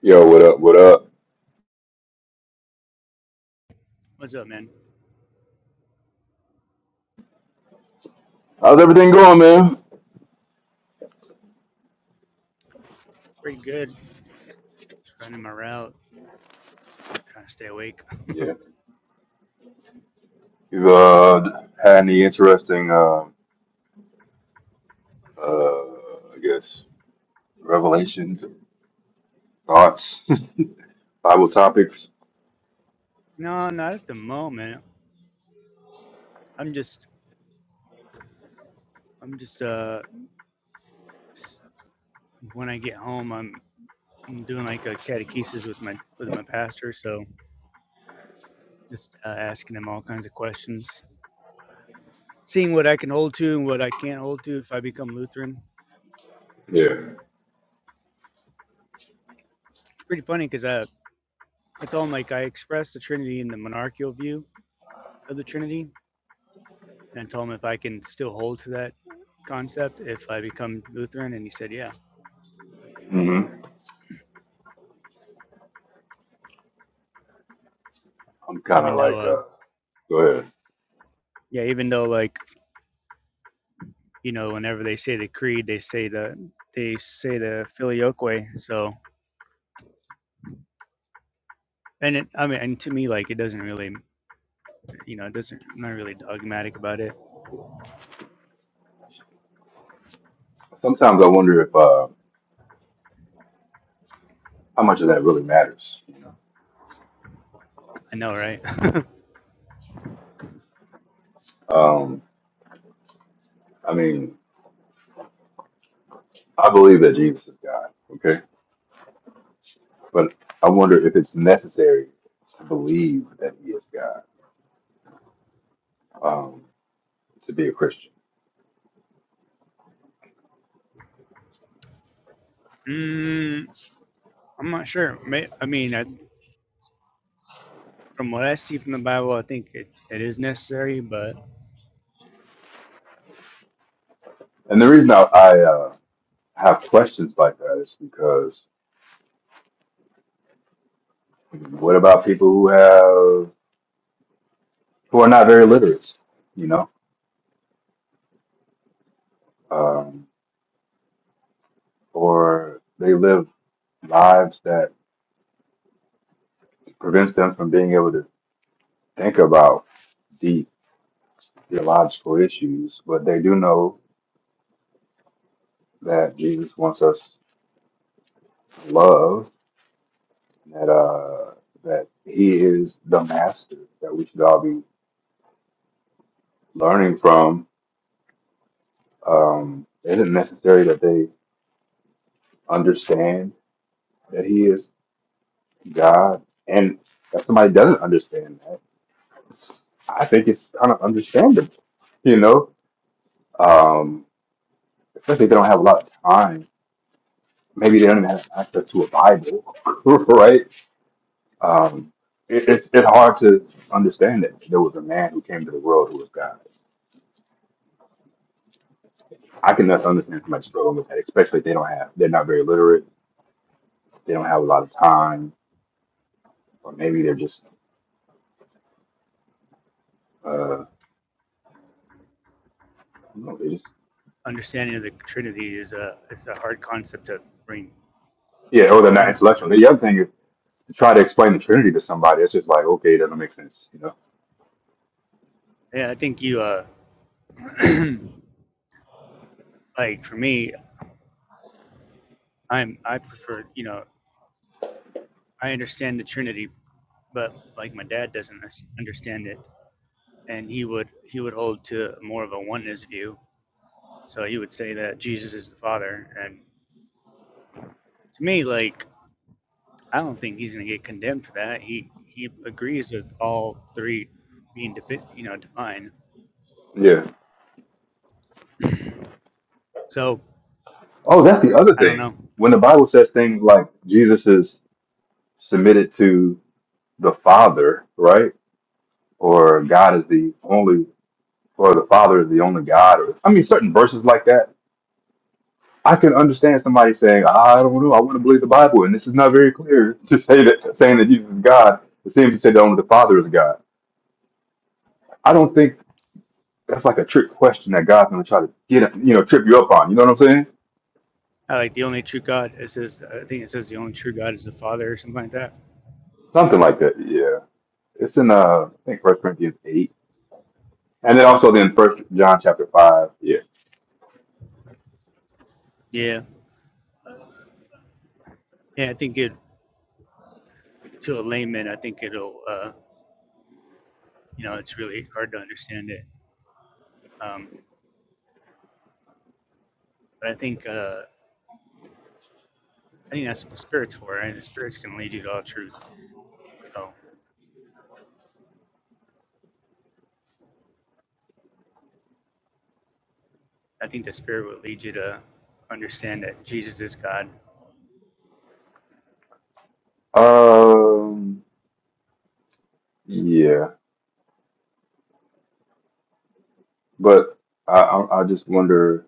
Yo, what up? What up? How's everything going, man? Yeah. You've uh, had any interesting, uh, uh, I guess, revelations, or thoughts, Bible topics? Yeah. hmm I'm kind of like, uh, go ahead. Sometimes I wonder if uh, how much of that really matters. Um, I mean, I believe that Jesus is God, okay, but I wonder if it's necessary to believe that He is God um, to be a Christian. And the reason I, I uh, have questions like that is because what about people who have who are not very literate, you know, um, or they live lives that prevents them from being able to think about deep theological issues, but they do know that Jesus wants us to love that uh, that He is the Master that we should all be learning from. Um, it isn't necessary that they understand that he is God. And if somebody doesn't understand that, I think it's kind of understandable, you know, um, especially if they don't have a lot of time. Maybe they don't even have access to a Bible, right? Um, it, it's, it's hard to understand that there was a man who came to the world who was God. I can just understand somebody struggling with that, especially if they don't have, they're not very literate, they don't have a lot of time, or maybe they're just, uh, I don't know, they just, yeah, or they're not intellectual. The other thing is try to explain the Trinity to somebody, it's just like, okay, it doesn't make sense, you know? Yeah. Oh, that's the other thing. When the Bible says things like Jesus is submitted to the Father, right? Or God is the only, or the Father is the only God, or I mean, certain verses like that. I can understand somebody saying, "Ah, I don't know, I want to believe the Bible, and this is not very clear to say that saying that Jesus is God. It seems to say that only the Father is God. I don't think that's like a trick question that God's going to try to get, you know, trip you up on. You know what I'm saying? Something like that. Yeah. It's in uh I think First Corinthians eight. And then also then First John chapter five. Yeah. Um yeah. But I I I just wonder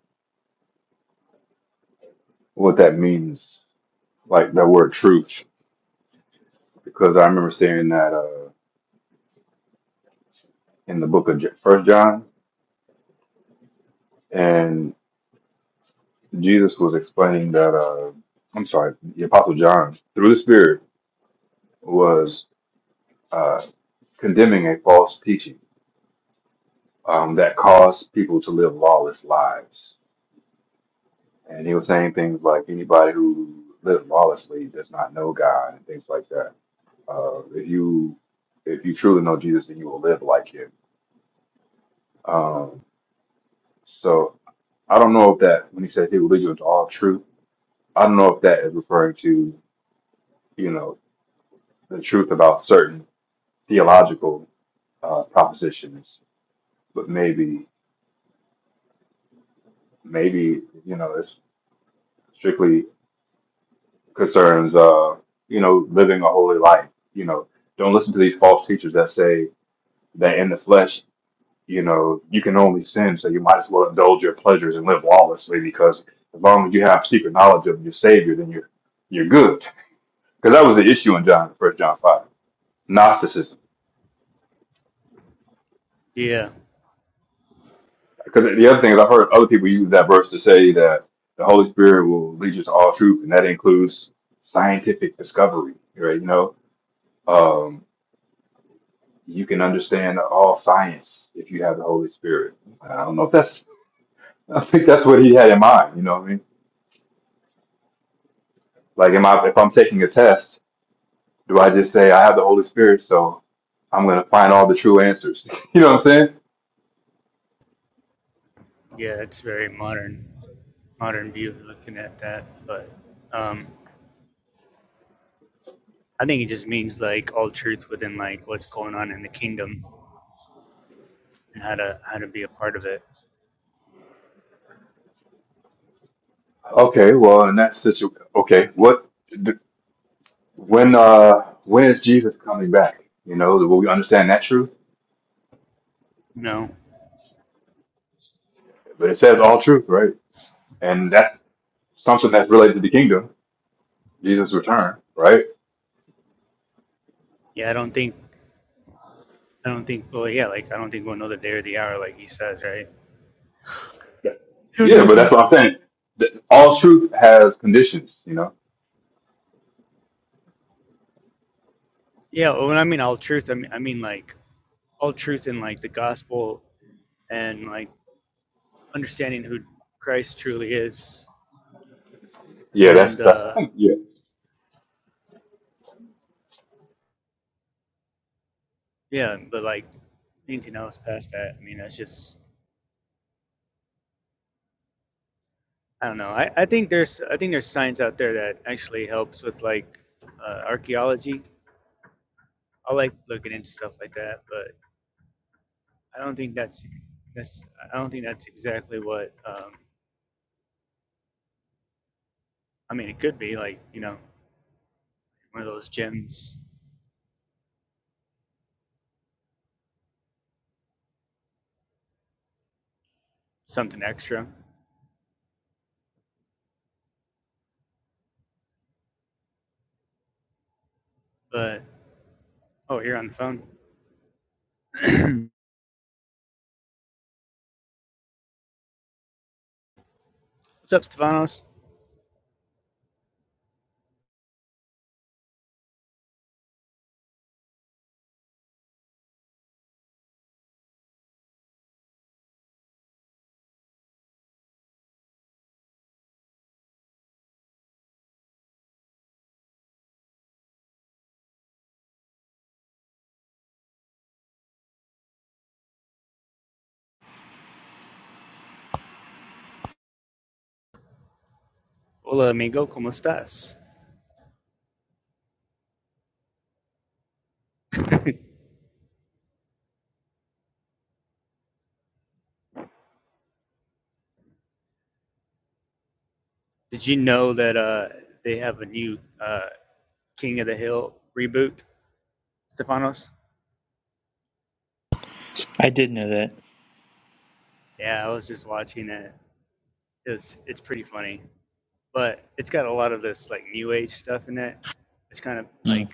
what that means, like the word truth. Because I remember seeing that uh in the book of J- First John and Jesus was explaining that uh I'm sorry, the Apostle John, through the Spirit, was uh condemning a false teaching um that caused people to live lawless lives And he was saying things like anybody who lives lawlessly does not know God and things like that. Uh, if you if you truly know Jesus, then you will live like Him. Um, so I don't know if that when he says He will lead you into all truth, I don't know if that is referring to you know the truth about certain theological uh, propositions, but maybe maybe you know it's strictly concerns uh, you know living a holy life. You know, don't listen to these false teachers that say that in the flesh, you know, you can only sin, so you might as well indulge your pleasures and live lawlessly because as long as you have secret knowledge of your Savior, then you're you're good. Because that was the issue in John, First John five, Gnosticism. Because the other thing is, I've heard other people use that verse to say that the Holy Spirit will lead you to all truth, and that includes scientific discovery. Right? You know, um, you can understand all science if you have the Holy Spirit. I don't know if that's. I think that's what he had in mind. You know, what I mean? Like, am I if I'm taking a test, do I just say I have the Holy Spirit, so I'm gonna find all the true answers? you know what I'm saying? Okay, well, in that situation, okay, what d- when uh when is Jesus coming back? You know, will we understand that truth? But it says all truth, right? And that's something that's related to the kingdom, Jesus' return, right? You're Yeah, but nothing. that's what I'm saying. Th- All truth has conditions, you know. Yeah, that's that's yeah. I did know that. Mm.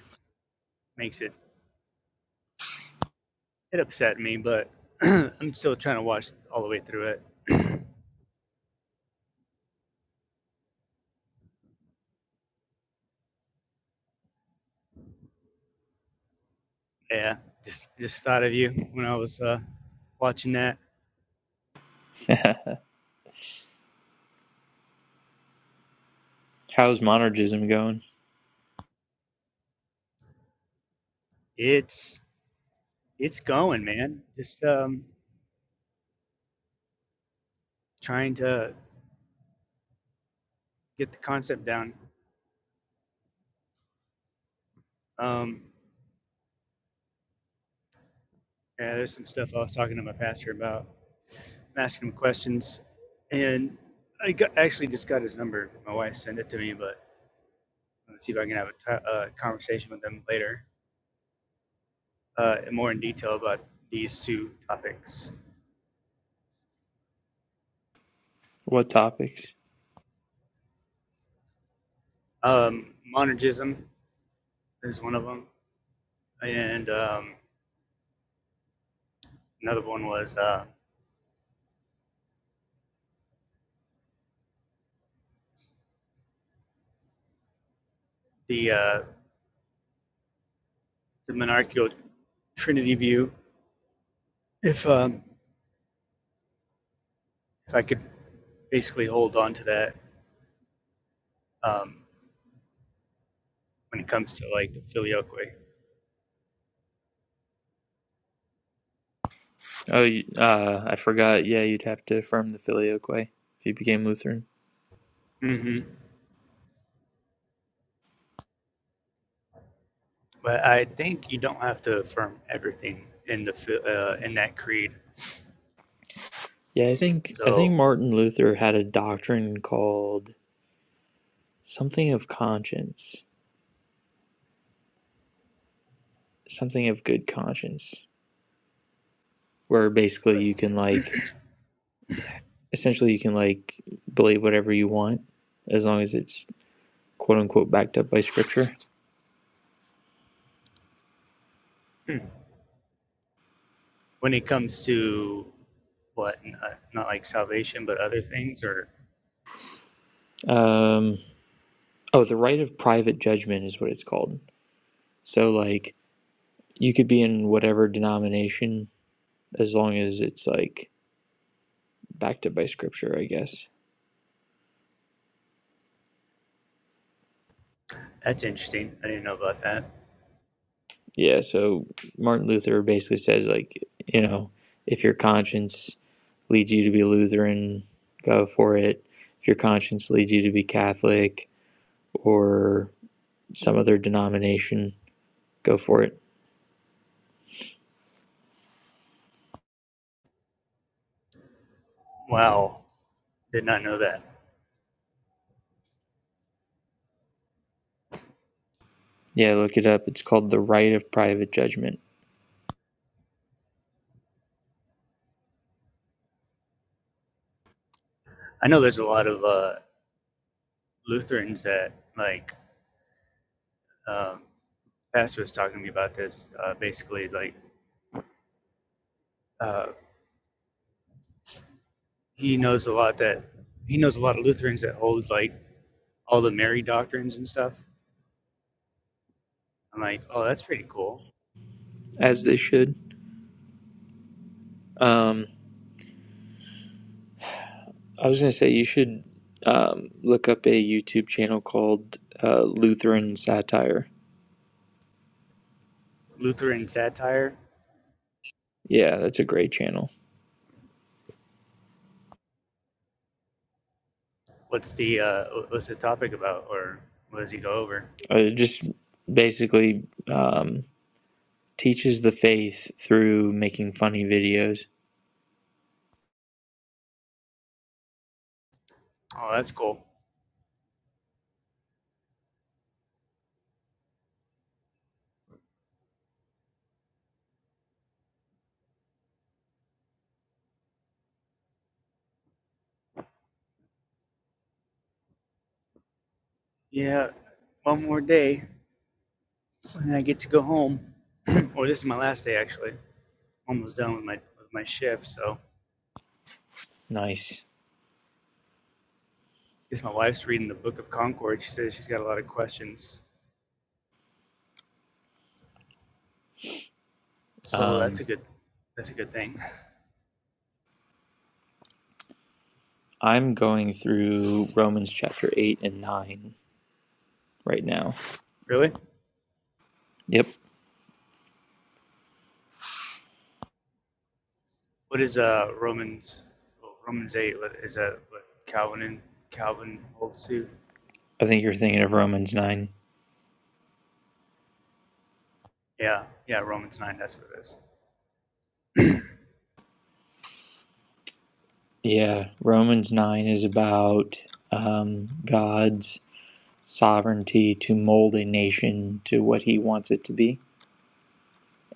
How's monergism going? What topics? Oh, you- uh, I forgot. Yeah, you'd have to affirm the filioque if you became Lutheran. Yeah, I think I think Martin Luther had a doctrine called something of conscience, something of good conscience, where basically you can like, essentially you can like believe whatever you want as long as it's quote unquote backed up by scripture. Um, oh, the right of private judgment is what it's called. So like you could be in whatever denomination as long as it's like backed up by scripture, I guess. Yeah, so Martin Luther basically says like, you know, if your conscience leads you to be Lutheran, go for it. If your conscience leads you to be Catholic or some other denomination, go for it. Yeah, look it up. It's called the right of private judgment, as they should. Um I was gonna say you should um, look up a YouTube channel called uh, Lutheran Satire. Yeah, that's a great channel. Uh, It just basically um, teaches the faith through making funny videos. Nice. Um, I'm going through Romans chapter eight and nine right now. Yep, I think you're thinking of Romans nine. Yeah, Romans nine is about um, God's sovereignty to mold a nation to what he wants it to be,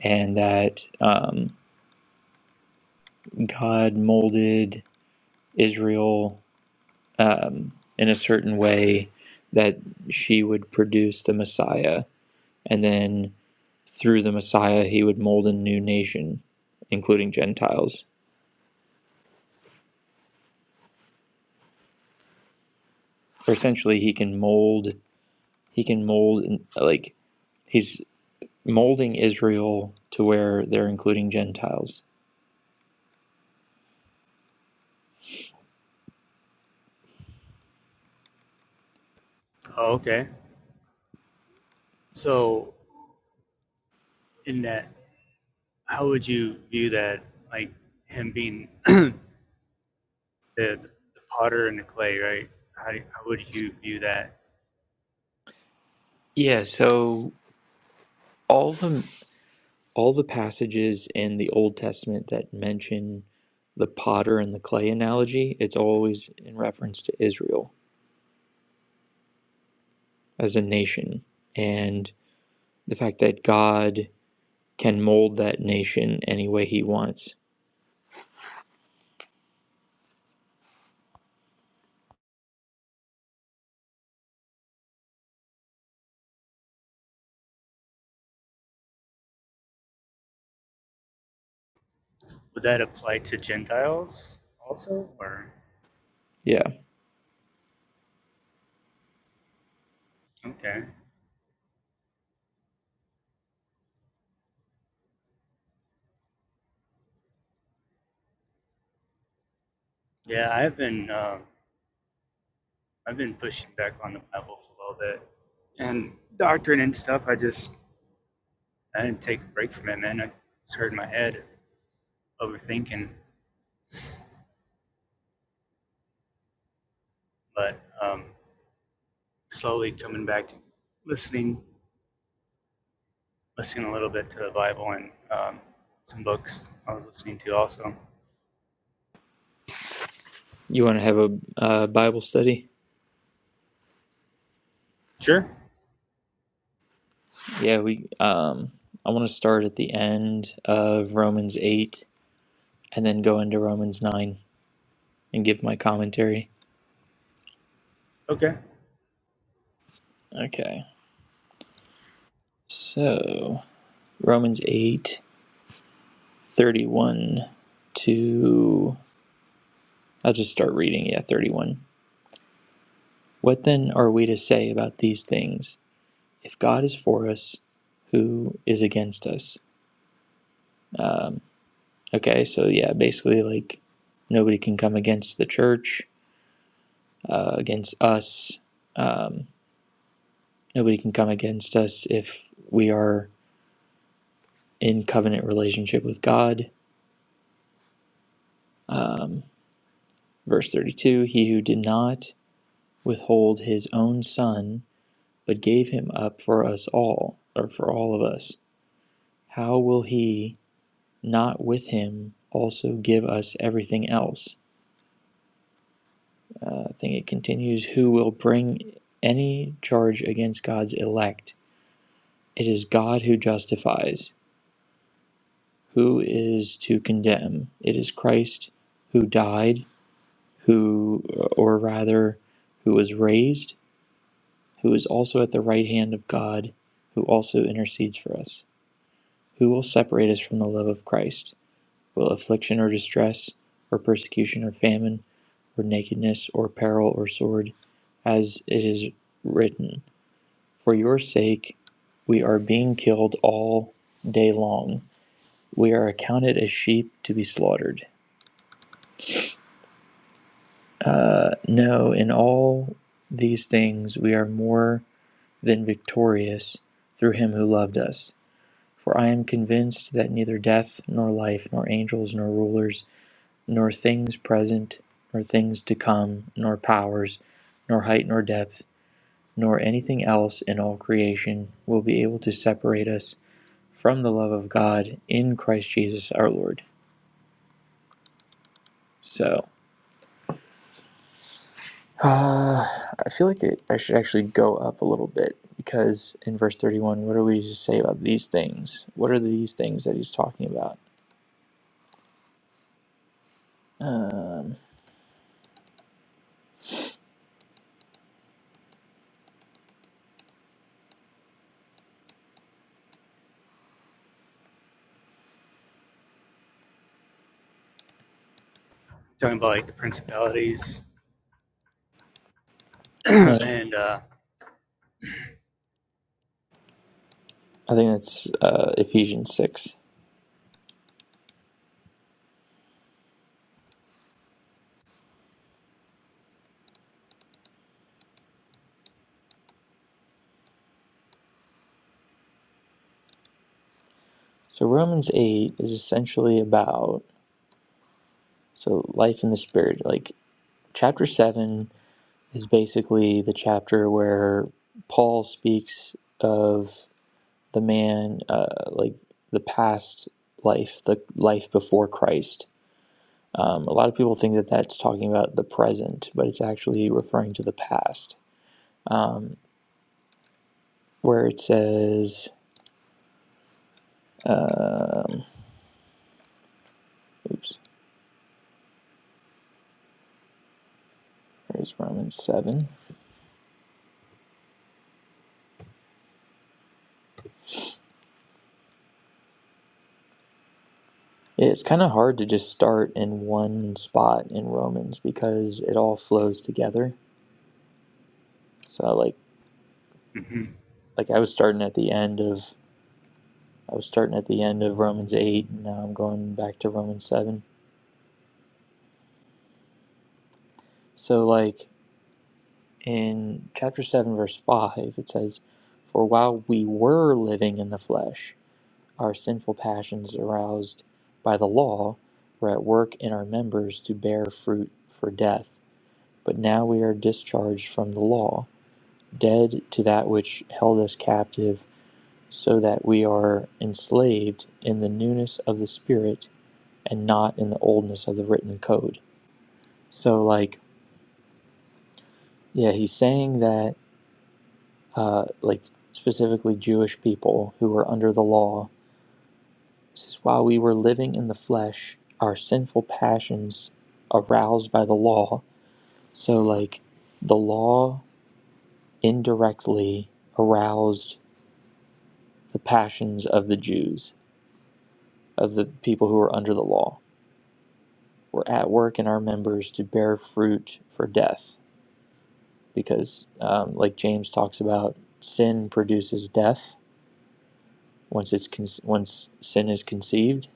and that um, God molded Israel um, in a certain way that she would produce the Messiah, and then through the Messiah, he would mold a new nation, including Gentiles. Or essentially, he can mold, he can mold, like, he's molding Israel to where they're including Gentiles. Yeah, so all the all the passages in the Old Testament that mention the potter and the clay analogy, it's always in reference to Israel as a nation and the fact that God can mold that nation any way he wants. Yeah. You want to have a uh, Bible study? Yeah, we um I want to start at the end of Romans 8 and then go into Romans 9 and give my commentary. Okay. So, Romans 8 31 to I'll just start reading, yeah, 31. What then are we to say about these things? If God is for us, who is against us? Um, okay, so yeah, basically, like nobody can come against the church, uh, against us. Um, nobody can come against us if we are in covenant relationship with God. Um, verse 32 He who did not withhold his own son but gave him up for us all, or for all of us, how will he not with him also give us everything else? Uh, I think it continues Who will bring any charge against God's elect? It is God who justifies. Who is to condemn? It is Christ who died, who, or rather, who was raised, who is also at the right hand of God, who also intercedes for us. Who will separate us from the love of Christ? will affliction or distress, or persecution or famine, or nakedness or peril or sword, as it is written, For your sake we are being killed all day long. We are accounted as sheep to be slaughtered. Uh, no, in all these things we are more than victorious through him who loved us. For I am convinced that neither death, nor life, nor angels, nor rulers, nor things present, nor things to come, nor powers, nor height, nor depth, nor anything else in all creation will be able to separate us from the love of God in Christ Jesus our Lord. So, uh, I feel like it, I should actually go up a little bit because in verse 31, what are we to say about these things? What are these things that he's talking about? Um, no, I think that's uh, Ephesians 6. So, Romans 8 is essentially about So, life in the spirit, like chapter 7 is basically the chapter where Paul speaks of the man, uh, like the past life, the life before Christ. Um, a lot of people think that that's talking about the present, but it's actually referring to the past, um, where it says, um, oops, there's Romans 7. It's kind of hard to just start in one spot in Romans because it all flows together So like like I was starting at the end of I was starting at the end of Romans 8 and now I'm going back to Romans 7. So like in chapter 7 verse 5 it says for while we were living in the flesh our sinful passions aroused by the law were at work in our members to bear fruit for death but now we are discharged from the law dead to that which held us captive so that we are enslaved in the newness of the spirit and not in the oldness of the written code. So, like, yeah, he's saying that, uh, like, specifically Jewish people who were under the law, says, while we were living in the flesh, our sinful passions aroused by the law. So, like, the law indirectly aroused the passions of the Jews, of the people who were under the law, were at work in our members to bear fruit for death. because, um, like James talks about, sin produces death once it's con- once sin is conceived.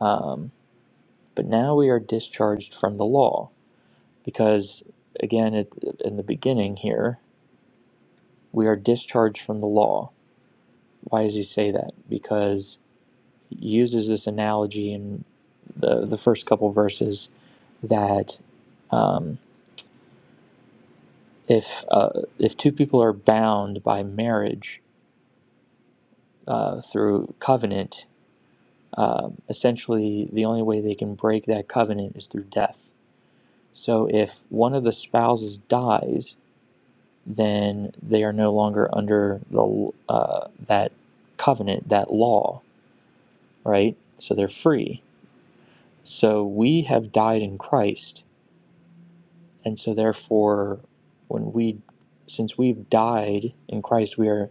Um, but now we are discharged from the law because, again, at, in the beginning here, we are discharged from the law. Why does he say that? Because he uses this analogy in the the first couple verses that um, if uh, if two people are bound by marriage uh, through covenant, um, essentially the only way they can break that covenant is through death. So if one of the spouses dies, then they are no longer under the uh, that covenant, that law, right? So they're free. So we have died in Christ, and so therefore, when we, since we've died in Christ, we are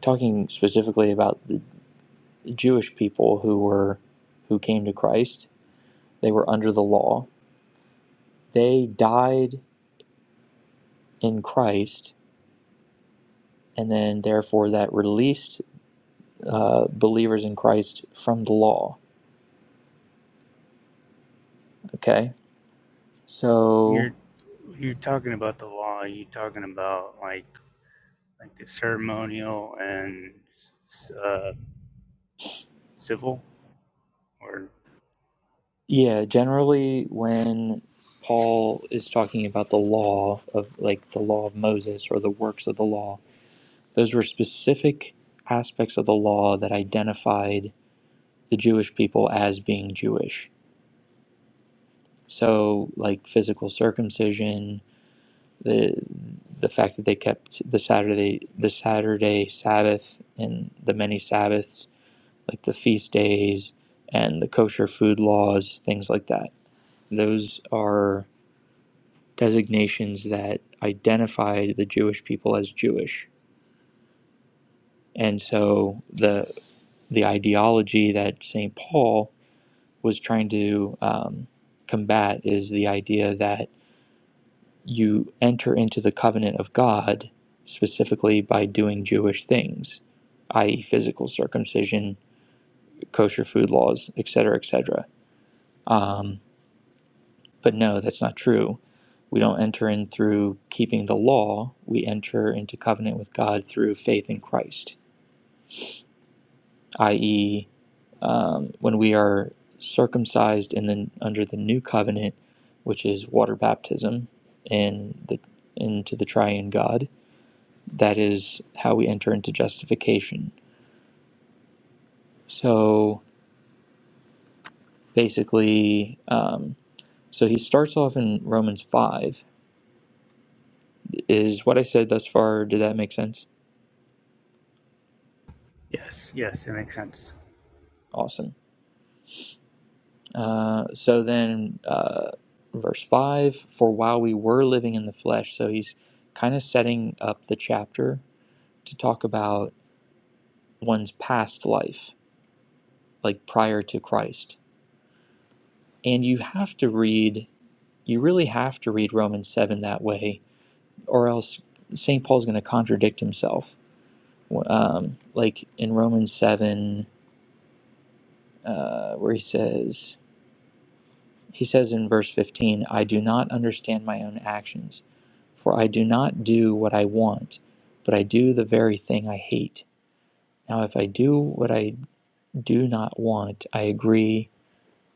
talking specifically about the Jewish people who were, who came to Christ. They were under the law. They died in Christ, and then therefore that released uh, believers in Christ from the law. Okay, so yeah, generally when Paul is talking about the law of like the law of Moses or the works of the law, those were specific aspects of the law that identified the Jewish people as being Jewish. So like physical circumcision, the the fact that they kept the Saturday the Saturday Sabbath and the many Sabbaths, like the feast days and the kosher food laws, things like that. Those are designations that identified the Jewish people as Jewish. And so the the ideology that St. Paul was trying to um, combat is the idea that you enter into the covenant of God specifically by doing Jewish things, i.e., physical circumcision, kosher food laws, et etc., etc. Um, but no, that's not true. We don't enter in through keeping the law. We enter into covenant with God through faith in Christ, i.e., um, when we are circumcised in the under the new covenant, which is water baptism in the into the triune God That is how we enter into justification. So basically, um, so he starts off in Romans 5. Is what I said thus far, did that make sense? Awesome. Uh, so then, uh, verse 5 For while we were living in the flesh, so he's kind of setting up the chapter to talk about one's past life, like prior to Christ. And you have to read, you really have to read Romans 7 that way or else St. Paul's going to contradict himself. Um, like in Romans 7, uh, where he says, he says in verse 15, I do not understand my own actions, for I do not do what I want, but I do the very thing I hate. Now, if I do what I do not want, I agree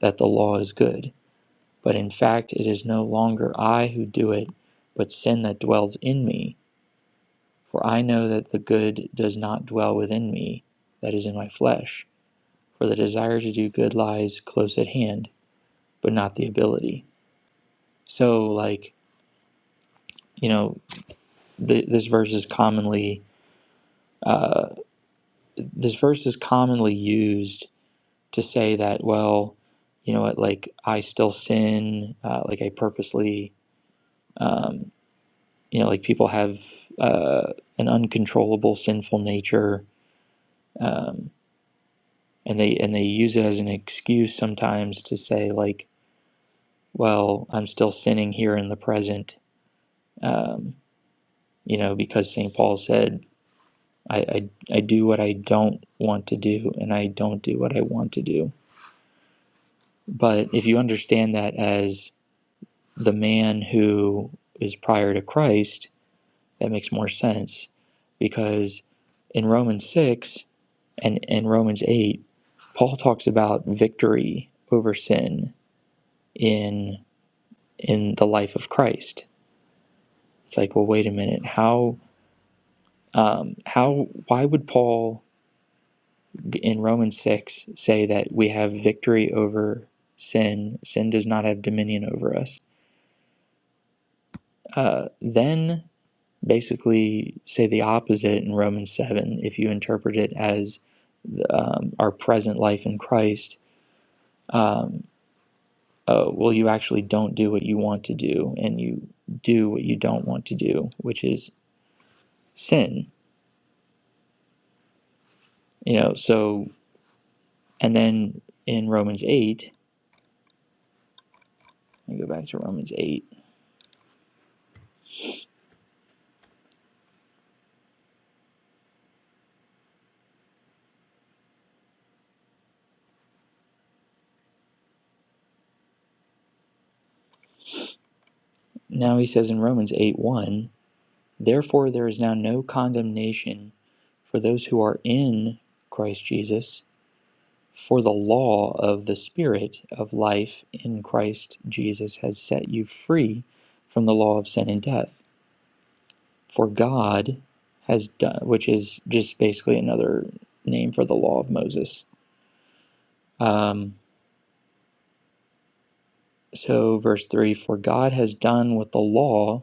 that the law is good. But in fact, it is no longer I who do it, but sin that dwells in me. For I know that the good does not dwell within me, that is in my flesh. For the desire to do good lies close at hand, but not the ability. So, like, you know, th- this verse is commonly uh, this verse is commonly used to say that, well, you know what, like I still sin, uh, like I purposely, um, you know, like people have uh, an uncontrollable sinful nature. Um, and they and they use it as an excuse sometimes to say like well i'm still sinning here in the present um, you know because st paul said I, I i do what i don't want to do and i don't do what i want to do but if you understand that as the man who is prior to christ that makes more sense because in romans 6 and in romans 8 paul talks about victory over sin in. in the life of Christ. It's like, well, wait a minute. How, um, how, why would Paul in Romans 6 say that we have victory over sin? Sin does not have dominion over us. Uh, then basically say the opposite in Romans 7 if you interpret it as um, our present life in Christ. Um, uh, well, you actually don't do what you want to do and you do what you don't want to do, which is sin. You know, so And then in Romans 8, let me go back to Romans 8. Now he says in Romans 8 1, therefore there is now no condemnation for those who are in Christ Jesus, for the law of the Spirit of life in Christ Jesus has set you free from the law of sin and death. For God has done, which is just basically another name for the law of Moses. Um, so, verse 3 For God has done with the law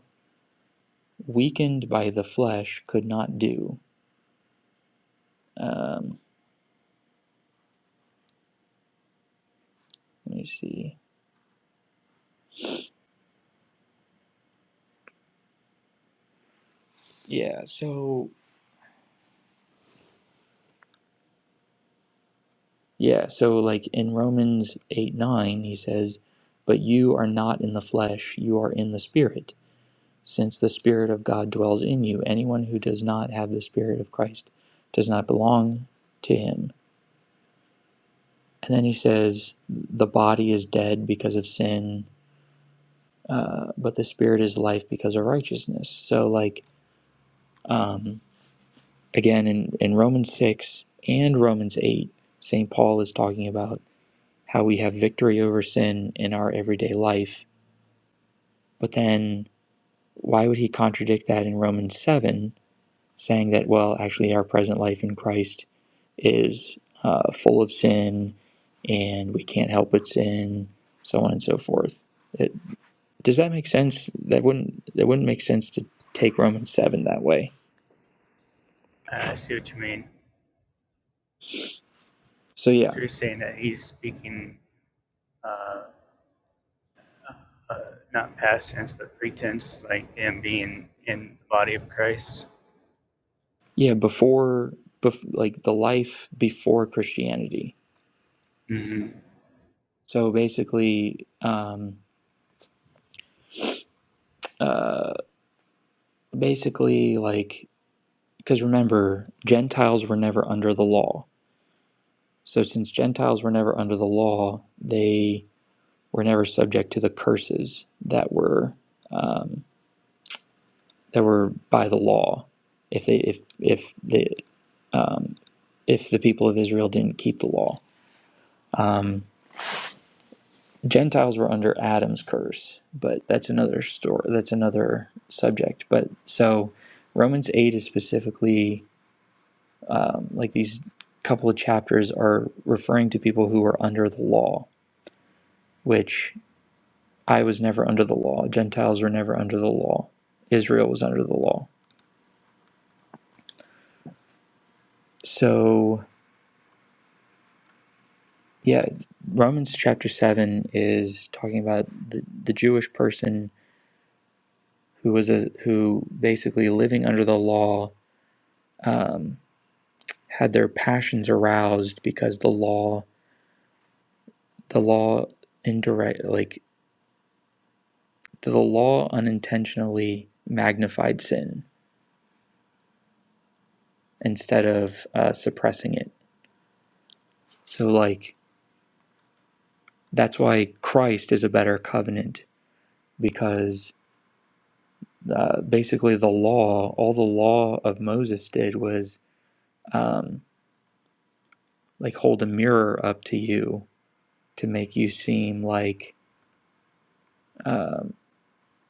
weakened by the flesh could not do. Um, let me see. Yeah, so yeah, so like in Romans 8 9, he says, But you are not in the flesh, you are in the spirit, since the spirit of God dwells in you. Anyone who does not have the spirit of Christ does not belong to him. And then he says, The body is dead because of sin, uh, but the spirit is life because of righteousness. So, like, um, again in, in Romans 6 and Romans 8, St. Paul is talking about how we have victory over sin in our everyday life. But then why would he contradict that in Romans 7, saying that, well, actually, our present life in Christ is uh, full of sin and we can't help but sin, so on and so forth? It, does that make sense? That wouldn't that wouldn't make sense to take Romans seven that way. So yeah, Yeah, before, bef- like the life before Christianity. So basically, um, uh, basically, like, because remember, Gentiles were never under the law. So since Gentiles were never under the law, they were never subject to the curses that were um, that were by the law. If they, if if the um, if the people of Israel didn't keep the law. Um, Gentiles were under Adam's curse, but that's another story. That's another subject. But so Romans 8 is specifically um, like these couple of chapters are referring to people who are under the law, which I was never under the law. Gentiles were never under the law. Israel was under the law. So, yeah, Romans chapter 7 is talking about the, the Jewish person who was a, who basically living under the law. Um, had their passions aroused because the law the law indirect like the law unintentionally magnified sin instead of uh, suppressing it so like that's why christ is a better covenant because uh, basically the law all the law of moses did was um, like hold a mirror up to you to make you seem like um,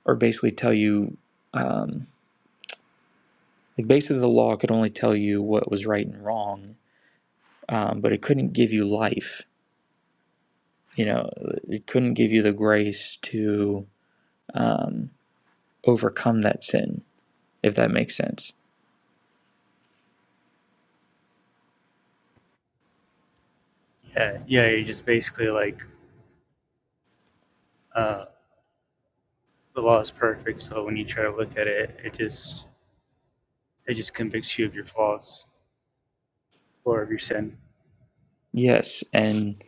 or basically tell you um, Like basically, the law could only tell you what was right and wrong, um, but it couldn't give you life. You know, it couldn't give you the grace to um, overcome that sin, if that makes sense. Yes, and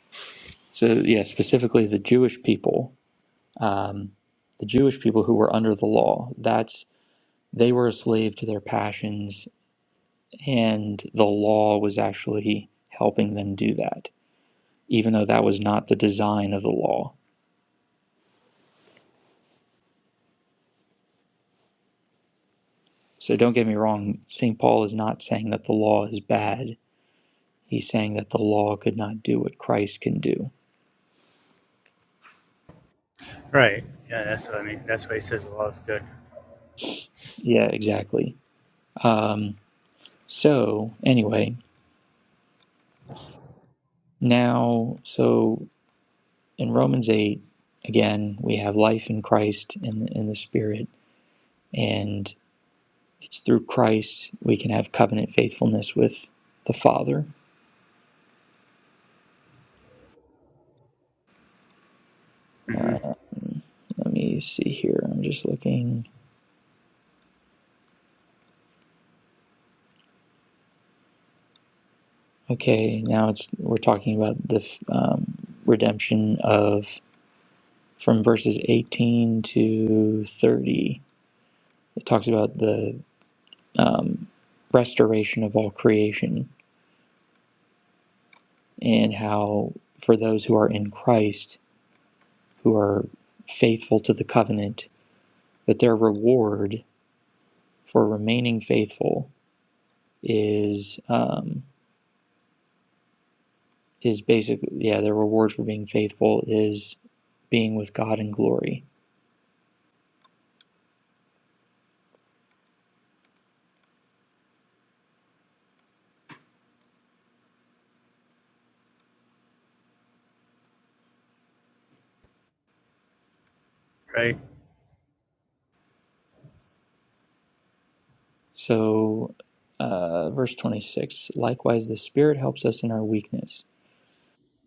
so yeah, specifically the Jewish people, um, the Jewish people who were under the law. That's they were a slave to their passions, and the law was actually helping them do that, even though that was not the design of the law So don't get me wrong, St. Paul is not saying that the law is bad. He's saying that the law could not do what Christ can do. Yeah, exactly. Um, so, anyway, now, so in Romans 8, again, we have life in Christ and in the Spirit, and it's through Christ we can have covenant faithfulness with the Father. Uh, let me see here. I'm just looking. Okay, now it's we're talking about the um, redemption of from verses eighteen to thirty. It talks about the um, restoration of all creation and how for those who are in Christ, who are faithful to the covenant, that their reward for remaining faithful is um, is basically yeah, their reward for being faithful is being with God in glory So, uh, verse 26 Likewise, the Spirit helps us in our weakness.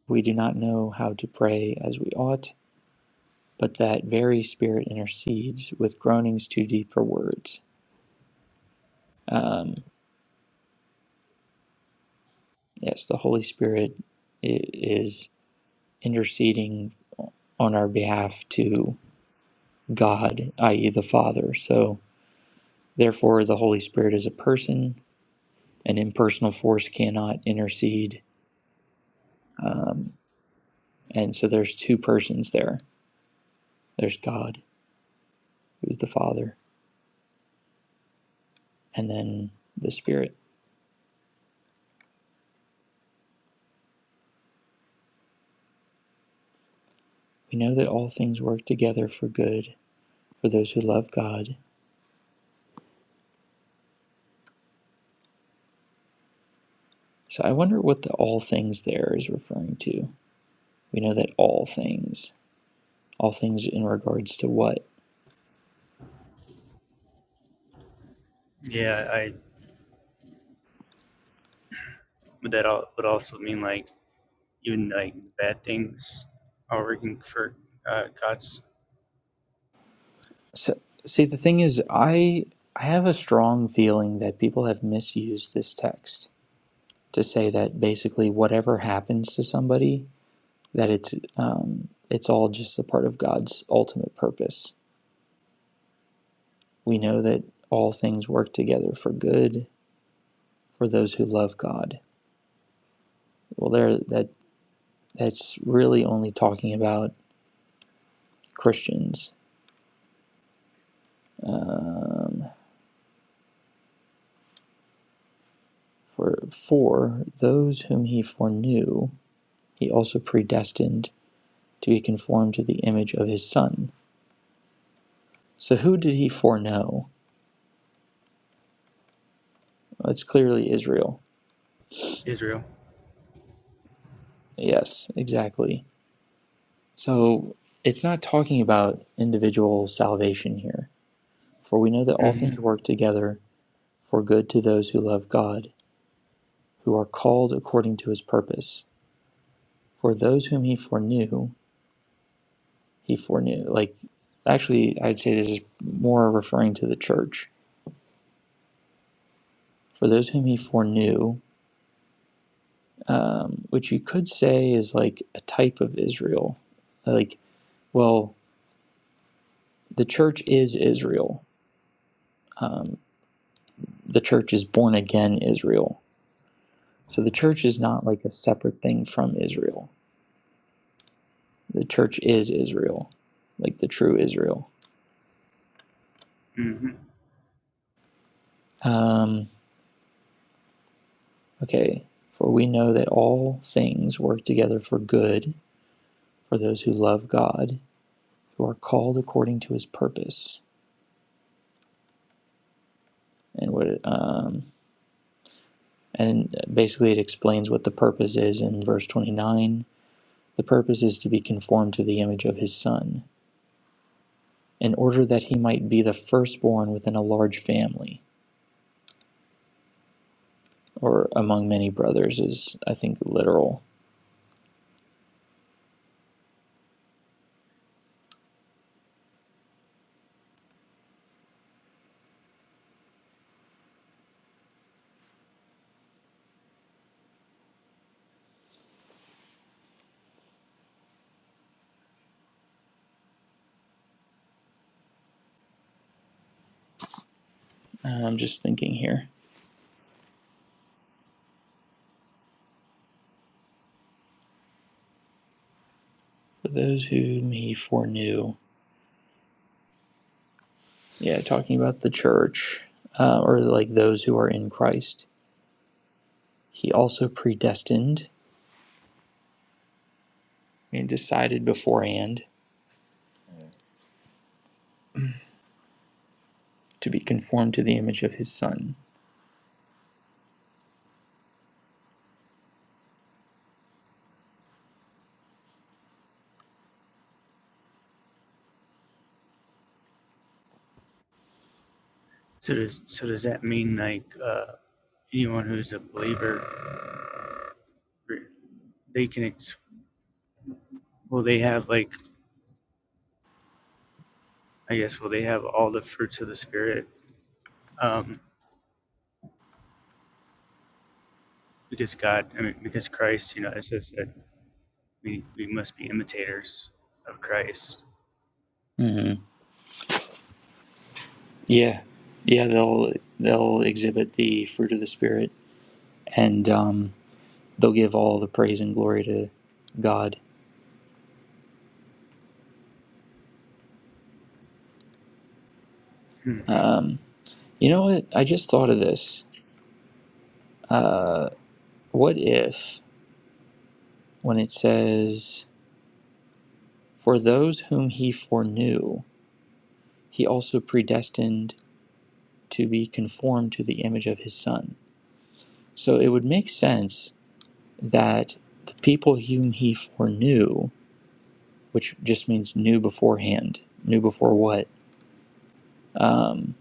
We do not know how to pray as we ought, but that very Spirit intercedes with groanings too deep for words. Um, yes, the Holy Spirit i- is interceding on our behalf to God, i.e., the Father. So, therefore, the Holy Spirit is a person. An impersonal force cannot intercede. Um, and so, there's two persons there there's God who's the Father, and then the Spirit. We know that all things work together for good for those who love God. So I wonder what the all things there is referring to. We know that all things, all things in regards to what? So, see, the thing is, I I have a strong feeling that people have misused this text to say that basically whatever happens to somebody, that it's um, it's all just a part of God's ultimate purpose. We know that all things work together for good for those who love God. Well, there that that's really only talking about Christians. Um, for for those whom he foreknew, he also predestined to be conformed to the image of his Son. So who did he foreknow? Well, It's clearly Israel. Yes, exactly. So it's not talking about individual salvation here, for we know that all things work together for good to those who love God, who are called according to his purpose. For those whom he foreknew, he foreknew. Like, actually, I'd say this is more referring to the church. For those whom he foreknew, um, which you could say is like a type of Israel. Like, well, the church is Israel. Um, the church is born again Israel. So the church is not like a separate thing from Israel. The church is Israel, like the true Israel. Um, okay. For we know that all things work together for good for those who love God, who are called according to his purpose. And what it- um, and basically it explains what the purpose is in verse 29. The purpose is to be conformed to the image of his son, in order that he might be the firstborn within a large family, or among many brothers is I think literal. Uh, I'm just thinking here. For those whom he foreknew. Yeah, talking about the church, uh, or like those who are in Christ. He also predestined and decided beforehand to be conformed to the image of his son. hmm Yeah, yeah, they'll they'll exhibit the fruit of the spirit, and um, they'll give all the praise and glory to God. Um, you know what? I just thought of this. Uh, what if when it says, "For those whom he foreknew, he also predestined to be conformed to the image of his son." So it would make sense that the people whom he foreknew, which just means knew beforehand, knew before what? Um,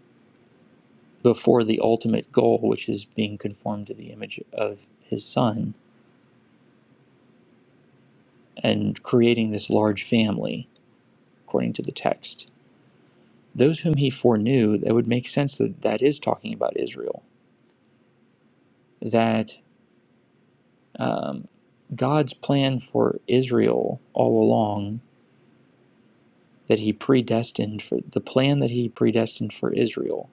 before the ultimate goal, which is being conformed to the image of his son and creating this large family, according to the text. Those whom he foreknew, that would make sense that that is talking about Israel. That um, God's plan for Israel all along, that he predestined for the plan that he predestined for Israel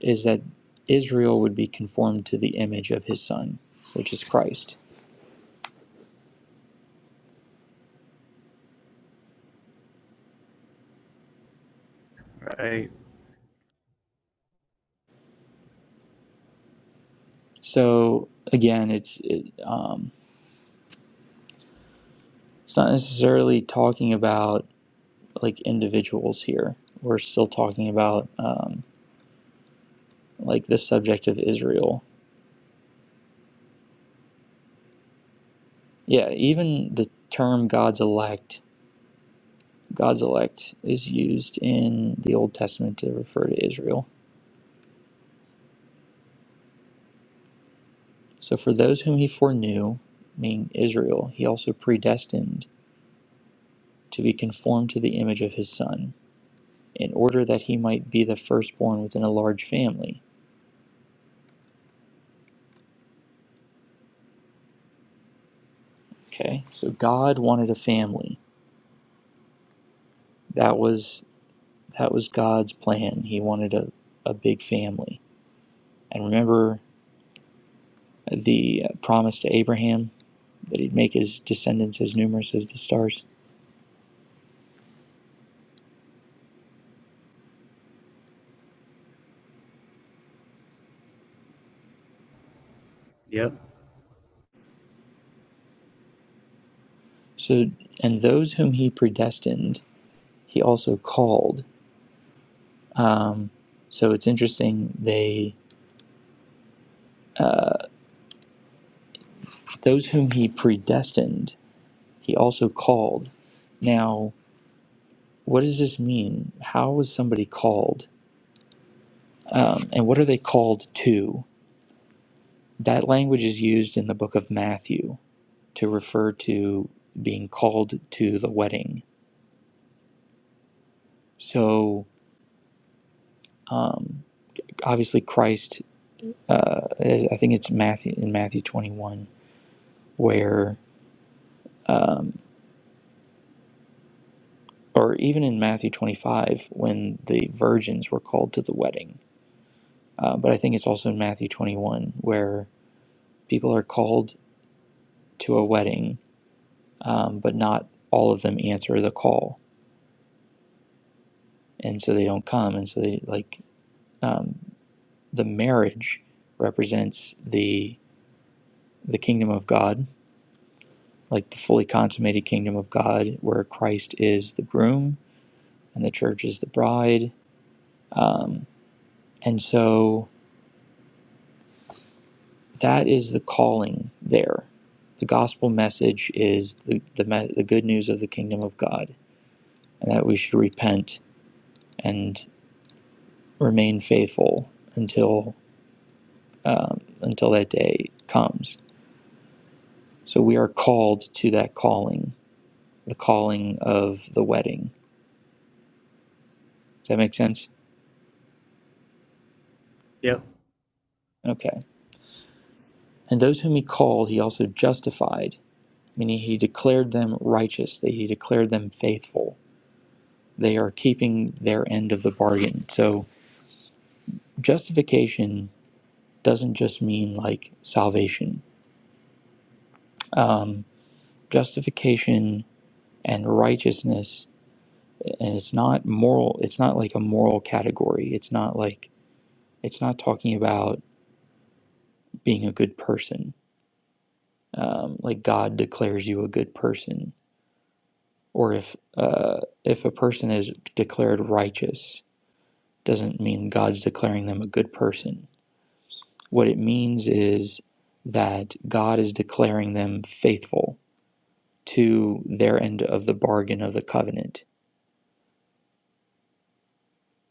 is that Israel would be conformed to the image of his son, which is Christ. So again, it's it, um, it's not necessarily talking about like individuals here. We're still talking about um, like the subject of Israel. Yeah, even the term God's elect, God's elect is used in the Old Testament to refer to Israel. So for those whom he foreknew, meaning Israel, he also predestined to be conformed to the image of his son in order that he might be the firstborn within a large family. Okay? So God wanted a family. That was that was God's plan. He wanted a, a big family. And remember the promise to Abraham that he'd make his descendants as numerous as the stars. So and those whom he predestined, he also called. Um, so it's interesting. They uh, those whom he predestined, he also called. Now what does this mean? How is somebody called? Um, and what are they called to? That language is used in the book of Matthew to refer to being called to the wedding. So um, obviously, Christ, uh, I think it's Matthew in Matthew 21, where, um, or even in Matthew 25, when the virgins were called to the wedding. Uh, but I think it's also in Matthew 21 where people are called to a wedding um, but not all of them answer the call, and so they don't come. And so they like um, the marriage represents the the kingdom of God, like the fully consummated kingdom of God, where Christ is the groom and the church is the bride. Um, and so that is the calling there. The gospel message is the the, me- the good news of the kingdom of God, and that we should repent and remain faithful until um, until that day comes. So we are called to that calling, the calling of the wedding. Does that make sense? Okay. And those whom he called, he also justified, meaning he declared them righteous, that he declared them faithful. They are keeping their end of the bargain. So justification doesn't just mean like salvation. Um, justification and righteousness, and it's not moral, it's not like a moral category. It's not like It's not talking about being a good person, um, like God declares you a good person, or if uh, if a person is declared righteous, doesn't mean God's declaring them a good person. What it means is that God is declaring them faithful to their end of the bargain of the covenant.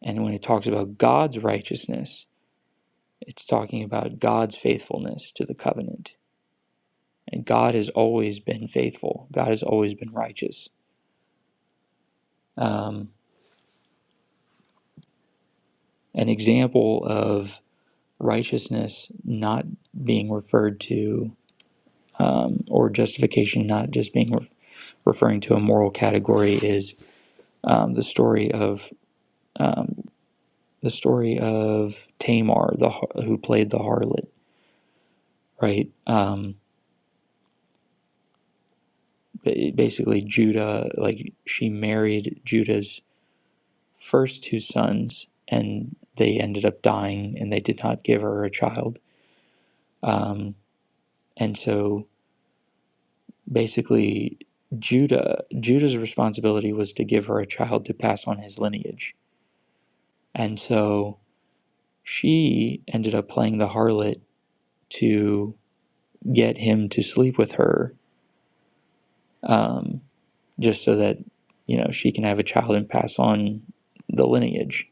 And when it talks about God's righteousness, it's talking about God's faithfulness to the covenant. And God has always been faithful. God has always been righteous. um, an example of righteousness not being referred to, um, or justification not just being re- referring to a moral category, is um, the story of um, the story of Tamar, the who played the harlot, right? Um, basically, Judah, like she married Judah's first two sons, and they ended up dying, and they did not give her a child. Um, and so basically Judah Judah's responsibility was to give her a child to pass on his lineage. And so she ended up playing the harlot to get him to sleep with her um, just so that you know she can have a child and pass on the lineage.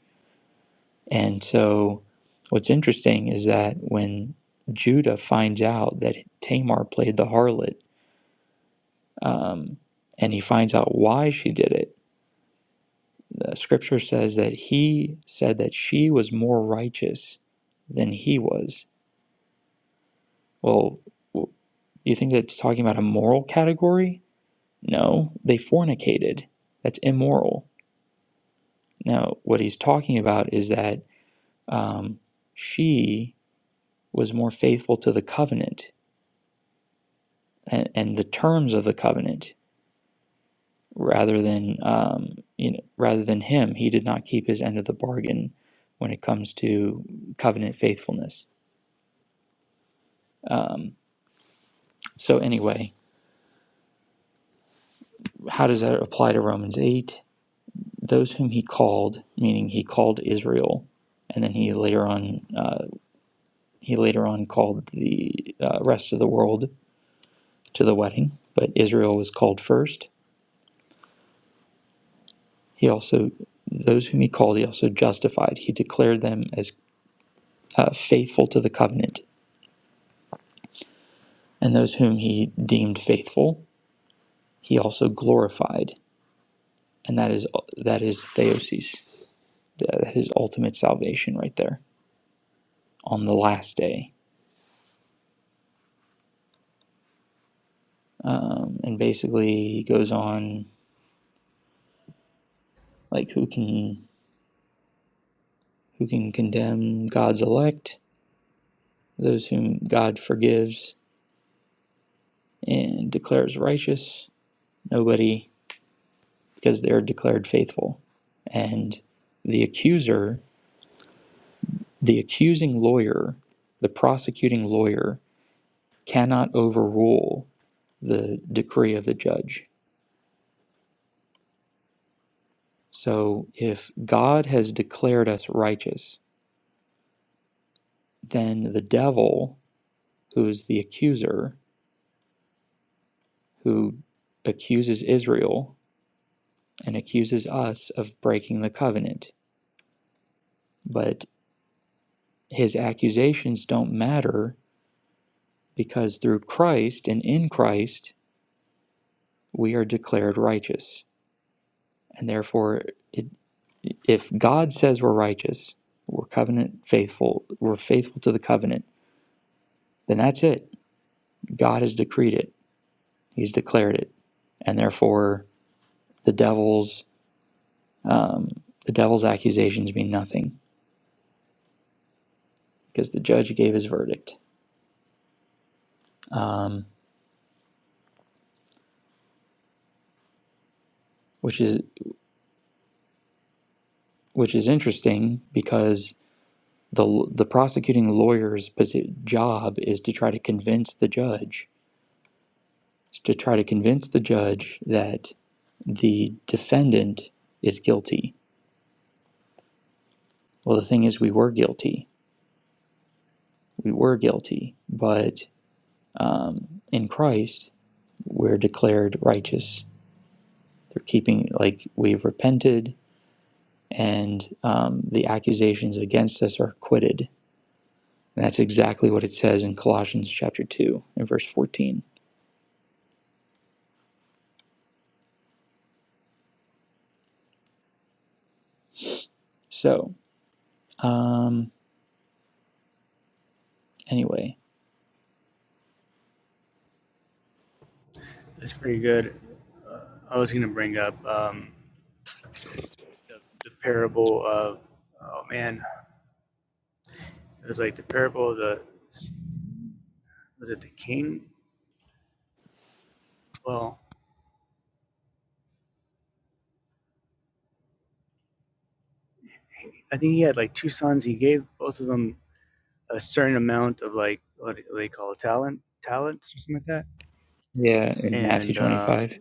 And so what's interesting is that when Judah finds out that Tamar played the harlot um, and he finds out why she did it, The scripture says that he said that she was more righteous than he was. Well, you think that's talking about a moral category? No, they fornicated. That's immoral. Now, what he's talking about is that um, she was more faithful to the covenant and, and the terms of the covenant rather than um, you know rather than him. He did not keep his end of the bargain when it comes to covenant faithfulness. Um, So, anyway, how does that apply to Romans 8? Those whom he called, meaning he called Israel, and then he later on uh, he later on called the uh, rest of the world to the wedding, but Israel was called first. He also those whom he called, he also justified. He declared them as uh, faithful to the covenant, and those whom he deemed faithful, he also glorified, and that is that is theosis, that is ultimate salvation right there on the last day. um, and basically he goes on like who can who can condemn God's elect, those whom God forgives and declares righteous, nobody because they're declared faithful, and the accuser, the accusing lawyer, the prosecuting lawyer cannot overrule the decree of the judge. So if God has declared us righteous, then the devil, who is the accuser, who accuses Israel and accuses us of breaking the covenant. But his accusations don't matter because through Christ and in Christ, we are declared righteous. And therefore, it, if God says we're righteous, we're covenant faithful, we're faithful to the covenant, then that's it. God has decreed it. He's declared it, and therefore the devil's um, the devil's accusations mean nothing because the judge gave his verdict. um, which is which is interesting because the the prosecuting lawyer's job is to try to convince the judge to try to convince the judge that the defendant is guilty. Well, the thing is, we were guilty. We were guilty, but um, in Christ, we're declared righteous. They're keeping like we've repented, and um, the accusations against us are acquitted And that's exactly what it says in Colossians chapter 2 and verse 14. So, um, anyway, yeah, in Matthew 25.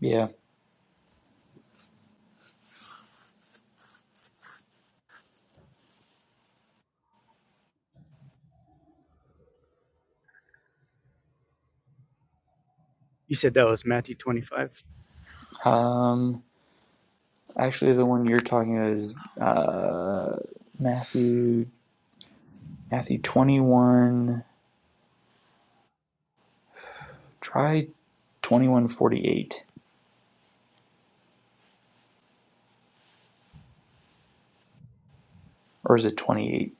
Yeah. Um, actually, the one you're talking about is uh, Matthew, Matthew 21. Try 2148. Or is it 28?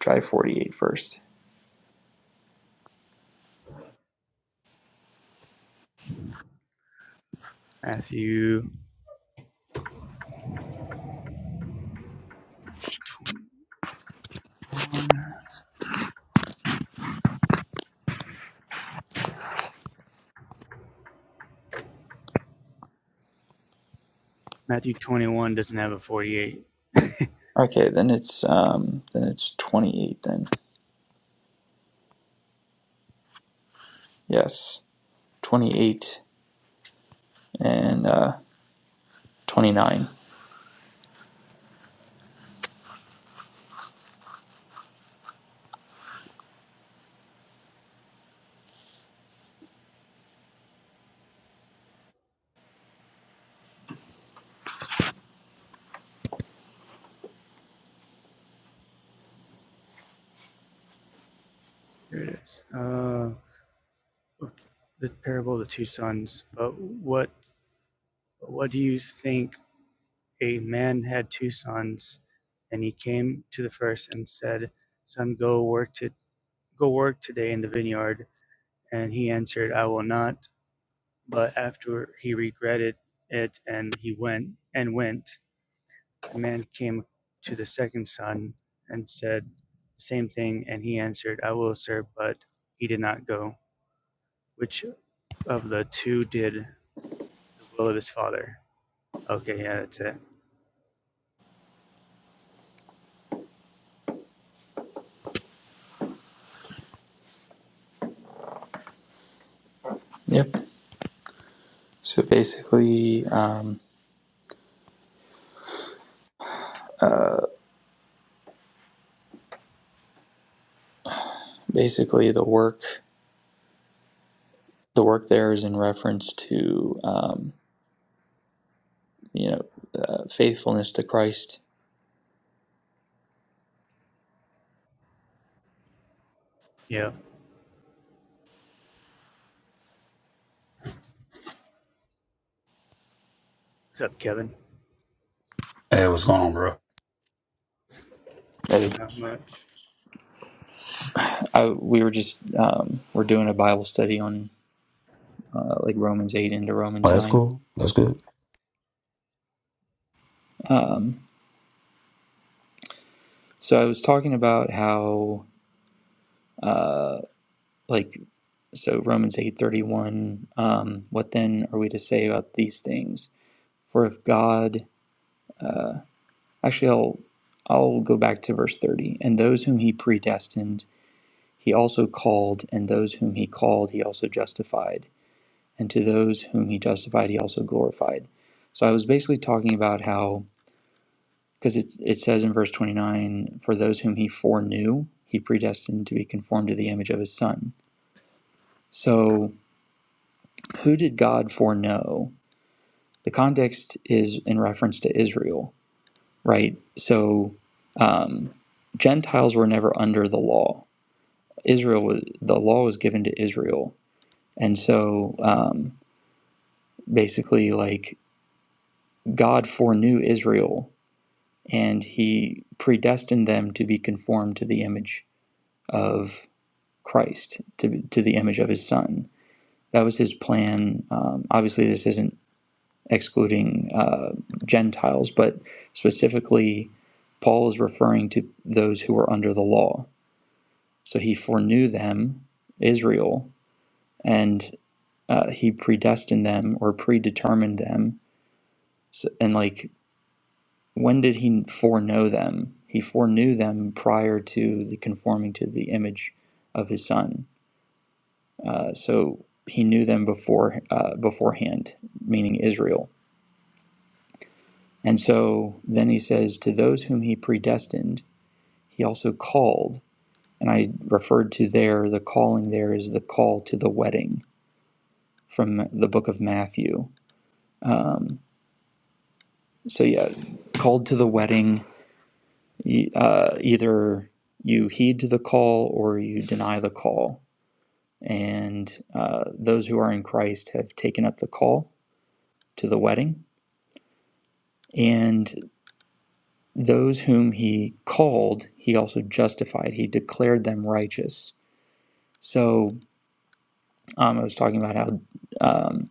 Try 48 first. Okay, then it's um, then it's 28 then. Yes, 28 and uh, 29. Yep. So basically, um, basically the work the work there is in reference to um, you know uh, faithfulness to Christ. Hey, what's going on, bro? That I, we were just um, we're doing a Bible study on uh, like Romans eight into Oh, Romans that's nine. cool. That's good. Um, so I was talking about how uh, like so Romans eight thirty one. Um, what then are we to say about these things? For if God uh, Actually, I'll I'll go back to verse 30. And those whom he predestined, he also called, and those whom he called, he also justified, and to those whom he justified, he also glorified. So I was basically talking about how because it it says in verse 29, for those whom he foreknew, he predestined to be conformed to the image of his son. So who did God foreknow? The context is in reference to Israel, right? So um, Gentiles were never under the law Israel was the law was given to Israel, and so um, basically, like God foreknew Israel, and He predestined them to be conformed to the image of Christ, to to the image of His Son. That was His plan. Um, obviously, this isn't excluding uh, Gentiles, but specifically, Paul is referring to those who are under the law. So He foreknew them, Israel, and. uh, he predestined them or predetermined them so, and like when did he foreknow them he foreknew them prior to the conforming to the image of his son uh, so he knew them before uh, beforehand meaning israel and so then he says to those whom he predestined he also called and i referred to there the calling there is the call to the wedding from the book of matthew um, so yeah called to the wedding E- uh, either you heed to the call or you deny the call. And uh, those who are in Christ have taken up the call to the wedding. And those whom he called, he also justified. He declared them righteous. So um, I was talking about how um,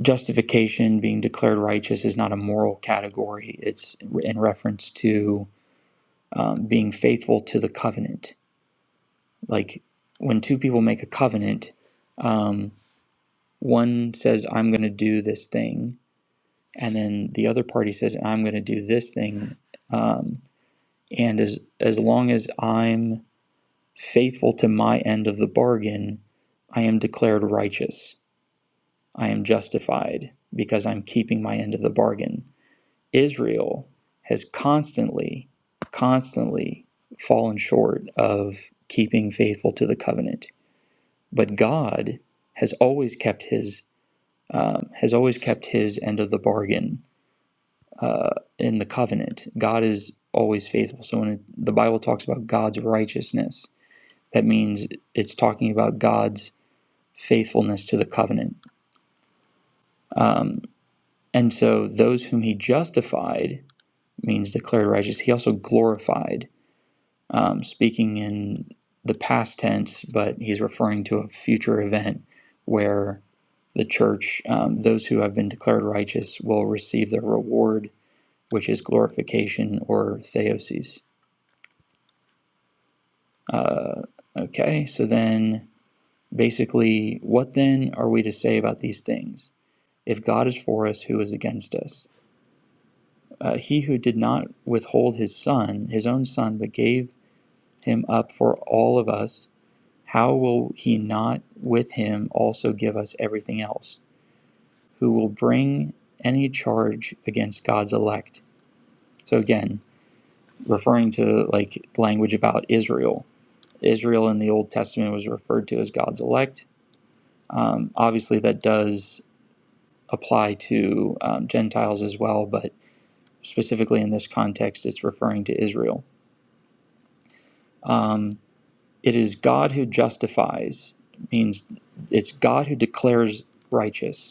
justification, being declared righteous, is not a moral category, it's in reference to um, being faithful to the covenant like when two people make a covenant, um, one says, I'm going to do this thing. And then the other party says, I'm going to do this thing. Um, and as, as long as I'm faithful to my end of the bargain, I am declared righteous. I am justified because I'm keeping my end of the bargain. Israel has constantly, constantly fallen short of keeping faithful to the covenant but God has always kept his um, has always kept his end of the bargain uh, in the covenant. God is always faithful. So when it, the Bible talks about God's righteousness, that means it's talking about God's faithfulness to the covenant. Um, and so those whom He justified means declared righteous. He also glorified um, speaking in the past tense, but he's referring to a future event where the church, um, those who have been declared righteous, will receive their reward, which is glorification or theosis. Uh, okay, so then basically, what then are we to say about these things? If God is for us, who is against us? Uh, he who did not withhold his son, his own son, but gave him up for all of us How will he not with him also give us everything else? Who will bring any charge against God's elect? So, again, referring to like language about Israel, Israel in the Old Testament was referred to as God's elect. Um, obviously, that does apply to um, Gentiles as well, but specifically in this context, it's referring to Israel. Um, it is God who justifies, means it's God who declares righteous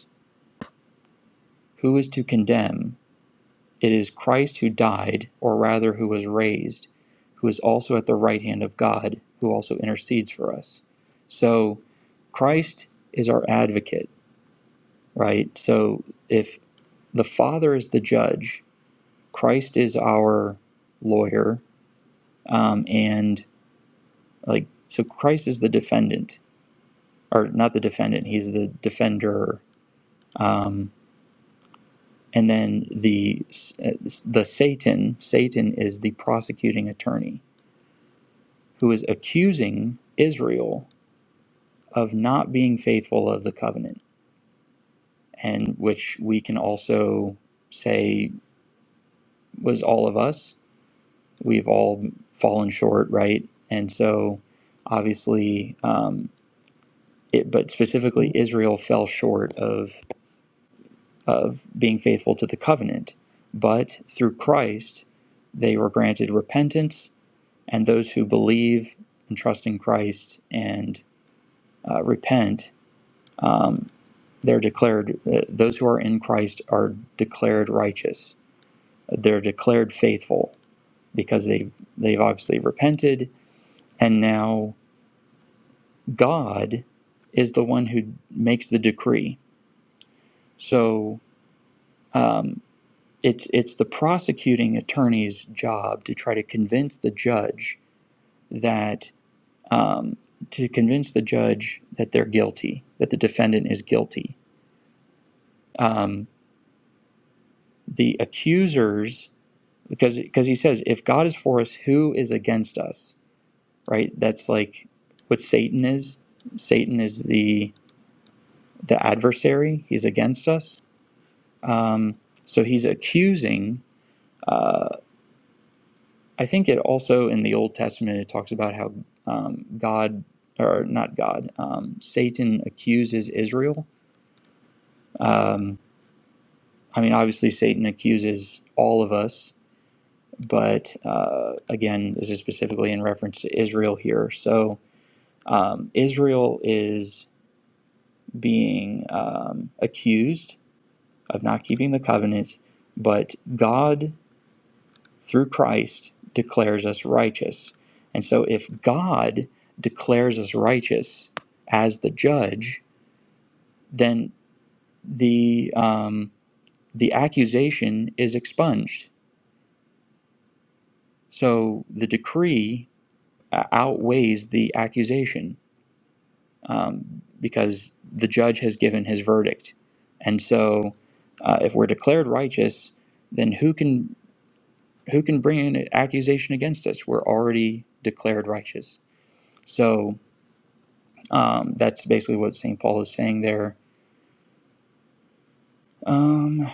Who is to condemn? It is Christ who died, or rather who was raised, who is also at the right hand of God, who also intercedes for us. So Christ is our advocate, right? So if the Father is the judge, Christ is our lawyer, um, and like, so Christ is the defendant, or not the defendant, he's the defender. Um, and then the uh, the Satan Satan is the prosecuting attorney who is accusing Israel of not being faithful of the covenant, and which we can also say was all of us. We've all fallen short, right? And so, obviously, um, it, but specifically, Israel fell short of of being faithful to the covenant. But through Christ, they were granted repentance and those who believe and trust in Christ and uh, repent, um, they're declared, uh, those who are in Christ are declared righteous. They're declared faithful because they've, they've obviously repented. And now God is the one who makes the decree. So um, it's, it's the prosecuting attorney's job to try to convince the judge that. um, to convince the judge that they're guilty, that the defendant is guilty. Um, the accusers, because because he says, if God is for us, who is against us? Right. That's like what Satan is. Satan is the the adversary. He's against us. Um, so he's accusing. Uh, I think it also in the Old Testament it talks about how um, God or not God, um, Satan accuses Israel. Um, I mean, obviously, Satan accuses all of us, but uh, again, this is specifically in reference to Israel here. So, um, Israel is being um, accused of not keeping the covenant, but God, through Christ, declares us righteous. And so, if God declares us righteous as the judge, then the um, the accusation is expunged. So the decree uh, outweighs the accusation um, because the judge has given his verdict. And so, uh, if we're declared righteous, then who can who can bring an accusation against us? We're already declared righteous. So um, that's basically what Saint Paul is saying there. Um, uh,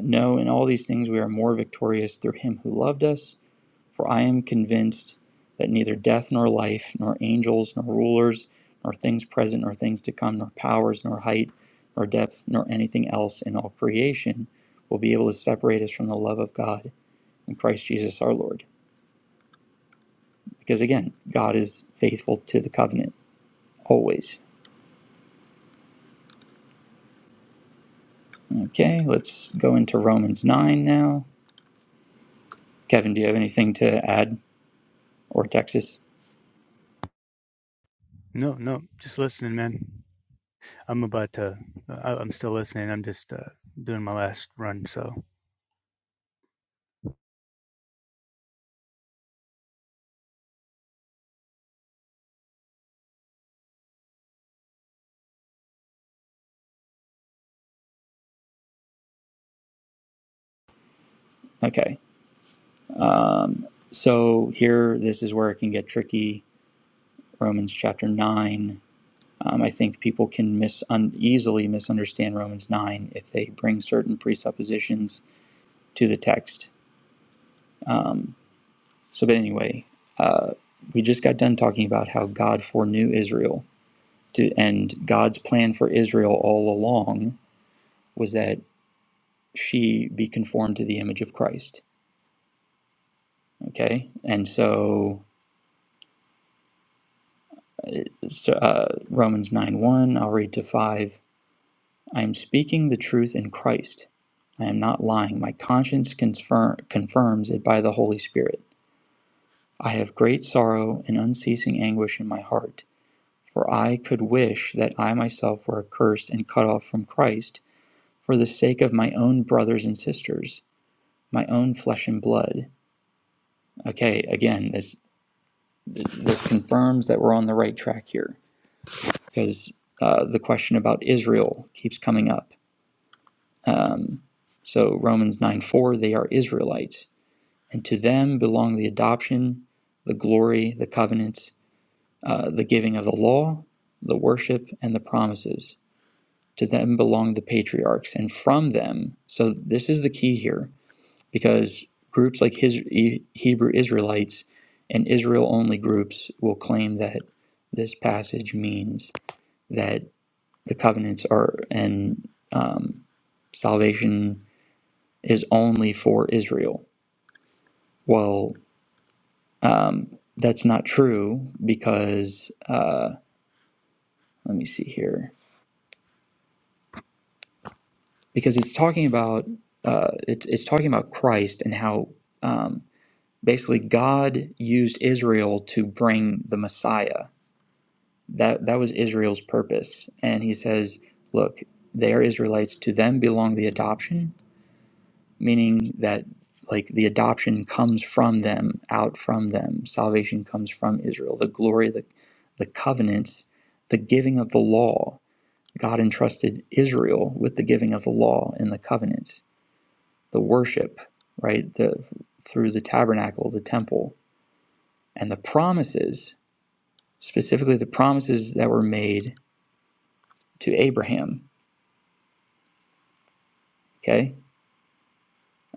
no, in all these things we are more victorious through Him who loved us. For I am convinced that neither death nor life, nor angels, nor rulers, nor things present, nor things to come, nor powers, nor height, nor depth, nor anything else in all creation will be able to separate us from the love of God in Christ Jesus our Lord. Because again, God is faithful to the covenant always. Okay, let's go into Romans 9 now. Kevin, do you have anything to add or Texas? Okay, so here, this is where it can get tricky. Romans chapter 9 Um, I think people can mis- un- easily misunderstand Romans 9 if they bring certain presuppositions to the text. Um, so, but anyway, uh, we just got done talking about how God foreknew Israel. To, and God's plan for Israel all along was that she be conformed to the image of Christ. Okay? And so, so uh, Romans 9 1, I'll read to 5. I am speaking the truth in Christ. I am not lying. My conscience confirm, confirms it by the Holy Spirit. I have great sorrow and unceasing anguish in my heart, for I could wish that I myself were accursed and cut off from Christ for the sake of my own brothers and sisters, my own flesh and blood. Okay, again, this this confirms that we're on the right track here, because uh, the question about Israel keeps coming up. Um, so Romans nine four, they are Israelites. And to them belong the adoption, the glory, the covenants, uh, the giving of the law, the worship, and the promises. To them belong the patriarchs. And from them, so this is the key here, because groups like his, E- Hebrew Israelites and Israel only groups will claim that this passage means that the covenants are and um, salvation is only for Israel. Well, Um, that's not true because uh, let me see here because it's talking about uh, it's it's talking about Christ and how um, basically God used Israel to bring the Messiah. That that was Israel's purpose, and He says, "Look, they are Israelites. To them belong the adoption, meaning that like the adoption comes from them, out from them. Salvation comes from Israel. The glory, the, the covenants, the giving of the law. God entrusted Israel with the giving of the law and the covenants, the worship, right? The through the tabernacle, the temple, and the promises, specifically the promises that were made to Abraham. Okay,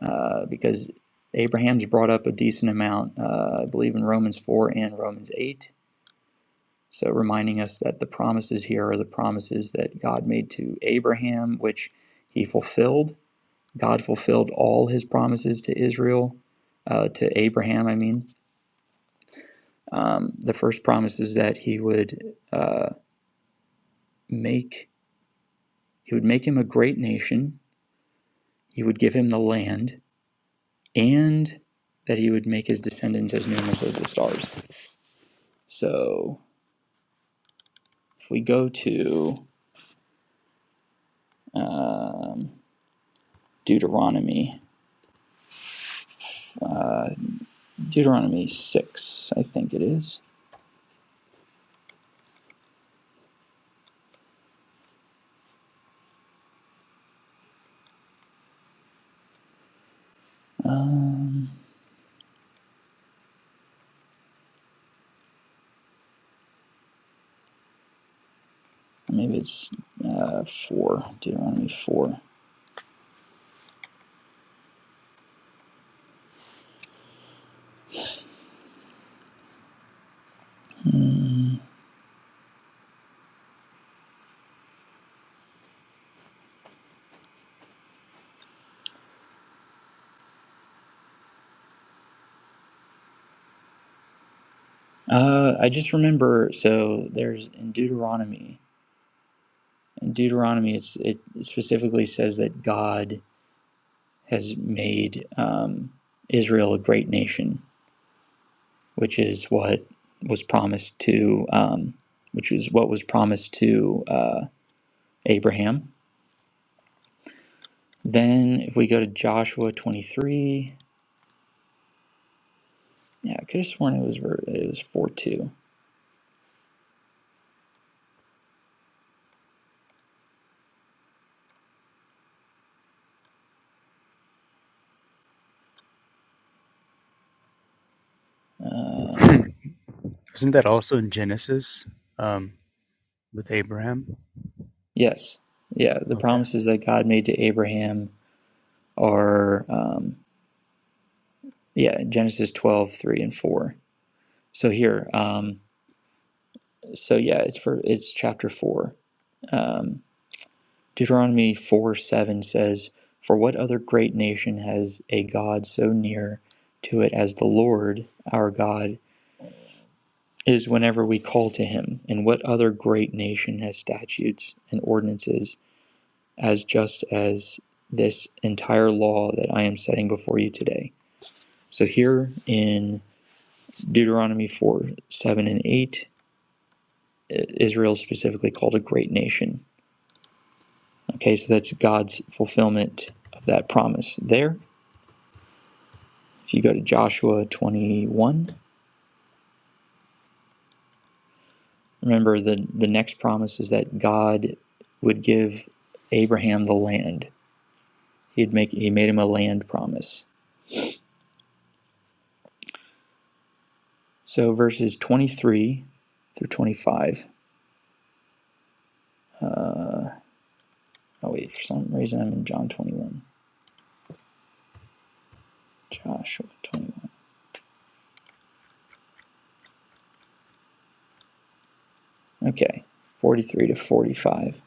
uh, because Abraham's brought up a decent amount, uh, I believe, in Romans four and Romans eight So, reminding us that the promises here are the promises that God made to Abraham, which he fulfilled. God fulfilled all his promises to Israel, uh, to Abraham, I mean. Um, the first promise is that he would uh, make he would make him a great nation. He would give him the land, and that he would make his descendants as numerous as the stars. So, if we go to Deuteronomy, Deuteronomy six, I think it is. Um, maybe it's uh, four, Deuteronomy four. Uh, I just remember. So there's in Deuteronomy. In Deuteronomy, it's, it specifically says that God has made um, Israel a great nation, which is what was promised to, um, which is what was promised to uh, Abraham. Then, if we go to Joshua 23, yeah, I could have sworn it was ver- it was 4-2. Uh, yes. Yeah, the promises that God made to Abraham are, um, yeah, Genesis twelve, three, and 4. So here, um, so yeah, it's for it's chapter 4. Um, Deuteronomy 4, 7 says, For what other great nation has a God so near to it as the Lord our God is whenever we call to him? And what other great nation has statutes and ordinances? as just as this entire law that I am setting before you today. So, here in Deuteronomy 4 7 and 8, Israel is specifically called a great nation. Okay, so that's God's fulfillment of that promise there. If you go to Joshua 21, remember the, the next promise is that God would give Abraham the land. He'd make, he made him a land promise. So, verses 23 through 25. Oh wait, for some reason I'm in John 21. Joshua 21. Okay, 43 to 45.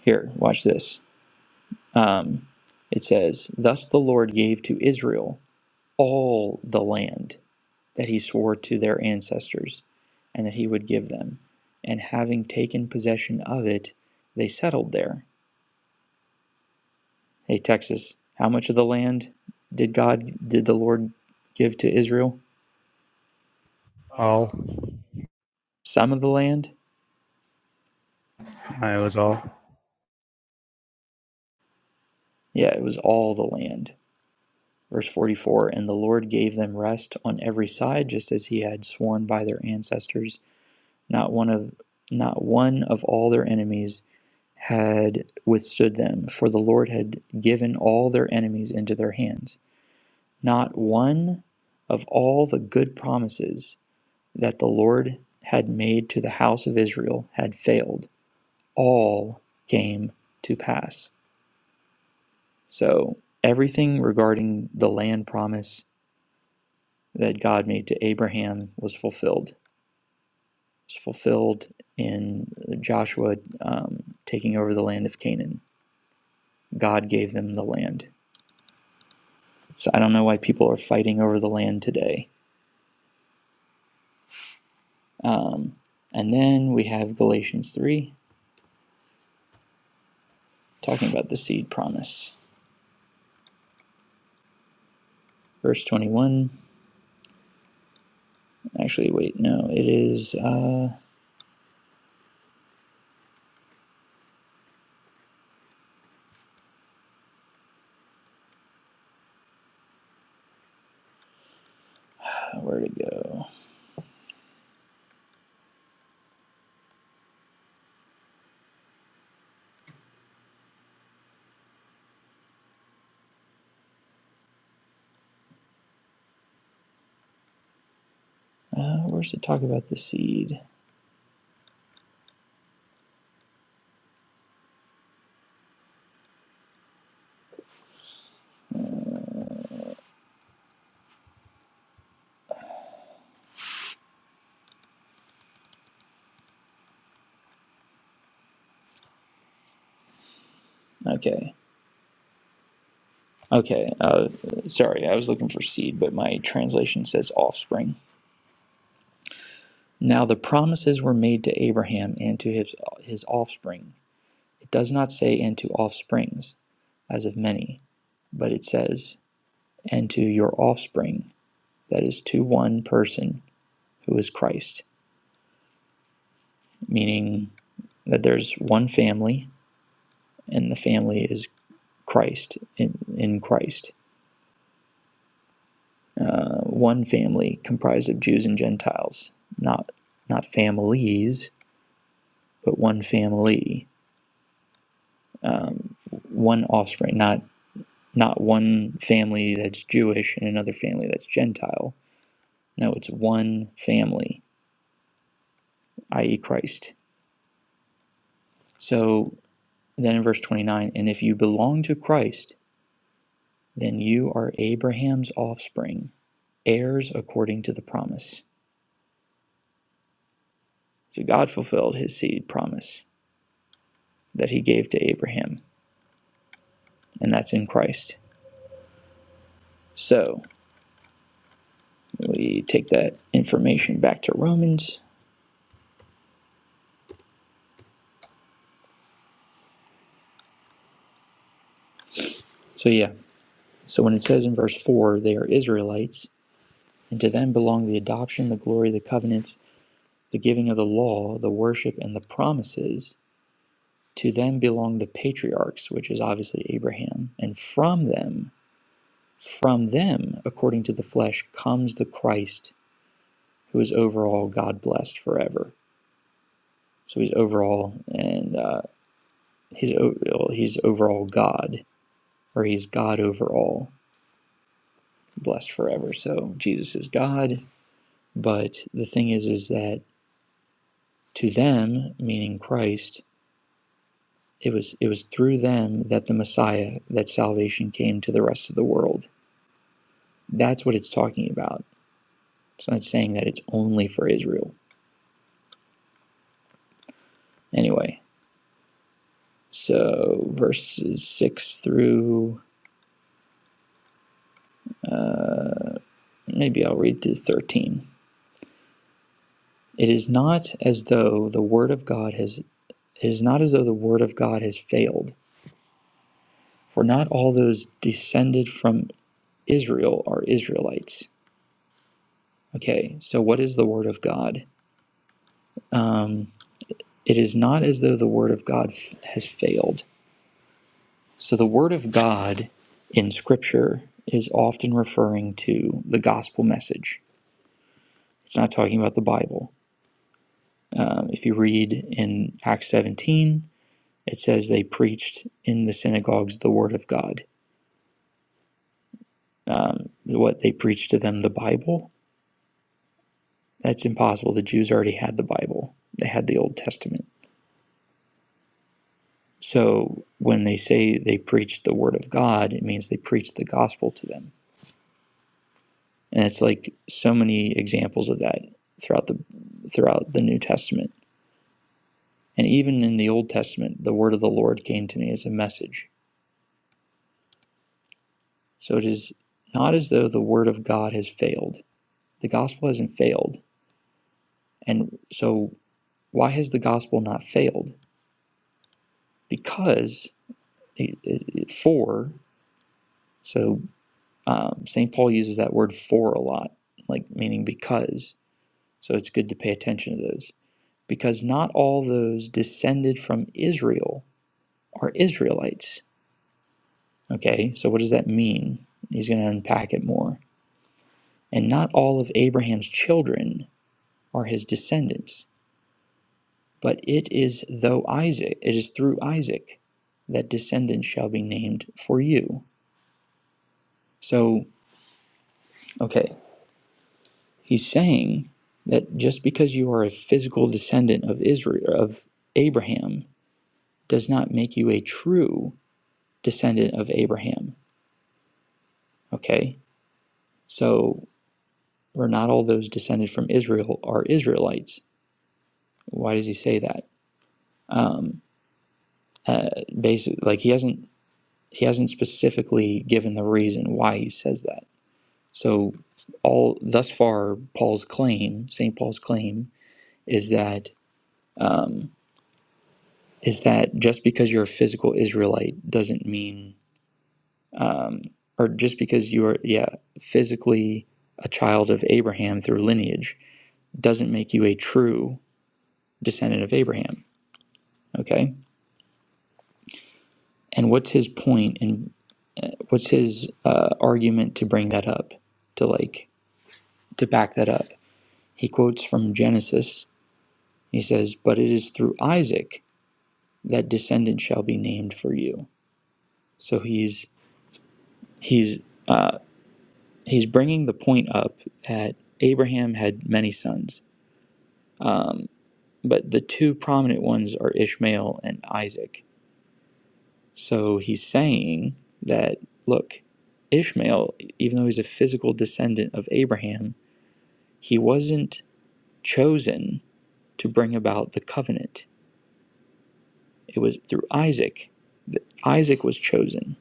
Here, watch this. Um, it says, Thus the Lord gave to Israel all the land that he swore to their ancestors and that he would give them. And having taken possession of it, they settled there. Hey, Texas, how much of the land did God, did the Lord give to Israel? Some of the land? Yeah, it was all the land Verse 44 And the Lord gave them rest on every side, just as he had sworn by their ancestors. Not one of not one of all their enemies had withstood them, for the Lord had given all their enemies into their hands. Not one of all the good promises that the Lord had made to the house of Israel had failed. All came to pass. So, everything regarding the land promise that God made to Abraham was fulfilled. It's fulfilled in Joshua um, taking over the land of Canaan. God gave them the land. So I don't know why people are fighting over the land today. Um, and then we have Galatians 3 talking about the seed promise. Verse 21. Actually, wait, no, it is. Uh, where to go? Uh, where's it talk about the seed? Okay. Okay. Uh, sorry, I was looking for seed, but my translation says offspring. Now the promises were made to Abraham and to his, his offspring. It does not say, and to offsprings, as of many, but it says, and to your offspring, that is to one person, who is Christ, meaning that there's one family, and the family is Christ, in, in Christ. Uh, one family comprised of Jews and Gentiles, not, not families, but one family, um, one offspring, not not one family that's Jewish and another family that's Gentile. No, it's one family, i.e., Christ. So then in verse 29, and if you belong to Christ, then you are Abraham's offspring, heirs according to the promise. So God fulfilled his seed promise that he gave to Abraham, and that's in Christ. So we take that information back to Romans. So, yeah, so when it says in verse 4, they are Israelites, And to them belong the adoption, the glory, the covenants, the giving of the law, the worship, and the promises. To them belong the patriarchs, which is obviously Abraham. And from them, from them, according to the flesh, comes the Christ, who is over all God blessed forever. So he's overall, and uh, he's o- he's overall God, or he's God over all, blessed forever. So Jesus is God, but the thing is, is that to them, meaning Christ, It was it was through them that the Messiah, that salvation came to the rest of the world. That's what it's talking about. It's not saying that it's only for Israel. Anyway, so verses six through uh, maybe I'll read to thirteen. It is not as though the word of God has it is not as though the word of God has failed, for not all those descended from Israel are Israelites. Okay, so what is the word of God? Um. it is not as though the word of God has failed. So the word of God in scripture is often referring to the gospel message. It's not talking about the Bible. Um, if you read in Acts 17, it says they preached in the synagogues the word of God. Um, what they preached to them, the Bible, that's impossible. The Jews already had the Bible, they had the Old Testament. So when they say they preached the word of God, it means they preached the gospel to them and it's like so many examples of that throughout the throughout the new testament and even in the old testament the word of the lord came to me as a message so it is not as though the word of god has failed the gospel hasn't failed and so why has the gospel not failed because it, it, it- for so um, st paul uses that word for a lot like meaning because so it's good to pay attention to those because not all those descended from israel are Israelites. Okay, so what does that mean? He's going to unpack it more. And not all of Abraham's children are his descendants, but it is though Isaac, it is through Isaac that descendants shall be named for you. So, okay, he's saying that just because you are a physical descendant of Israel of Abraham does not make you a true descendant of Abraham. Okay? So or not all those descended from Israel are Israelites. Why does he say that? Um, uh, basically, like he hasn't he hasn't specifically given the reason why he says that. So all thus far, Paul's claim, Saint Paul's claim, is that um, is that just because you're a physical Israelite doesn't mean, um, or just because you are yeah physically a child of Abraham through lineage doesn't make you a true descendant of Abraham. Okay And what's his point and uh, what's his uh, argument to bring that up, to like to back that up? He quotes from Genesis. He says, "But it is through Isaac that descendant shall be named for you." So he's he's uh, he's bringing the point up that Abraham had many sons, um, but the two prominent ones are Ishmael and Isaac So he's saying that, look, Ishmael, even though he's a physical descendant of Abraham, he wasn't chosen to bring about the covenant. It was through Isaac that Isaac was chosen.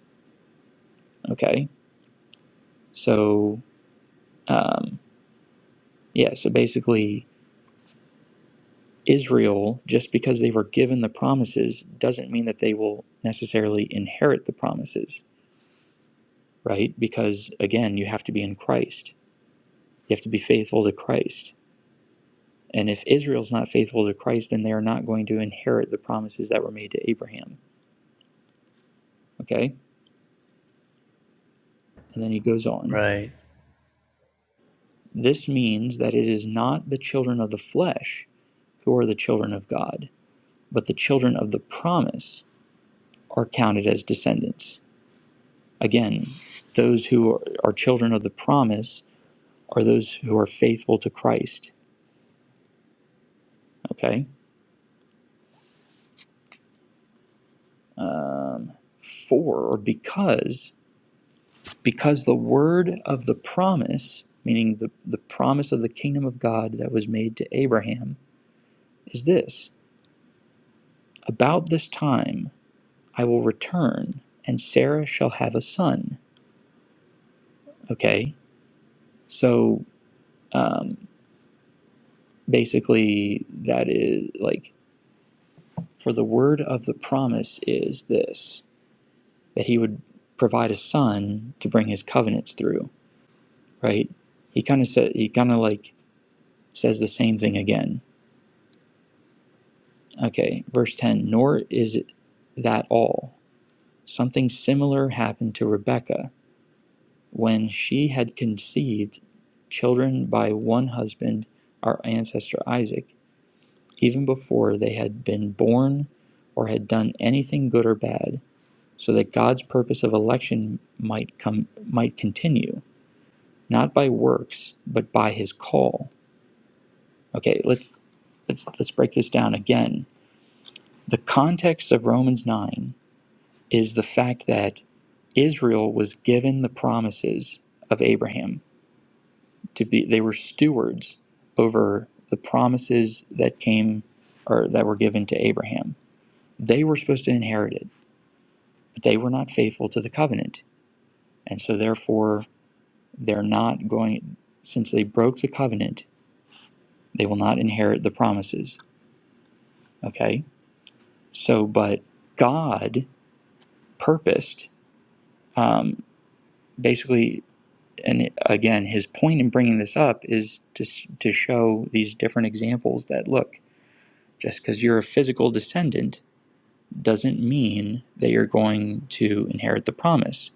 Okay? So, um, yeah, so basically, Israel, just because they were given the promises, doesn't mean that they will necessarily inherit the promises, right? Because, again, you have to be in Christ, you have to be faithful to Christ And if Israel's not faithful to Christ, then they are not going to inherit the promises that were made to Abraham. Okay? And then he goes on. This means that it is not the children of the flesh who are the children of God, but the children of the promise are counted as descendants. Again, those who are, are children of the promise are those who are faithful to Christ. Okay? Um, for or because because the word of the promise, meaning the, the promise of the kingdom of God that was made to Abraham, is this About this time I will return, and Sarah shall have a son. Okay? So um, basically, that is like, for the word of the promise is this that he would provide a son to bring his covenants through, right? He kind of said, he kind of like says the same thing again Okay, verse 10 Nor is it that all. Something similar happened to Rebekah when she had conceived children by one husband, our ancestor Isaac, even before they had been born or had done anything good or bad, so that God's purpose of election might come might continue, not by works, but by his call. Okay, let's let's let's break this down again. The context of Romans 9 is the fact that Israel was given the promises of Abraham to be they were stewards over the promises that came or that were given to Abraham. They were supposed to inherit it, but they were not faithful to the covenant. And so therefore they're not going since they broke the covenant, they will not inherit the promises. Okay? So but God purposed um, basically and again, his point in bringing this up is to, to show these different examples that look, just because you're a physical descendant doesn't mean that you're going to inherit the promise,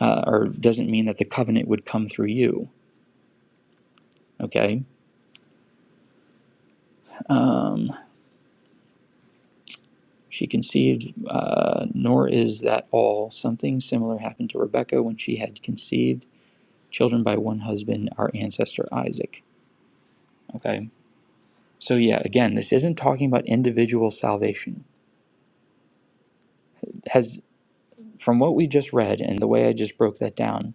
uh, or doesn't mean that the covenant would come through you. Okay? Um, she conceived, uh, nor is that all. Something similar happened to Rebekah when she had conceived children by one husband, our ancestor Isaac. Okay? So, yeah, again, this isn't talking about individual salvation has from what we just read and the way I just broke that down,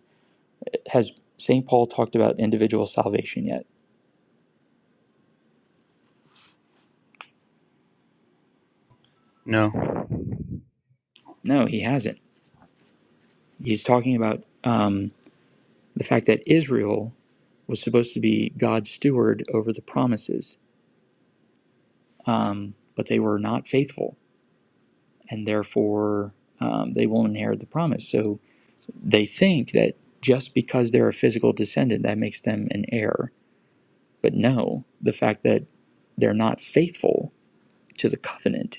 has St. Paul talked about individual salvation yet? No, he hasn't. He's talking about um, the fact that Israel was supposed to be God's steward over the promises, um, but they were not faithful, and therefore um, they won't inherit the promise. So they think that just because they're a physical descendant, that makes them an heir. But no, the fact that they're not faithful to the covenant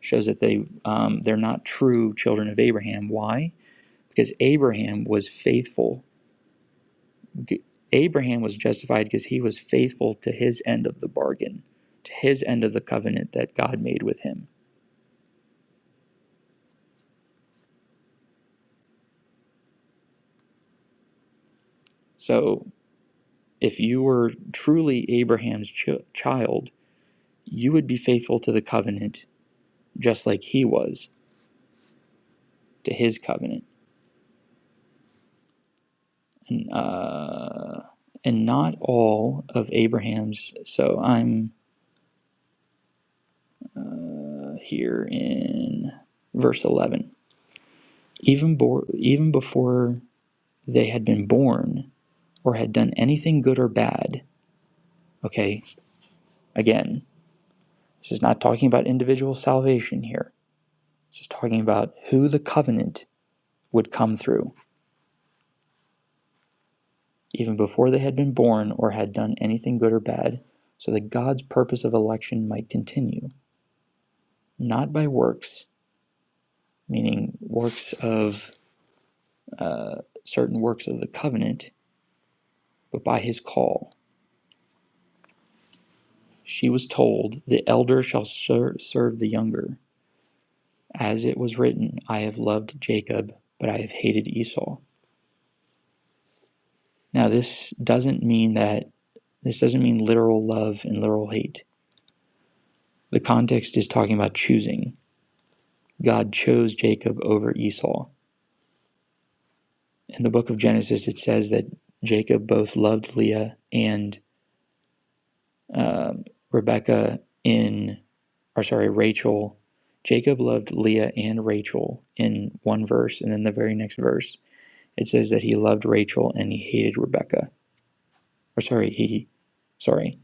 shows that they um, they're not true children of Abraham. Why? Because Abraham was faithful. Abraham was justified because he was faithful to his end of the bargain, to his end of the covenant that God made with him. So, if you were truly Abraham's ch- child, you would be faithful to the covenant just like he was to his covenant. And, uh, and not all of Abraham's. So I'm uh, here in verse 11. Even, bo- even before they had been born or had done anything good or bad, okay, again, this is not talking about individual salvation here. This is talking about who the covenant would come through, even before they had been born or had done anything good or bad, so that God's purpose of election might continue, not by works, meaning works of certain works of the covenant, but by his call She was told, The elder shall ser- serve the younger. As it was written, I have loved Jacob, but I have hated Esau. Now, this doesn't mean that, this doesn't mean literal love and literal hate. The context is talking about choosing. God chose Jacob over Esau. In the book of Genesis, it says that Jacob both loved Leah and um, Rebecca in, or sorry, Rachel. Jacob loved Leah and Rachel in one verse, and then the very next verse It says that he loved Rachel and he hated Rebecca. Or sorry, he sorry.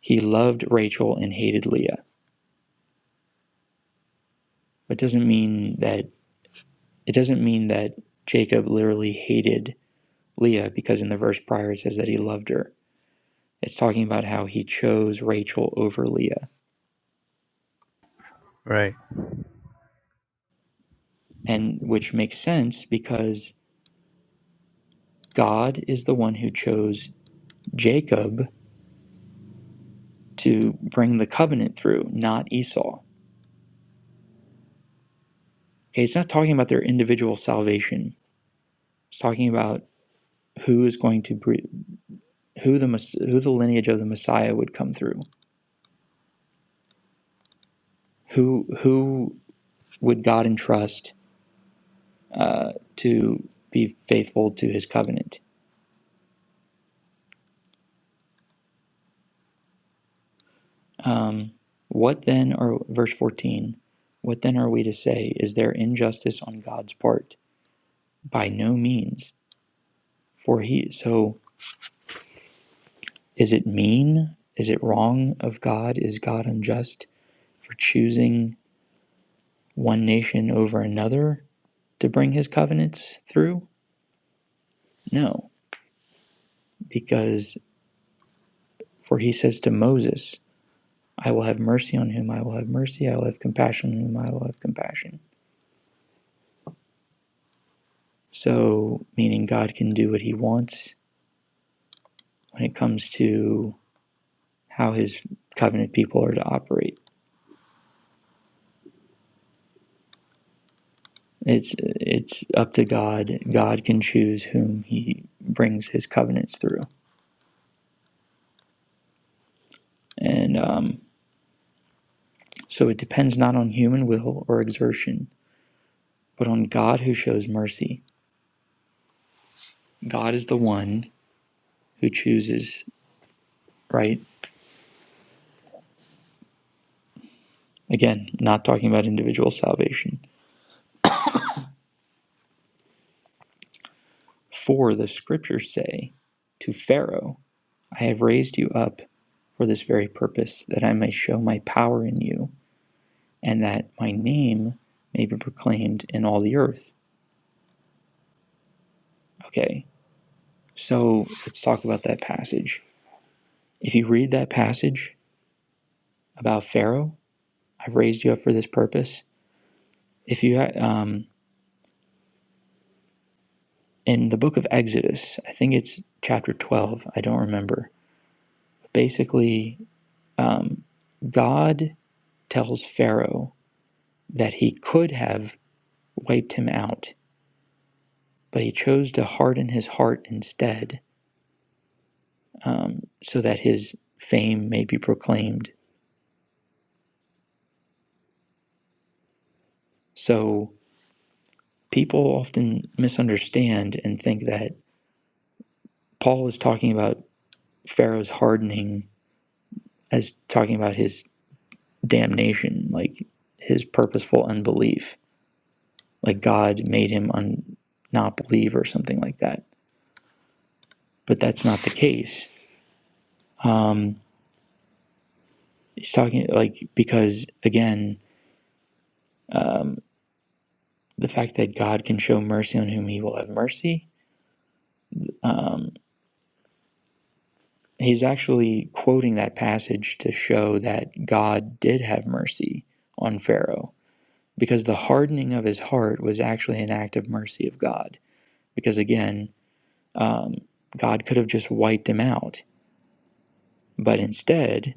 He loved Rachel and hated Leah. But it doesn't mean that it doesn't mean that Jacob literally hated Leah because in the verse prior it says that he loved her. It's talking about how he chose Rachel over Leah. And which makes sense because God is the one who chose Jacob to bring the covenant through, not Esau. Okay, it's not talking about their individual salvation. It's talking about who is going to bre- who the who the lineage of the Messiah would come through, who who would God entrust uh, to be faithful to His covenant. Um, what then are verse fourteen? What then are we to say? Is there injustice on God's part? By no means. For He so is it mean? Is it wrong of God? Is God unjust for choosing one nation over another to bring His covenants through? No because for he says to Moses, I will have mercy on him, I will have mercy, I will have compassion on him, I will have compassion. So, meaning God can do what he wants when it comes to how his covenant people are to operate. It's it's up to God. God can choose whom he brings his covenants through. And um, so it depends not on human will or exertion, but on God who shows mercy. God is the one who chooses, right? Again, not talking about individual salvation. For the scriptures say to Pharaoh, I have raised you up for this very purpose, that I may show my power in you, and that my name may be proclaimed in all the earth. Okay, so let's talk about that passage. If you read that passage about Pharaoh, I've raised you up for this purpose. If you, um, in the book of Exodus, I think it's chapter 12, I don't remember. Basically, um, God tells Pharaoh that he could have wiped him out, but he chose to harden his heart instead um, so that his fame may be proclaimed. So people often misunderstand and think that Paul is talking about Pharaoh's hardening as talking about his damnation, like his purposeful unbelief, like God made him un- not believe or something like that. But that's not the case. Um, he's talking like because again the fact that God can show mercy on whom he will have mercy. He's actually quoting that passage to show that God did have mercy on Pharaoh because the hardening of his heart was actually an act of mercy of God. Because again, um, God could have just wiped him out, but instead,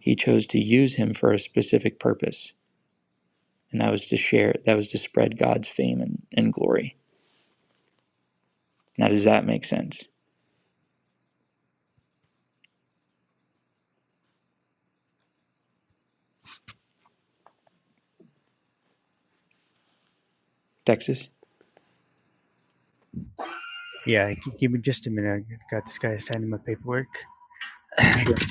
he chose to use him for a specific purpose, and that was to share, that was to spread God's fame and, and glory. Now, does that make sense? Texas? Sure.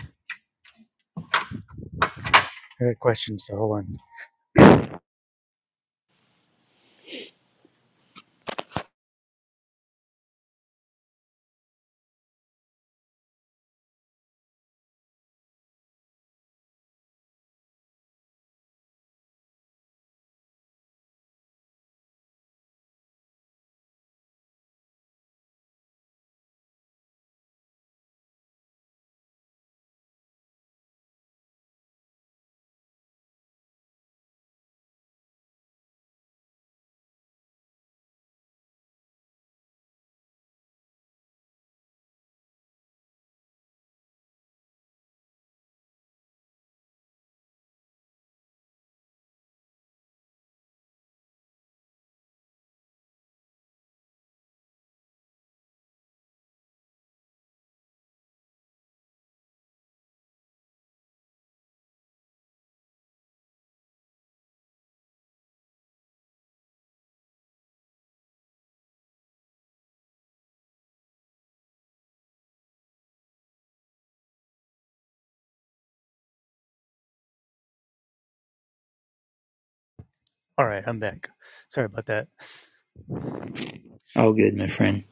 Oh, good, my friend.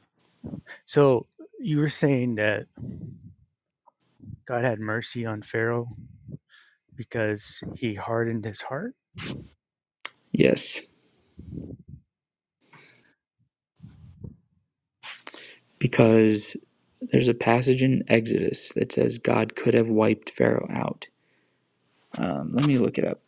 Yes. because there's a passage in Exodus that says God could have wiped Pharaoh out. Um, let me look it up.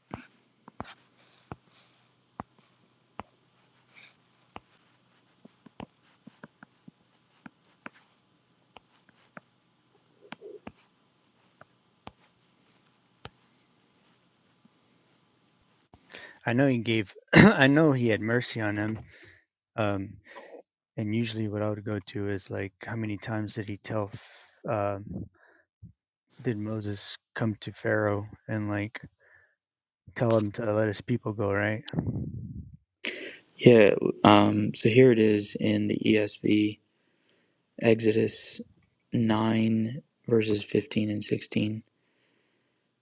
Yeah, um, so here it is in the ESV, Exodus 9, verses 15 and 16.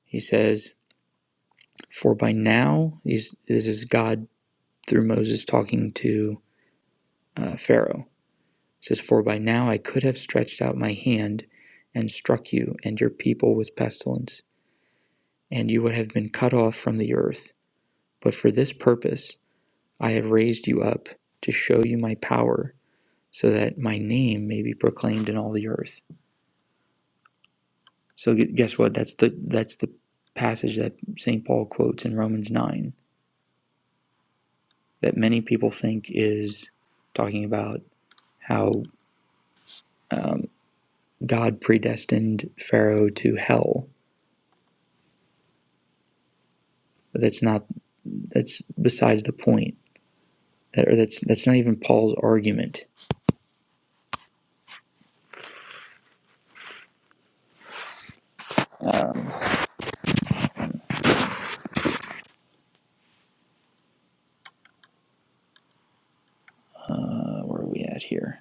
He says, For by now, this is God through Moses talking to uh, Pharaoh. It says, For by now I could have stretched out my hand and struck you and your people with pestilence, and you would have been cut off from the earth. But for this purpose I have raised you up to show you my power, so that my name may be proclaimed in all the earth. So guess what? That's the that's the passage that Saint Paul quotes in Romans nine that many people think is talking about how God predestined Pharaoh to hell. But that's not that's besides the point. That, or that's that's not even Paul's argument. Uh, where are we at here?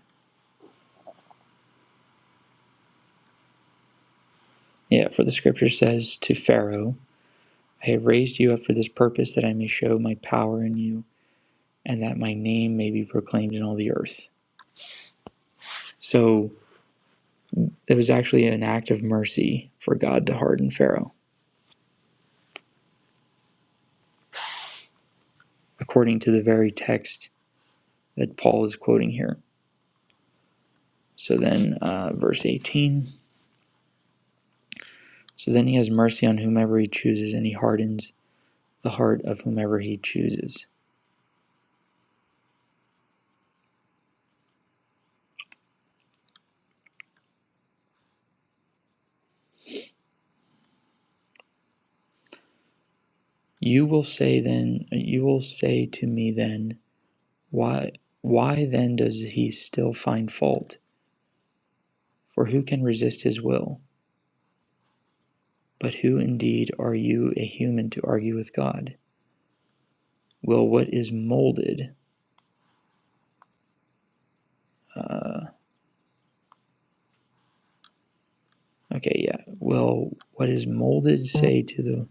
Yeah, for the scripture says to Pharaoh. I have raised you up for this purpose that I may show my power in you and that my name may be proclaimed in all the earth. So it was actually an act of mercy for God to harden Pharaoh, according to the very text that Paul is quoting here. So then, uh, verse 18 So then he has mercy on whomever he chooses, and he hardens the heart of whomever he chooses. You will say then, you will say to me then, why, why then does he still find fault? For who can resist his will? But who indeed are you, a human, to argue with God? Will what is molded, uh, okay, yeah, will what is molded say to the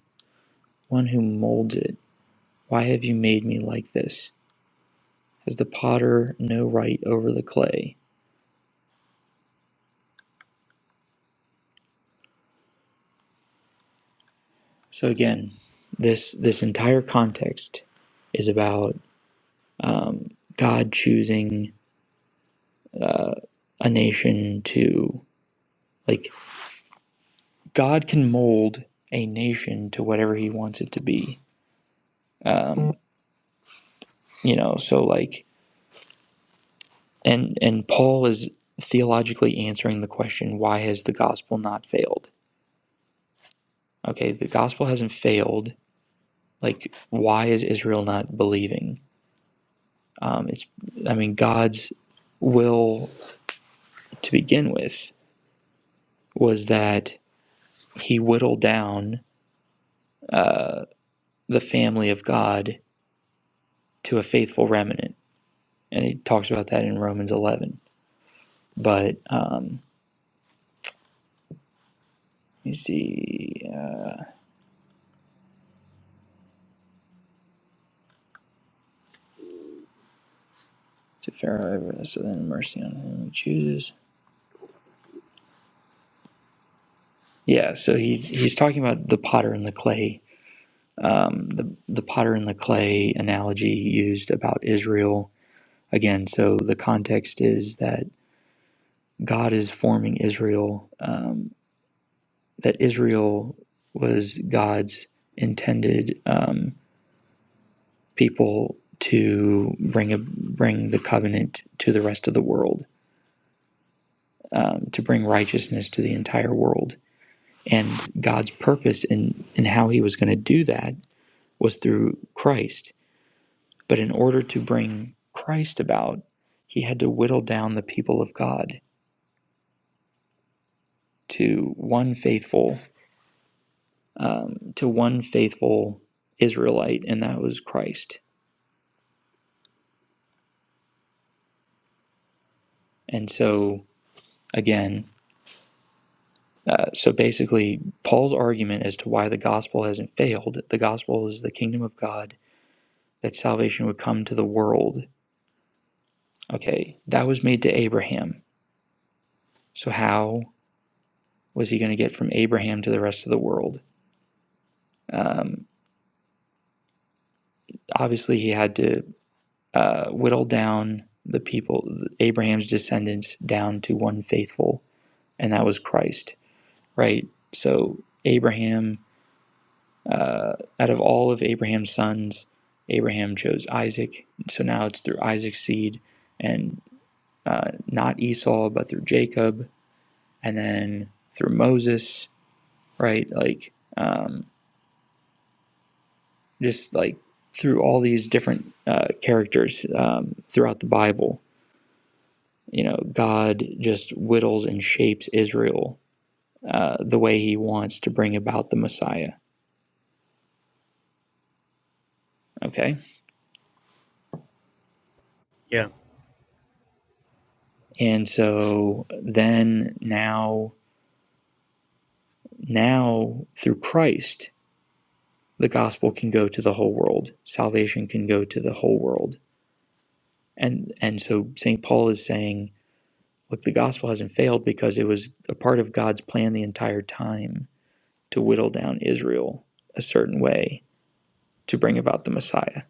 one who molds it, Why have you made me like this? Has the potter no right over the clay? So again, this this entire context is about um, God choosing a nation to like God can mold a nation to whatever He wants it to be. Um, you know, so like And and Paul is theologically answering the question, why has the gospel not failed? Okay, the gospel hasn't failed. Like, why is Israel not believing? Um, it's, I mean, God's will to begin with was that He whittled down the family of God to a faithful remnant, and He talks about that in Romans eleven. But um, you see, uh, to Pharaoh, so then mercy on him who chooses. Yeah, so he's he's talking about the potter and the clay, um, the the potter and the clay analogy used about Israel again. So the context is that God is forming Israel, um, that Israel was God's intended um, people to bring a, bring the covenant to the rest of the world, um, to bring righteousness to the entire world, and God's purpose in in how He was going to do that was through Christ But in order to bring Christ about, he had to whittle down the people of God to one faithful, um, to one faithful Israelite, and that was Christ. And so, again, uh, so basically, Paul's argument as to why the gospel hasn't failed, the gospel is the kingdom of God, that salvation would come to the world. Okay, that was made to Abraham. So, how was he going to get from Abraham to the rest of the world? Um, obviously, he had to uh, whittled down the people, Abraham's descendants, down to one faithful, and that was Christ, right? So, Abraham, uh, out of all of Abraham's sons, Abraham chose Isaac. So now it's through Isaac's seed, and uh, not Esau, but through Jacob, and then through Moses, right? Like, um, just like through all these different uh, characters um, throughout the Bible you know, God just whittles and shapes Israel uh, the way he wants to bring about the Messiah. Okay. And so then now, now through Christ, the gospel can go to the whole world. Salvation can go to the whole world. And, and so St. Paul is saying, look, the gospel hasn't failed because it was a part of God's plan the entire time to whittle down Israel a certain way to bring about the Messiah.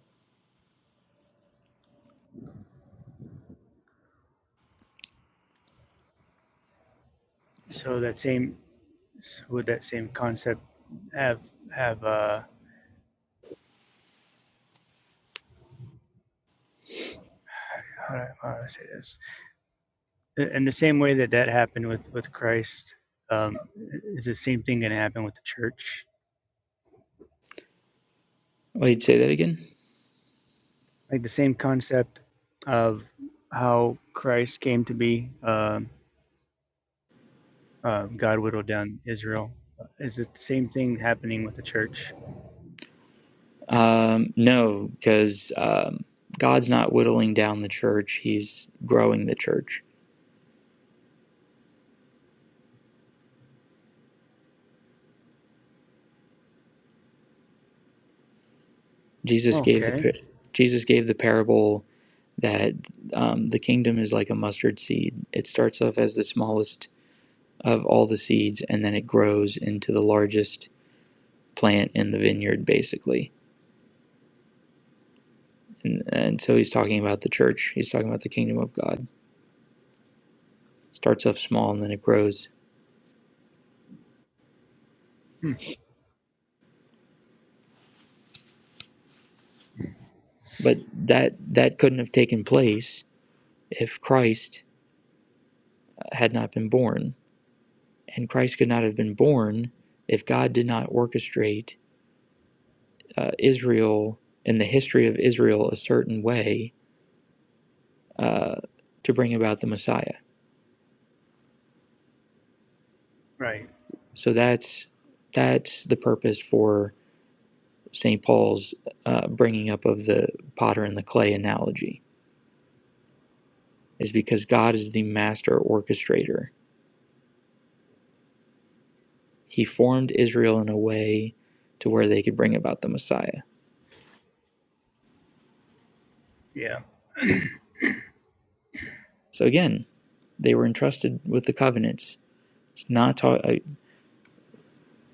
Wait, say that again? Um, no, because um, God's not whittling down the church; He's growing the church. Jesus gave the par- Jesus gave the parable that um, the kingdom is like a mustard seed. It starts off as the smallest of all the seeds, and then it grows into the largest plant in the vineyard, basically. And, and so he's talking about the church. He's talking about the kingdom of God. Starts off small and then it grows. But that that couldn't have taken place if Christ had not been born and Christ could not have been born if God did not orchestrate uh, Israel and the history of Israel a certain way uh, to bring about the Messiah. So that's that's the purpose for St. Paul's uh, bringing up of the potter and the clay analogy is because God is the master orchestrator. He formed Israel in a way to where they could bring about the Messiah. So again, they were entrusted with the covenants. It's not taught.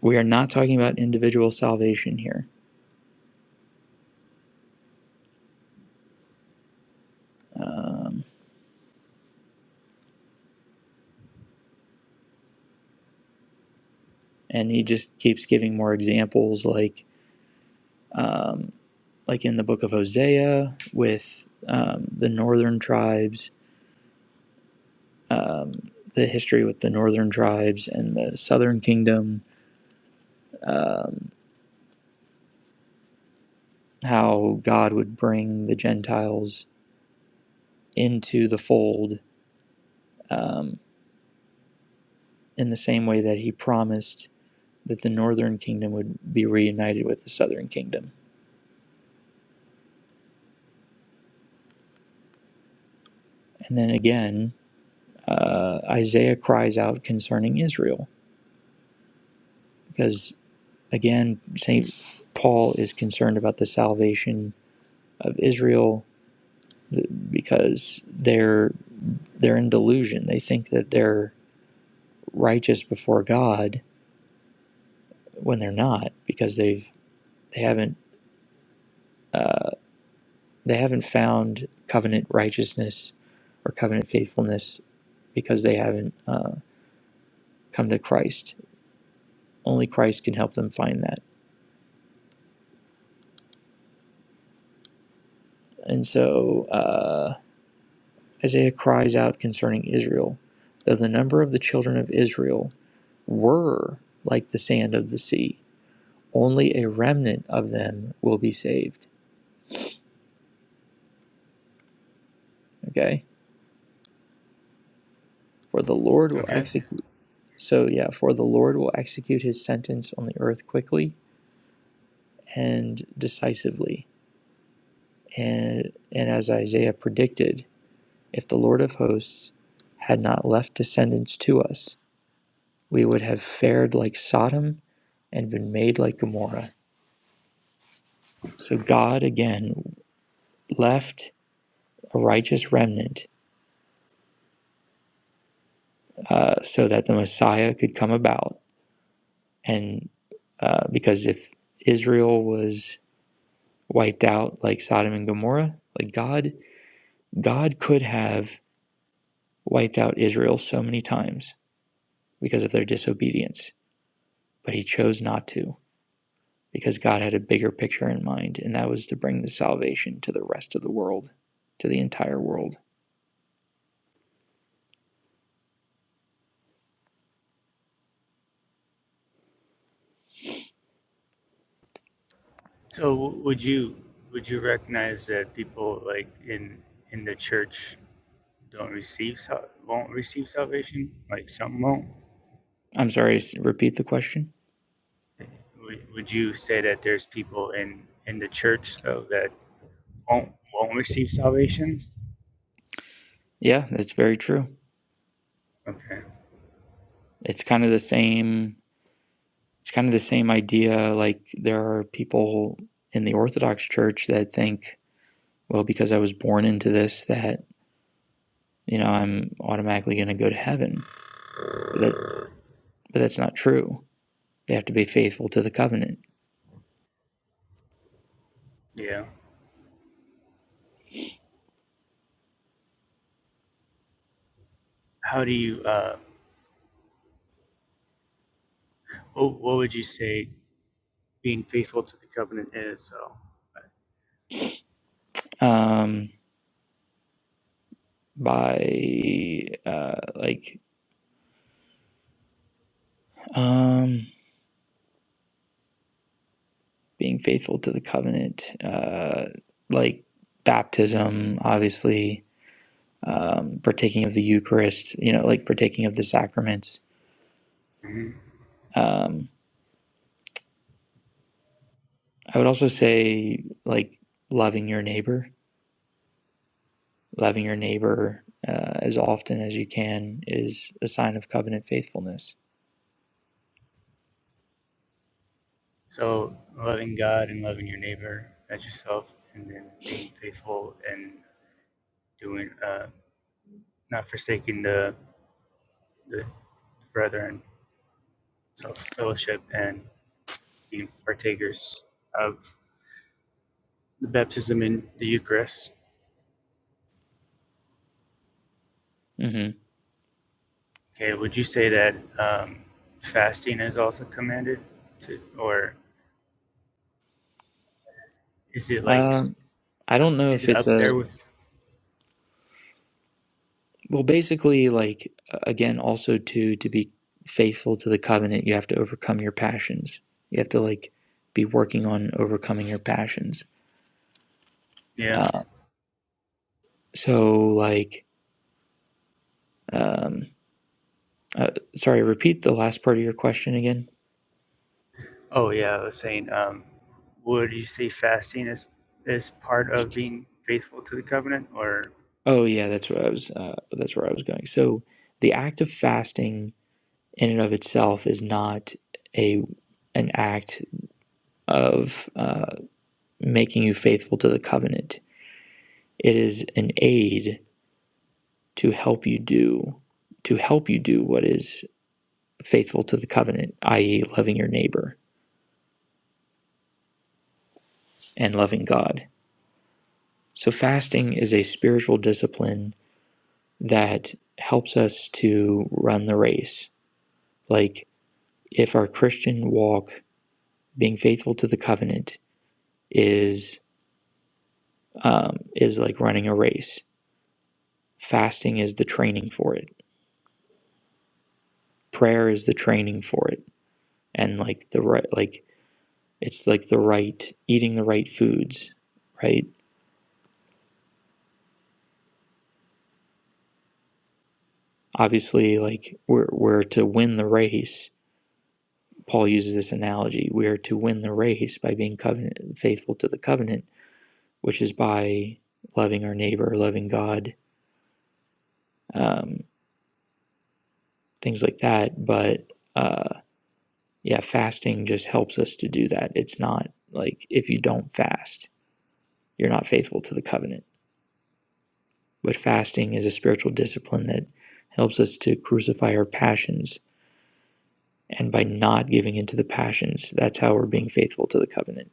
we are not talking about individual salvation here. Um, and he just keeps giving more examples, like um, like in the book of Hosea with um, the northern tribes, um, the history with the northern tribes and the southern kingdom, um, how God would bring the Gentiles into the fold um, in the same way that he promised that the northern kingdom would be reunited with the southern kingdom. And then again, uh, Isaiah cries out concerning Israel. Because again, St. Paul is concerned about the salvation of Israel because they're they're in delusion. They think that they're righteous before God when they're not because they've they haven't uh, they haven't found covenant righteousness or covenant faithfulness because they haven't uh, come to Christ. Only Christ can help them find that. And so, uh, Isaiah cries out concerning Israel, though the number of the children of Israel were like the sand of the sea, only a remnant of them will be saved. Okay? For the Lord will execute. So, yeah, for the Lord will execute his sentence on the earth quickly and decisively. And, and as Isaiah predicted, if the Lord of hosts had not left descendants to us, we would have fared like Sodom and been made like Gomorrah. So God again left a righteous remnant uh, so that the Messiah could come about. And uh, because if Israel was wiped out like Sodom and Gomorrah, like God, God could have wiped out Israel so many times because of their disobedience, but He chose not to because God had a bigger picture in mind, and that was to bring the salvation to the rest of the world, to the entire world. I'm sorry, repeat the question. Yeah, that's very true. It's kind of the same. It's kind of the same idea. Like there are people in the Orthodox Church that think, well, because I was born into this, that you know I'm automatically going to go to heaven. But that, but that's not true. They have to be faithful to the covenant. Um, by uh, like um, being faithful to the covenant, uh, like baptism, obviously, um, partaking of the Eucharist, you know, like partaking of the sacraments Um, I would also say like loving your neighbor, loving your neighbor uh, as often as you can is a sign of covenant faithfulness. hmm Um, I don't know if it's a well, basically like again, also to to be faithful to the covenant, you have to overcome your passions. You have to like be working on overcoming your passions. Uh, so like, um, uh, sorry, repeat the last part of your question again. Oh yeah, that's where I was. Uh, that's where I was going. So the act of fasting in and of itself is not a an act of uh, making you faithful to the covenant. It is an aid to help you do to help you do what is faithful to the covenant, i.e., loving your neighbor and loving God. So fasting is a spiritual discipline that helps us to run the race. Like if our Christian walk being faithful to the covenant is um, is like running a race. Fasting is the training for it. Prayer is the training for it, and like the right, like it's like the right eating the right foods, right? Obviously, like we're we're to win the race. Paul uses this analogy: we are to win the race by being covenant faithful to the covenant, which is by loving our neighbor, loving God, um, things like that. But uh, yeah, fasting just helps us to do that. It's not like if you don't fast, you're not faithful to the covenant. But fasting is a spiritual discipline that helps us to crucify our passions. And by not giving into the passions, that's how we're being faithful to the covenant.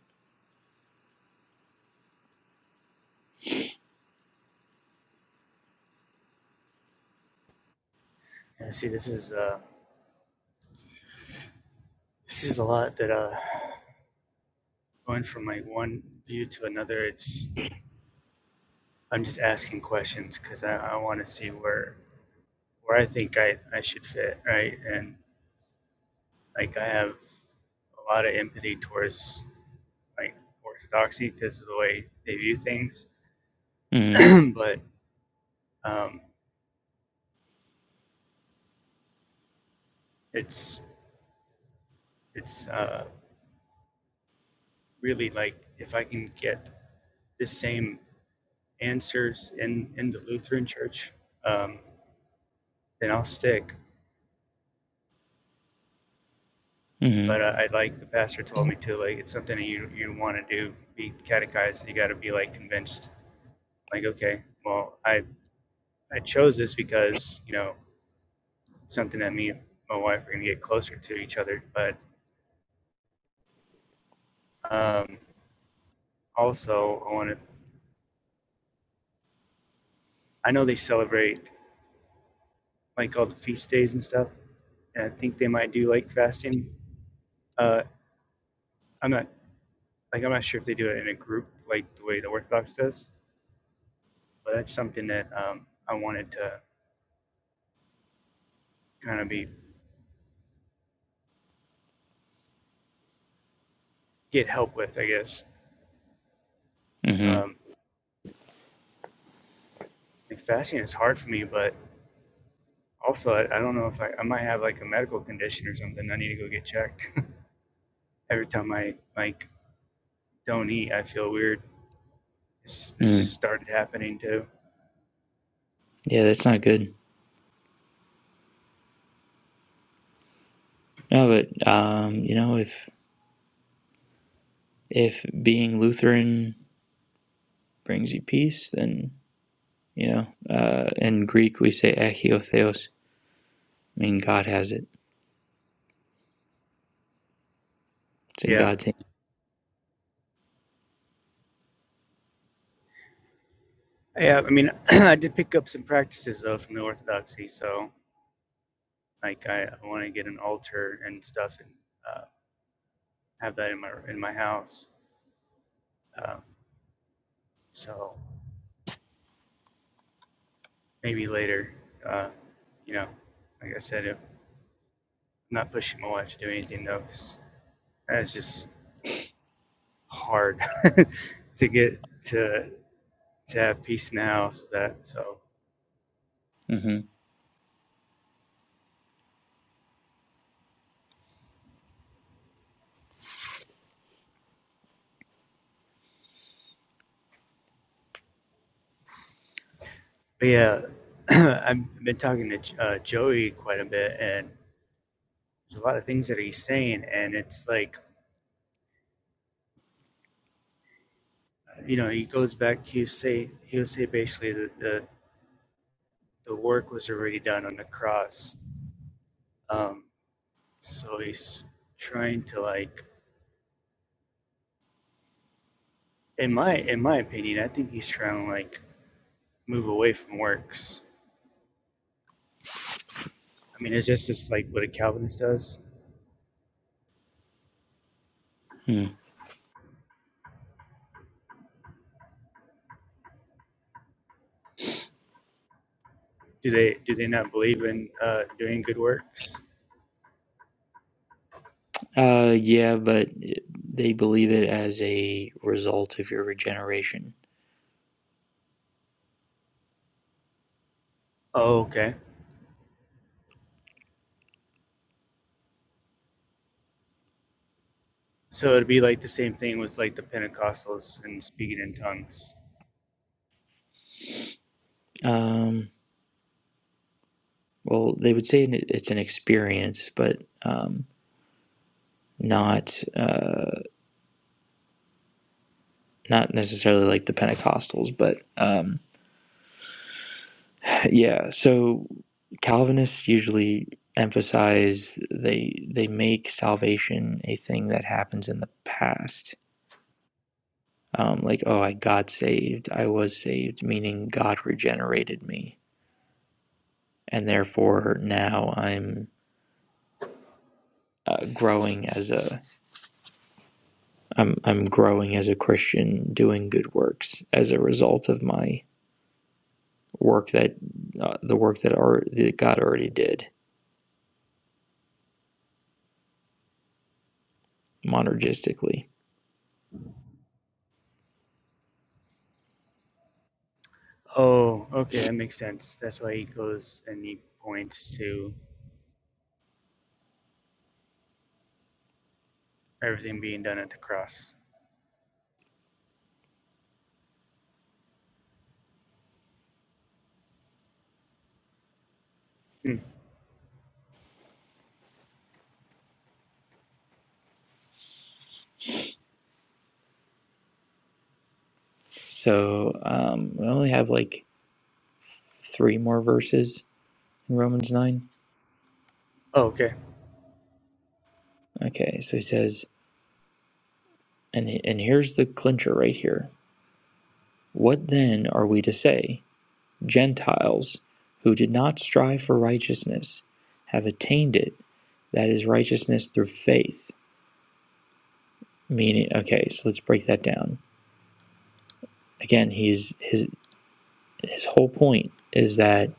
hmm hmm hmm mm Yeah, that's not good. No, but um, you know, if if being Lutheran brings you peace, then you know, uh, in Greek we say "echios I mean God has it. It's in God's hand. Mm-hmm. Hmm. Uh, yeah, but they believe it as a result of your regeneration. Um, well, they would say it's an experience, but um, not uh, not necessarily like the Pentecostals. But um, yeah, so Calvinists usually emphasize they they make salvation a thing that happens in the past. Um, like, oh, I got saved. I was saved, meaning God regenerated me and therefore now I'm uh, growing as a I'm I'm growing as a Christian, doing good works as a result of my work that uh, the work that are that God already did monergistically. So um, we only have like three more verses in Romans nine. Okay, so he says, and and here's the clincher right here. What then are we to say? Gentiles who did not strive for righteousness have attained it. That is righteousness through faith. Meaning, okay, so let's break that down. Again, he's his his whole point is that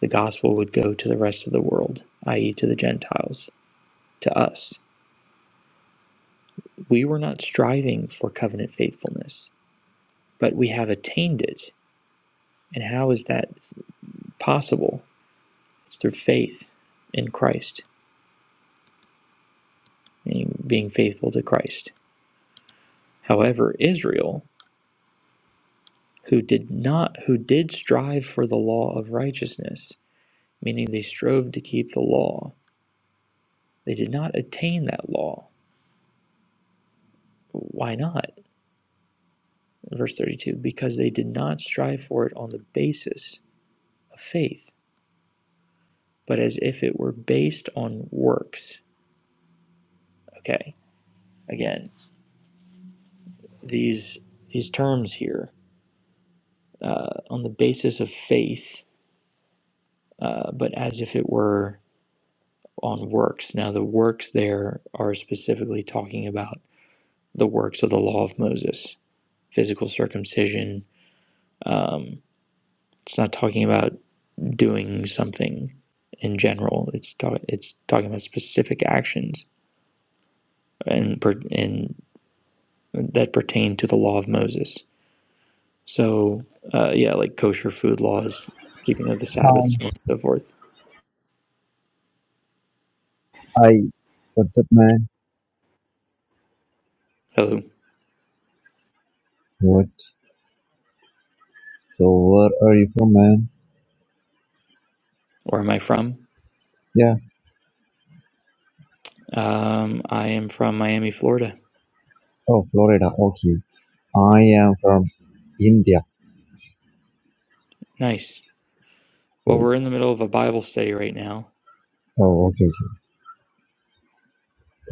the gospel would go to the rest of the world, i.e., to the Gentiles, to us. We were not striving for covenant faithfulness, but we have attained it. And how is that possible? It's through faith in Christ, being faithful to Christ. However, Israel who did not who did strive for the law of righteousness meaning they strove to keep the law they did not attain that law why not verse 32 because they did not strive for it on the basis of faith but as if it were based on works okay again these these terms here uh, on the basis of faith uh, but as if it were on works now the works there are specifically talking about the works of the law of Moses, physical circumcision. Um, it's not talking about doing something in general. It's talk, it's talking about specific actions and and that pertain to the law of Moses. So uh, yeah, like kosher food laws, keeping of the Hi. Sabbath, so on and so forth. Hi. What's up, man? Hello, What? So, where are you from, man? where am I from? Yeah. Um, I am from Miami, Florida. Oh, Florida. Okay. I am from India. Nice. Well, we're in the middle of a Bible study right now. Oh, okay. okay.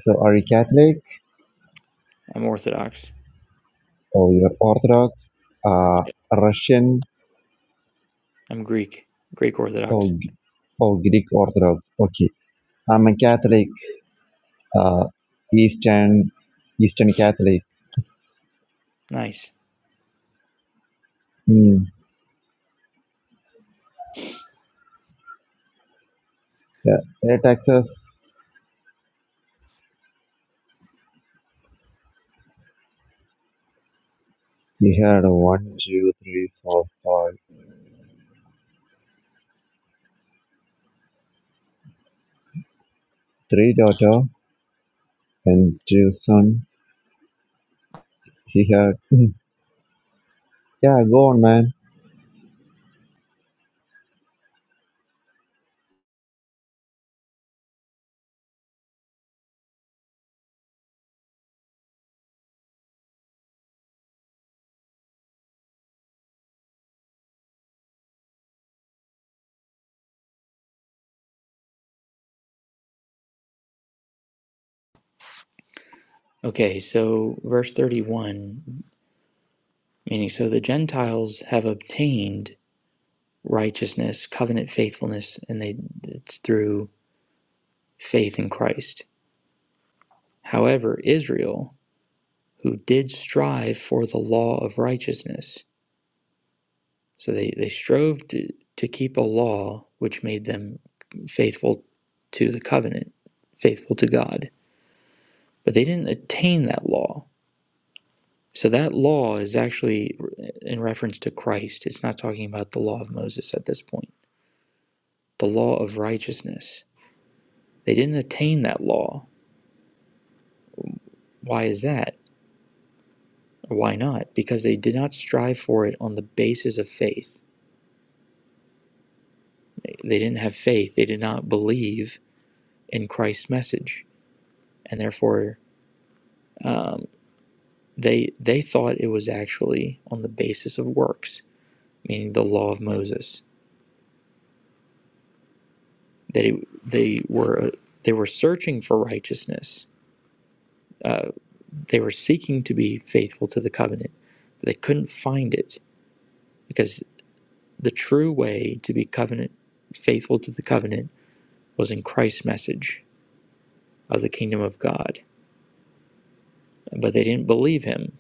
So, are you Catholic? I'm Orthodox. Oh, you're Orthodox? Uh, Russian? I'm Greek, Greek Orthodox. Oh, G- oh, Greek Orthodox. Okay. I'm a Catholic. Uh, Eastern, Eastern Catholic. Nice. Mm. Yeah. Hey, Texas. he had one, two, three, four, five, three daughter and two son. He had Yeah, go on, man. Okay, so verse 31, meaning, so the Gentiles have obtained righteousness, covenant faithfulness, and they it's through faith in Christ. However, Israel, who did strive for the law of righteousness, so they, they strove to, to keep a law which made them faithful to the covenant, faithful to God, but they didn't attain that law. So that law is actually in reference to Christ. It's not talking about the law of Moses at this point. The law of righteousness. They didn't attain that law. Why is that? Why not? Because they did not strive for it on the basis of faith. They didn't have faith. They did not believe in Christ's message, and therefore um, they they thought it was actually on the basis of works, meaning the law of Moses. That it, they were they were searching for righteousness, Uh, They were seeking to be faithful to the covenant, but they couldn't find it because the true way to be covenant faithful to the covenant was in Christ's message of the kingdom of God. But they didn't believe him,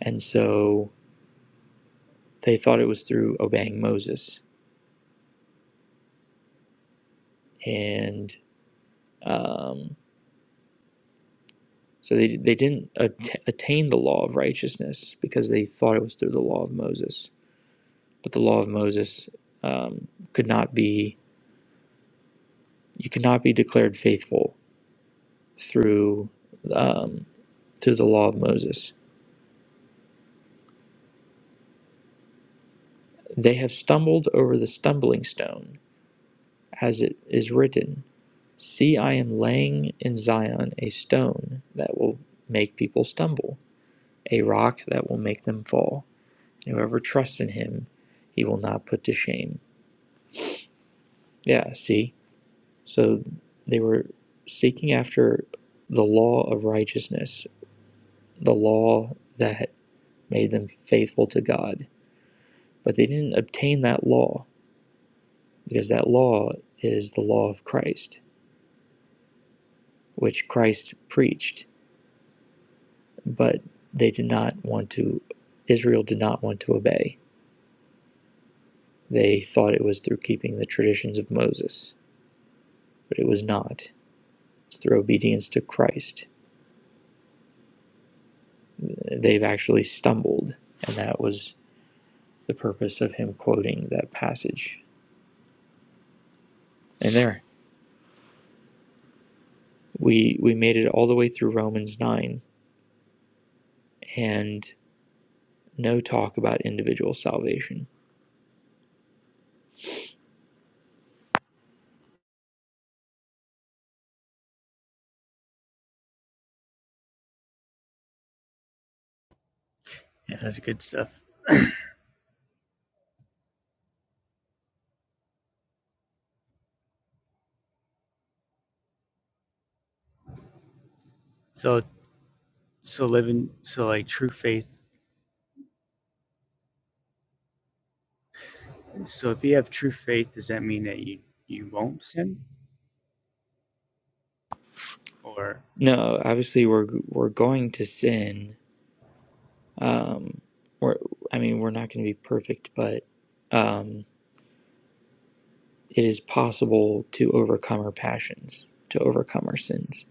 and so they thought it was through obeying Moses, and um, so they they didn't at- attain the law of righteousness because they thought it was through the law of Moses. But the law of Moses um, could not be you could not be declared faithful through um, through the law of Moses. They have stumbled over the stumbling stone, as it is written. See, I am laying in Zion a stone that will make people stumble, a rock that will make them fall. Whoever trusts in him, he will not put to shame. Yeah, see? So they were seeking after the law of righteousness, the law that made them faithful to God, but they didn't obtain that law because that law is the law of Christ, which Christ preached, but they did not want to, Israel did not want to obey. They thought it was through keeping the traditions of Moses, but it was not. It's through obedience to Christ. They've actually stumbled, and that was the purpose of him quoting that passage. And there, we, we made it all the way through Romans 9, and no talk about individual salvation. No, obviously we're we're going to sin Um, we're, I mean, we're not going to be perfect, but um, it is possible to overcome our passions, to overcome our sins.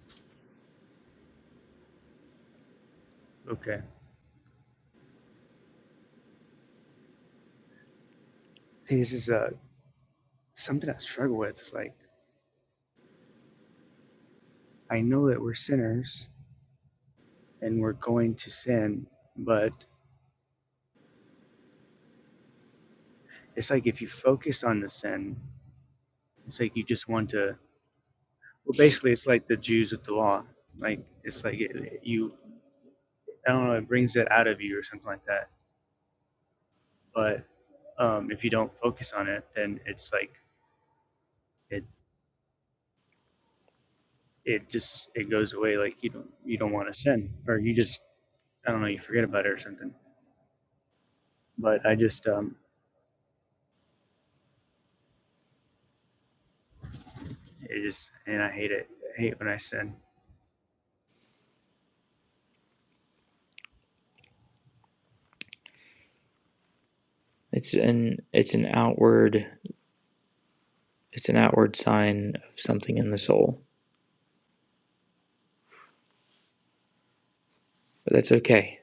It's an it's an outward it's an outward sign of something in the soul, but that's okay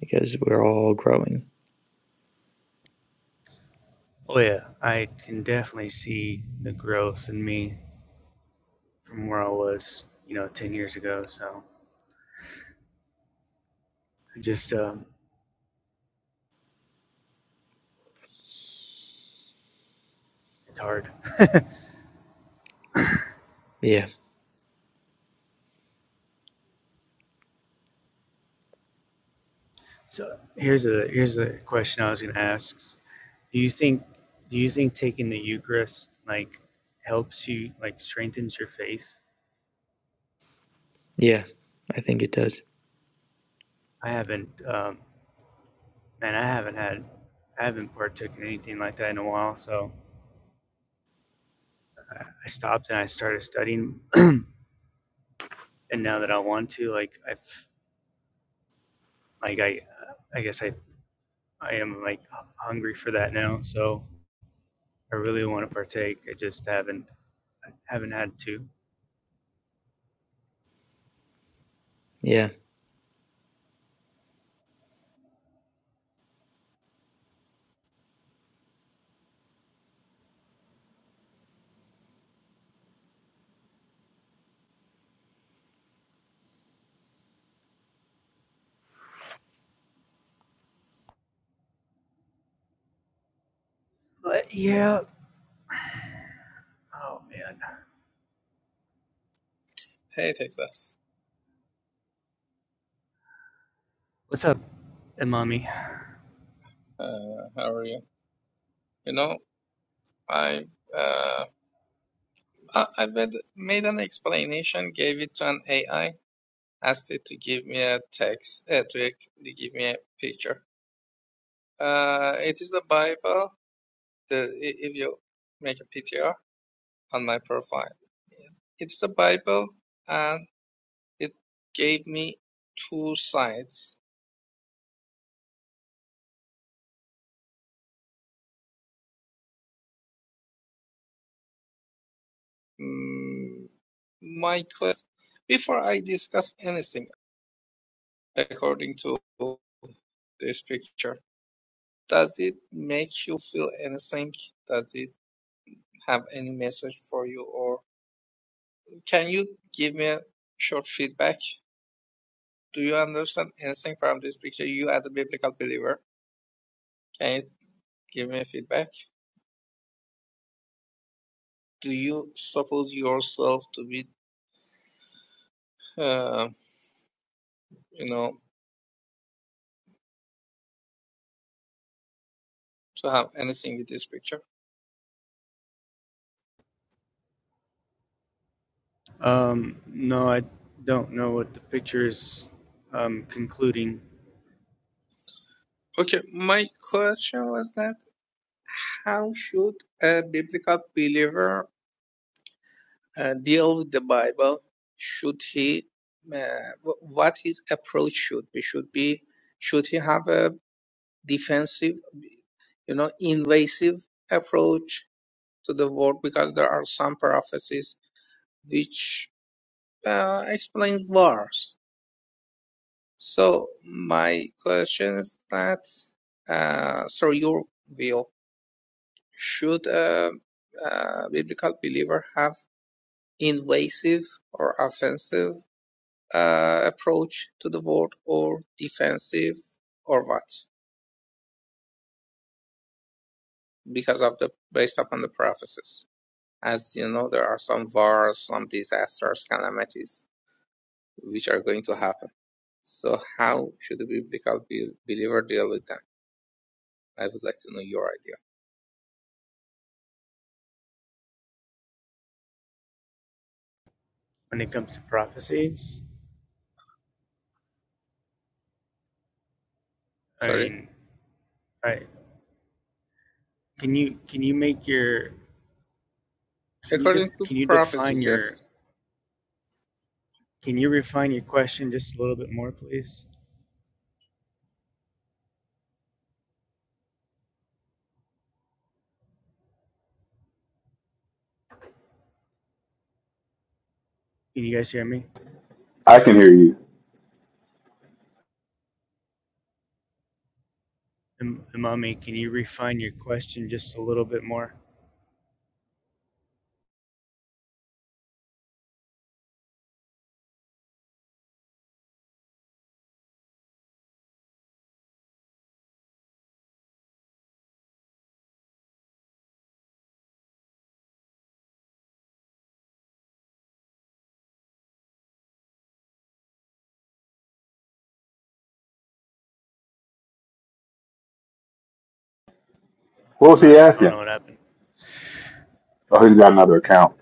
because we're all growing. Yeah, yeah, I think it does. Yeah. Hey Texas, uh, how are you? You know, I uh, I I made made an explanation, gave it to an AI, asked it to give me a text, uh, to to give me a picture. Uh, it is the Bible. The i- if you make a PTR on my profile, it's the Bible, and it gave me two sides. Mm, my quest before I discuss anything according to this picture. Does it make you feel anything? Does it have any message for you? Or can you give me a short feedback? Do you understand anything from this picture? You, as a biblical believer, can you give me feedback? Do you suppose yourself to be, uh, you know, to have anything with this picture? Okay, my question was that how should a biblical believer uh, deal with the Bible, should he, uh, what his approach should be? Should be, should he have a defensive, you know, invasive approach to the war? Because there are some prophecies which uh, explain wars. So my question is that, uh, so your view, should a, a biblical believer have invasive or offensive? uh, approach to the world or defensive or what because of the based upon the prophecies as you know there are some wars some disasters calamities which are going to happen so how should the biblical believer deal with them i would like to know your idea sorry according to prophecies yes I can hear you. What was he asking? Oh, he's got another account.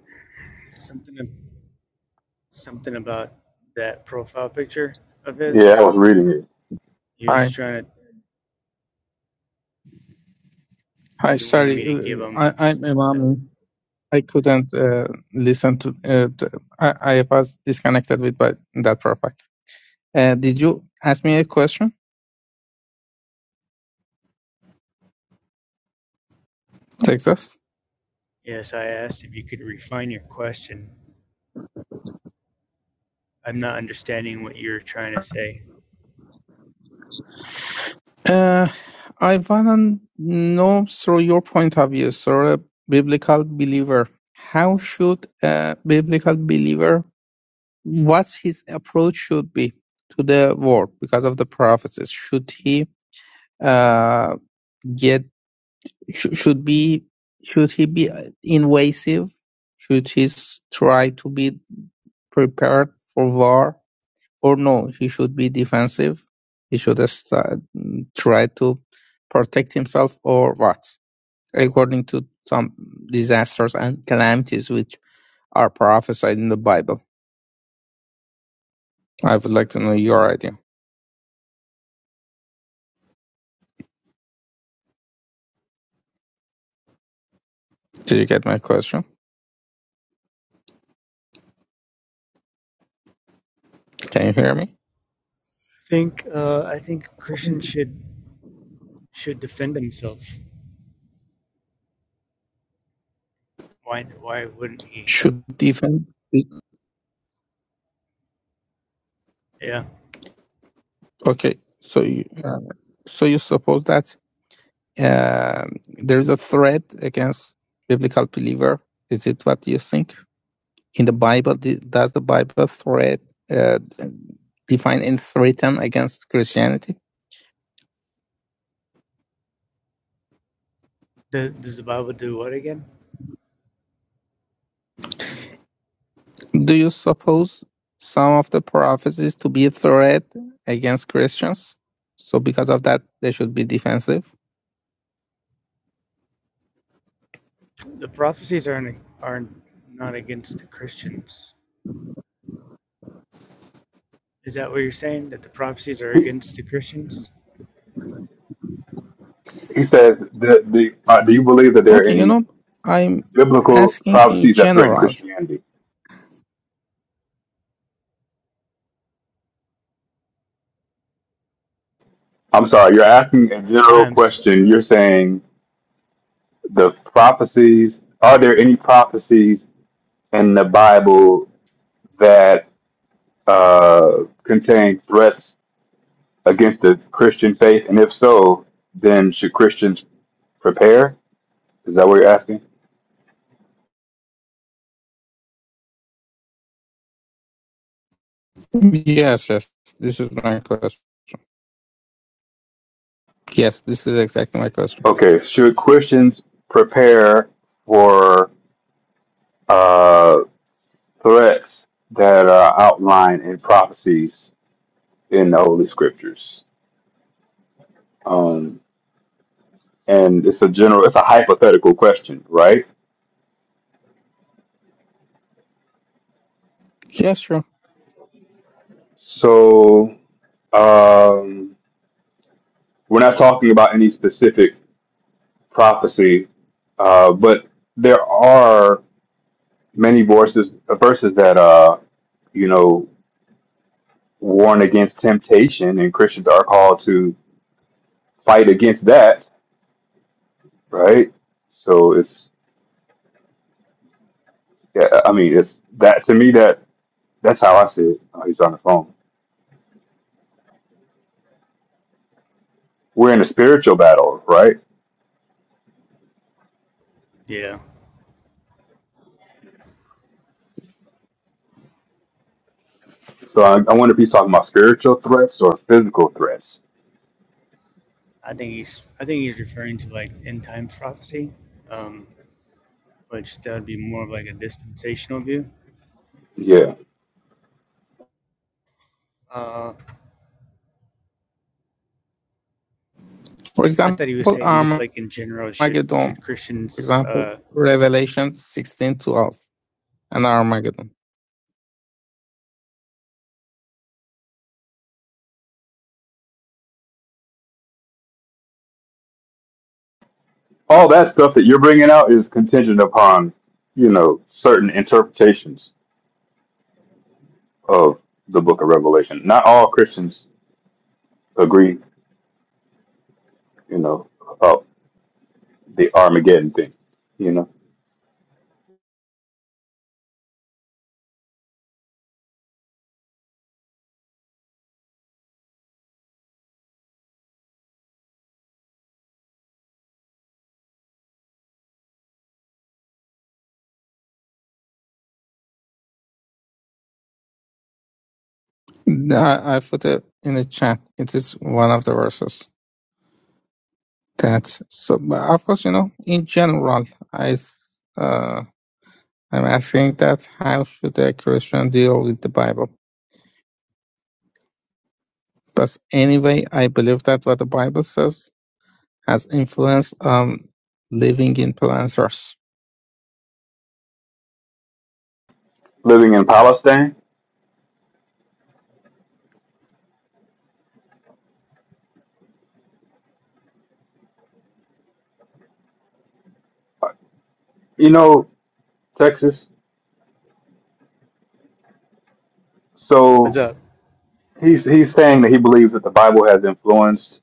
Yeah, I was reading it. Hi. Hi, sorry. uh, I, I'm Imam. I couldn't uh, listen to uh, t- I, I was disconnected with by that profile. Uh, did you ask me a question, Texas? Uh, I wanna know through your point of view, through a biblical believer, how should a biblical believer, what's his approach should be to the world because of the prophecies? Should he uh, get sh- should be should he be uh, invasive? Should he s- try to be prepared for war, or no? He should be defensive. He should uh, sta- mm, try to protect himself, or what? According to some disasters and calamities which are prophesied in the Bible. I would like to know your idea. Did you get my question? Can you hear me? Should defend? Okay, so you, uh, so you suppose that uh, there's a threat against biblical believer. Is it what you think? In the Bible, does the Bible threat uh, define and threaten against Christianity? Do you suppose some of the prophecies to be a threat against Christians? So because of that, they should be defensive. He he says that the uh, do you believe that there are Okay, you any know, I'm biblical asking in prophecies that threaten general. Christianity? I'm sorry, you're asking a general question. You're saying the prophecies. Are there any prophecies in the Bible that uh, contain threats against the Christian faith? And if so, then should Christians prepare? Is that what you're asking? Yes, yes, this is my question. Yes, this is exactly my question. Okay, should Christians prepare for? uh, threats that are outlined in prophecies in the Holy Scriptures. Um, and it's a general, it's a hypothetical question, right? Yeah, sure. So um, we're not talking about any specific prophecy, uh, but there are many verses, verses that, uh, you know, warn against temptation, and Christians are called to fight against that, right? So it's, yeah, I mean, it's that to me that That's how I see it. Oh, he's on the phone. We're in a spiritual battle, right? So I, I wonder if he's talking about spiritual threats or physical threats. Yeah. For example, Armageddon. For example, Revelation sixteen twelve and Armageddon. All that stuff that you're bringing out is contingent upon, you know, certain interpretations of the book of Revelation. Not all Christians agree, you know, about the Armageddon thing, you know. I, I put it in the chat. It is one of the verses. That so, but of course, you know, in general, I s- uh, I'm asking that how should a Christian deal with the Bible? But anyway, I believe that what the Bible says has influence on living in planters. Living in Palestine, you know, Texas. So he's he's saying that he believes that the Bible has influenced,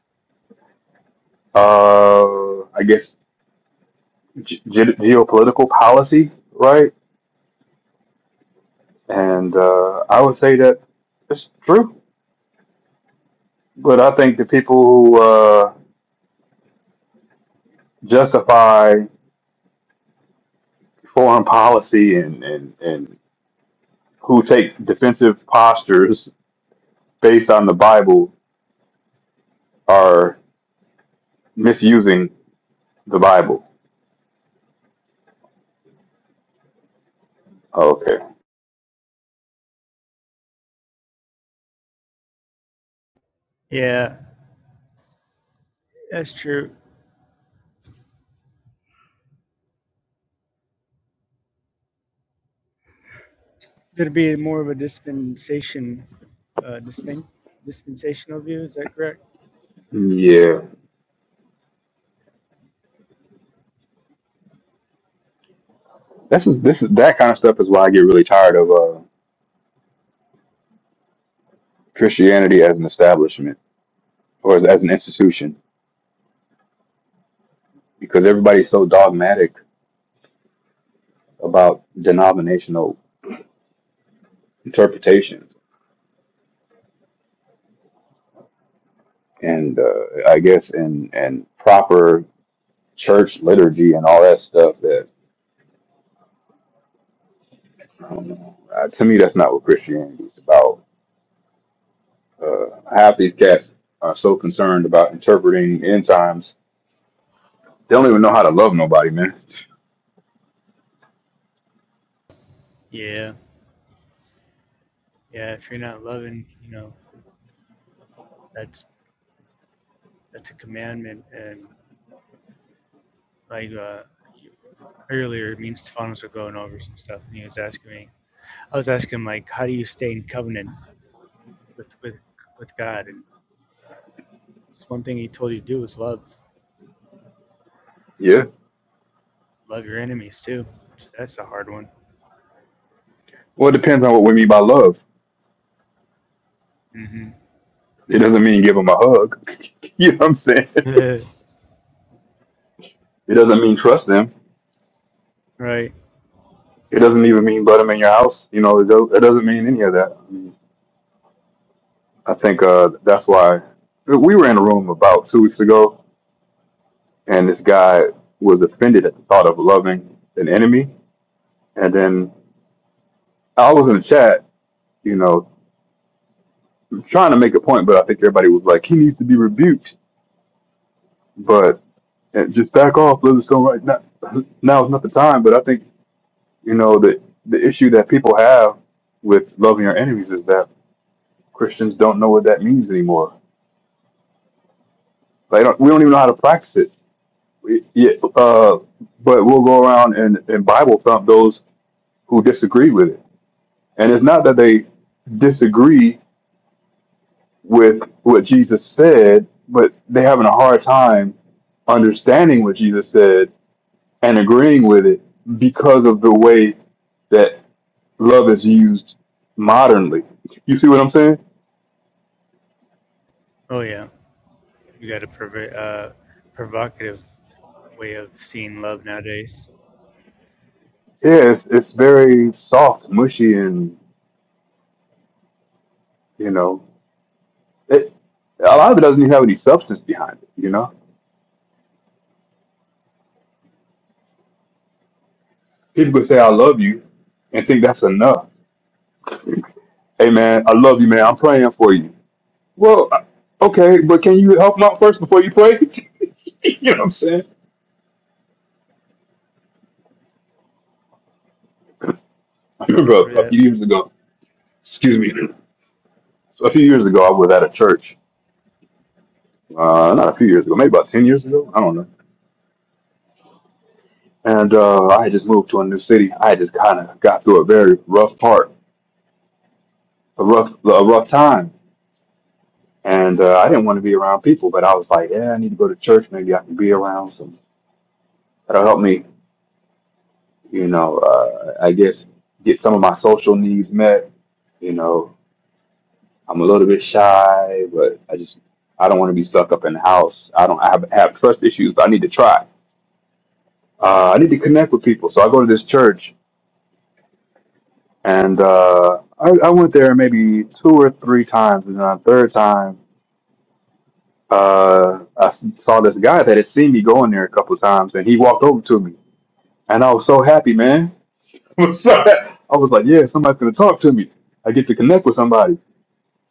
uh, I guess, ge- ge- geopolitical policy, right? And uh, I would say that it's true. But I think the people who uh, justify foreign policy and, and, and who take defensive postures based on the Bible are misusing the Bible. Okay. Yeah. This is this is that kind of stuff is why I get really tired of uh, Christianity as an establishment or as, as an institution because everybody's so dogmatic about denominational interpretations and uh, I guess and and proper church liturgy and all that stuff that um, uh, to me that's not what Christianity is about. Uh, half these cats are so concerned about interpreting end times, they don't even know how to love nobody, man. Yeah. Well, it depends on what we mean by love. It doesn't mean give them a hug. you know what I'm saying? It doesn't mean trust them. It doesn't even mean let them in your house. You know, it, do- it doesn't mean any of that. I think uh, that's why we were in a room about two weeks ago, and this guy was offended at the thought of loving an enemy. And then I was in the chat, you know, trying to make a point, but I think everybody was like, he needs to be rebuked, but uh, just back off, let us go right now. Now is not the time, but I think, you know, the, the issue that people have with loving our enemies is that Christians don't know what that means anymore. They don't, we don't even know how to practice it yeah, uh, but we'll go around and, and Bible thump those who disagree with it. And it's not that they disagree with what Jesus said, but they're having a hard time understanding what Jesus said and agreeing with it because of the way that love is used modernly. You see what I'm saying? Yeah, it's, it's very soft, mushy, and, you know, it, a lot of it doesn't even have any substance behind it, you know? People could say I love you and think that's enough. Hey man, I love you, man. I'm praying for you. Well, I- okay, but can you help him out first before you pray? you know what I'm saying? I remember a, a few years ago. Excuse me. So a few years ago, I was at a church. Uh, not a few years ago, maybe about ten years ago. I don't know. And uh, I had just moved to a new city. I had just kind of got through a very rough part, a rough, a rough time. And uh, I didn't want to be around people, but I was like, yeah, I need to go to church. Maybe I can be around some. That'll help me you know, uh, I guess get some of my social needs met. You know, I'm a little bit shy, but I just I don't want to be stuck up in the house. I don't I have, have trust issues, but I need to try. Uh, I need to connect with people, so I go to this church, and uh, I, I went there maybe two or three times, and then on the third time, uh, I s- saw this guy that had seen me going there a couple of times, and he walked over to me, and I was so happy, man. I was so happy. I was like, yeah, somebody's gonna talk to me. I get to connect with somebody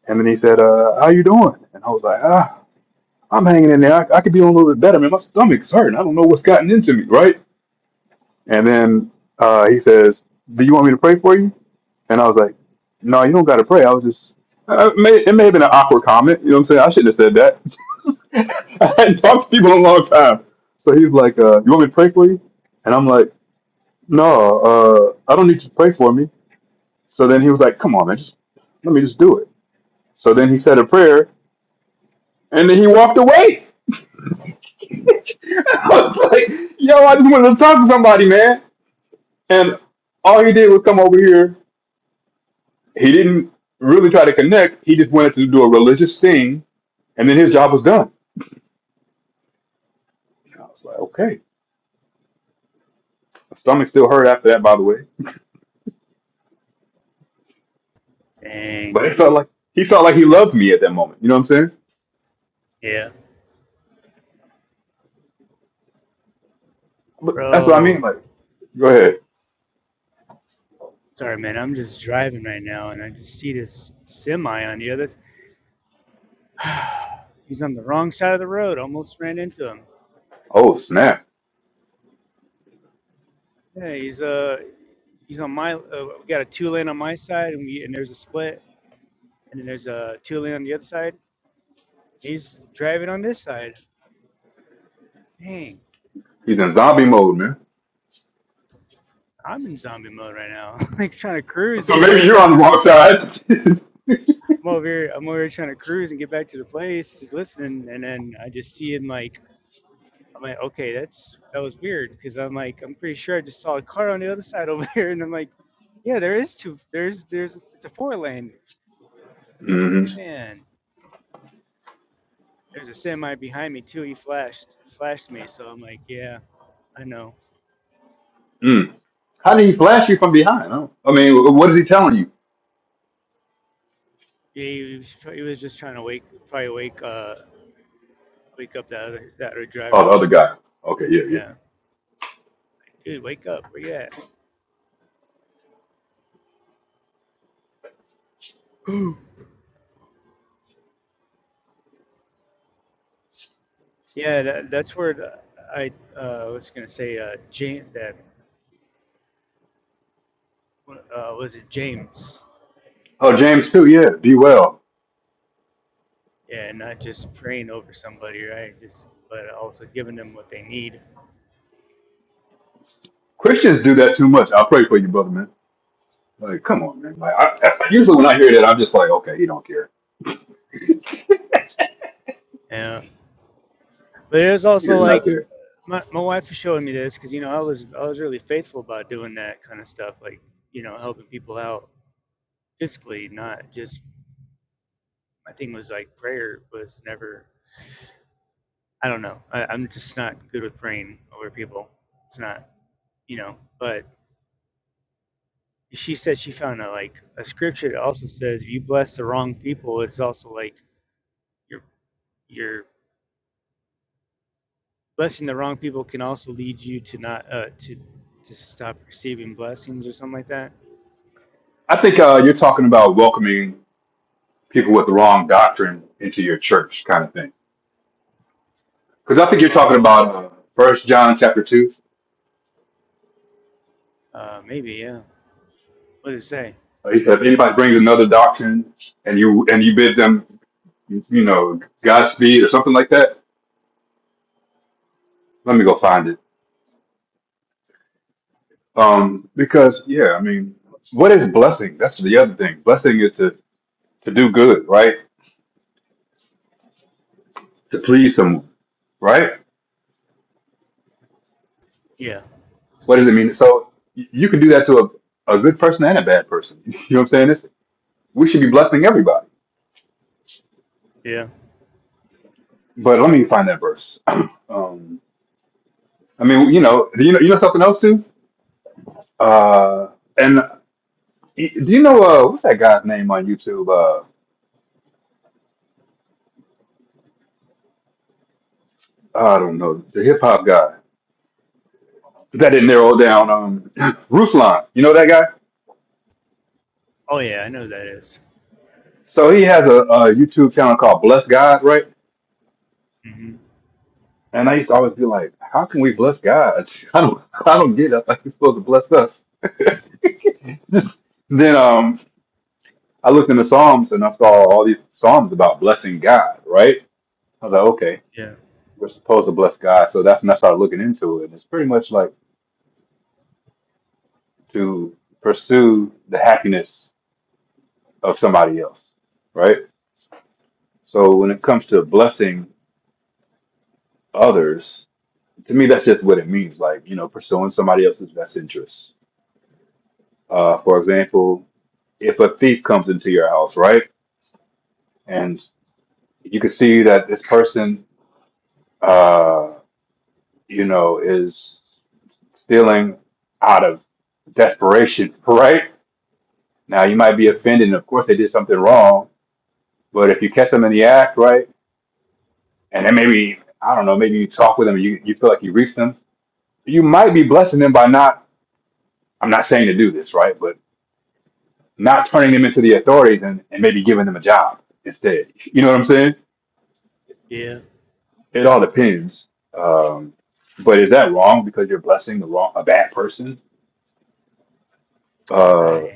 And then he said, uh, how you doing? And I was like, ah, I'm hanging in there. I, I could be doing a little bit better, man. My stomach's hurting. I don't know what's gotten into me, right? And then uh, he says, do you want me to pray for you? And I was like, no, you don't got to pray. I was just, uh, it, may, it may have been an awkward comment. You know what I'm saying? I shouldn't have said that. I hadn't talked to people in a long time. So he's like, uh, you want me to pray for you? And I'm like, no, uh, I don't need you to pray for me. So then he was like, come on, man, just, let me just do it. So then he said a prayer And then he walked away. I was like, yo, I just wanted to talk to somebody, man. And all he did was come over here. He didn't really try to connect. He just wanted to do a religious thing, and then his job was done. And I was like, okay. My stomach still hurt after that, by the way. But it felt like he felt like he loved me at that moment. You know what I'm saying? But that's what I mean. Like, go ahead. Oh snap! He's in zombie mode, man. So maybe you're on the wrong side. Mhm. Mm. How did he flash you from behind? I, don't, I mean, wh- what is he telling you? Oh, the other guy. Okay, yeah, yeah. Oh, James too. Yeah, be well. Christians do that too much. I pray for you, brother, man. Like, come on, man. Like, I, I, usually when I hear that, I'm just like, okay, he don't care. He does not care. I think uh, you're talking about welcoming people with the wrong doctrine into your church, kind of thing. Because I think you're talking about uh, First John chapter two. Uh, He said, if anybody brings another doctrine and you and you bid them, you know, Godspeed or something like that Let me go find it. Um, because yeah, I mean, what is blessing? That's the other thing. Blessing is to to do good, right? To please someone, right? What does it mean? So y- you can do that to a, a good person and a bad person. You know what I'm saying? It's, we should be blessing everybody. But let me find that verse. um, I mean, you know, do you know, you know something else too? Uh, and y- do you know uh, what's that guy's name on YouTube? Uh, I don't know, the hip hop guy that didn't narrow down. Um, Ruslan, you know that guy? So he has a, a YouTube channel called Bless God, right? And I used to always be like, how can we bless God? I don't, I don't get it. I think he's supposed to bless us. Just, then um, I looked in the Psalms and I saw all these Psalms about blessing God, right? I was like, okay, we're supposed to bless God. So that's when I started looking into it. And it's pretty much like to pursue the happiness of somebody else, right? So when it comes to blessing others, to me, that's just what it means. Like, you know, pursuing somebody else's best interests. Uh, for example, if a thief comes into your house, right, and you can see that this person, uh, you know, is stealing out of desperation, right? Now, you might be offended, and of course, they did something wrong. But if you catch them in the act, right, and then maybe I don't know, maybe you talk with them, and you you feel like you reached them, you might be blessing them by not. I'm not saying to do this, right? but. not turning them into the authorities and, and maybe giving them a job instead. You know what I'm saying? It all depends. Um, but is that wrong because you're blessing the wrong a bad person? Uh,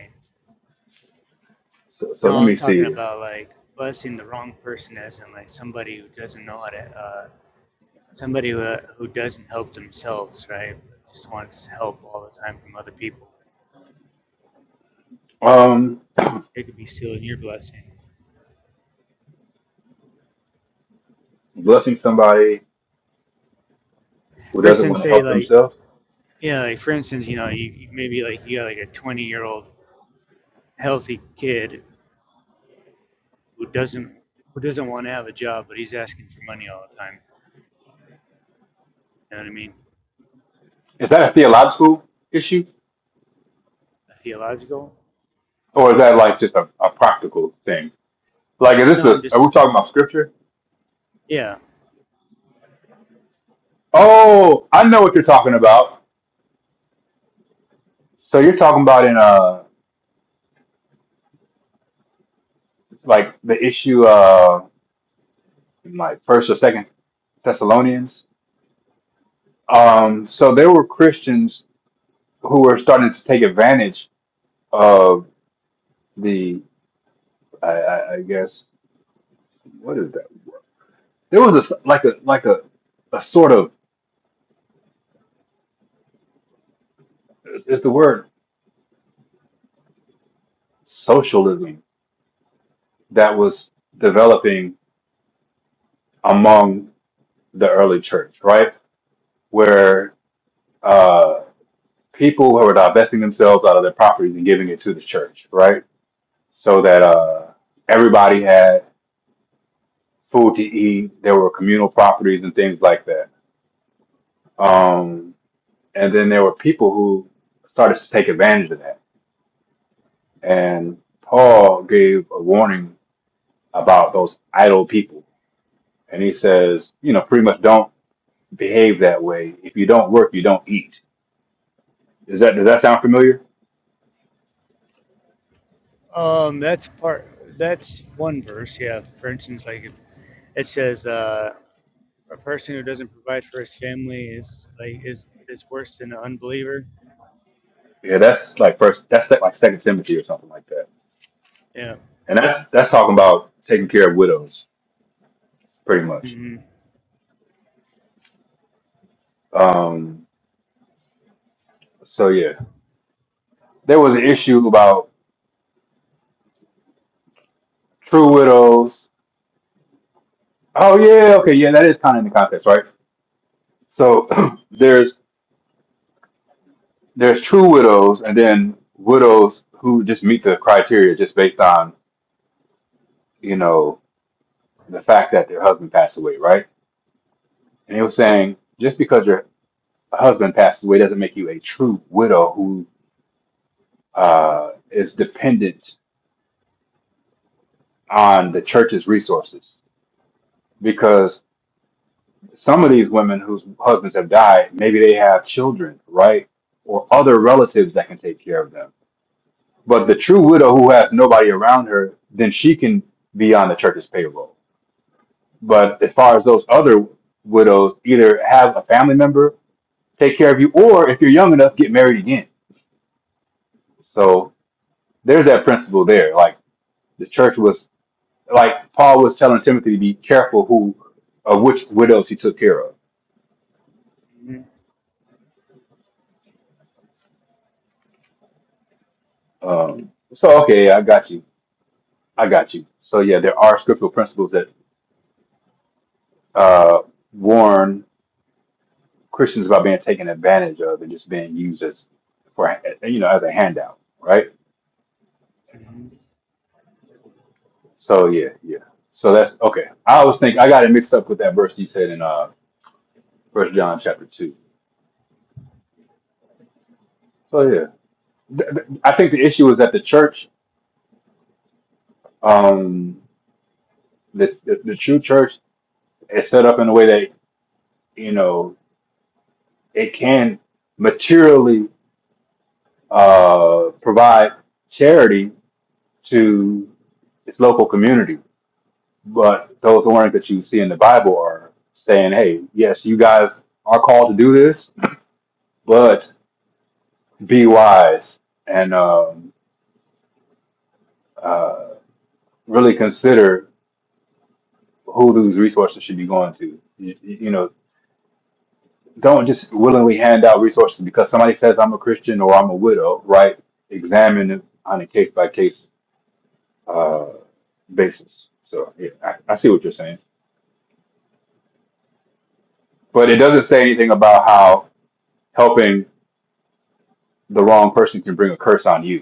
so, so let me see. Um, blessing somebody who doesn't want to help themselves is that a theological issue or is that like just a, a practical thing? Like, is this a, are we talking about scripture? Oh, I know what you're talking about. So you're talking about in uh like the issue. in like first or second Thessalonians. Um, so there were Christians who were starting to take advantage of the, I, I, I guess, what is that? There was a s like a like a a sort of is is the word socialism that was developing among the early church, right? Where uh, people who were divesting themselves out of their properties and giving it to the church, right? So that uh, everybody had food to eat. There were communal properties and things like that. Um, and then there were people who started to take advantage of that. And Paul gave a warning about those idle people. And he says, you know, pretty much don't behave that way. If you don't work, you don't eat. Is that does that sound familiar? Yeah, that's like first that's like like Second Timothy or something like that. And that's that's talking about taking care of widows, pretty much. Um, so yeah, there was an issue about true widows Oh yeah, yeah, okay, yeah, that is kind of in the context, right? So there's there's true widows, and then widows who just meet the criteria just based on you know the fact that their husband passed away, right? And he was saying just because your husband passed away doesn't make you a true widow who uh, is dependent on the church's resources, because some of these women whose husbands have died, maybe they have children, right, or other relatives that can take care of them But the true widow who has nobody around her, then she can be on the church's payroll. But as far as those other widows, either have a family member take care of you, or if you're young enough, get married again. So there's that principle there. Like the church was, like Paul was telling Timothy to be careful who, of which widows he took care of. Um, so okay, I got you. I got you. So yeah, there are scriptural principles that uh, warn Christians about being taken advantage of and just being used as for you know as a handout, right? So yeah, yeah. So that's okay. I always think I got it mixed up with that verse you said in uh First John chapter two. So yeah, Th- th- I think the issue is that the church, um, the, the the true church is set up in a way that you know it can materially uh provide charity to its local community But those warnings that you see in the Bible are saying, hey, yes, you guys are called to do this, but be wise and um, uh, really consider who those resources should be going to. You, you know, don't just willingly hand out resources because somebody says I'm a Christian or I'm a widow, right? Examine it on a case by case uh basis. So yeah, I, I see what you're saying, but it doesn't say anything about how helping the wrong person can bring a curse on you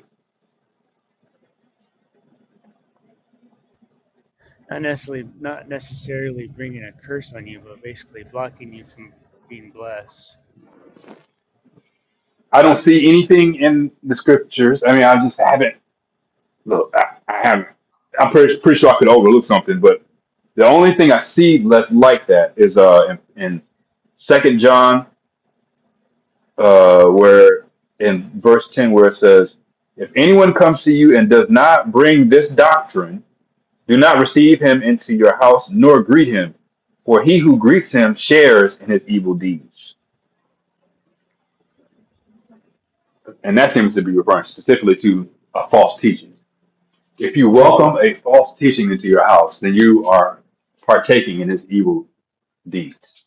I don't see anything in the scriptures. I mean, I just haven't. Look, I, I haven't. I'm pretty, pretty sure I could overlook something, but the only thing I see less like that is uh in, in Second John, uh, where in verse ten, where it says, "If anyone comes to you and does not bring this doctrine, do not receive him into your house nor greet him, for he who greets him shares in his evil deeds." And that seems to be referring specifically to a false teaching. If you welcome a false teaching into your house, then you are partaking in its evil deeds.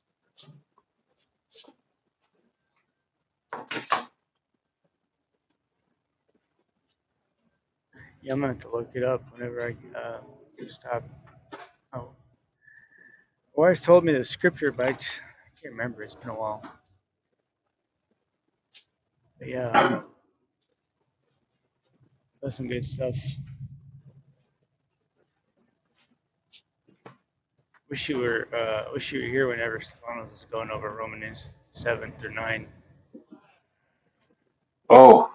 Oh,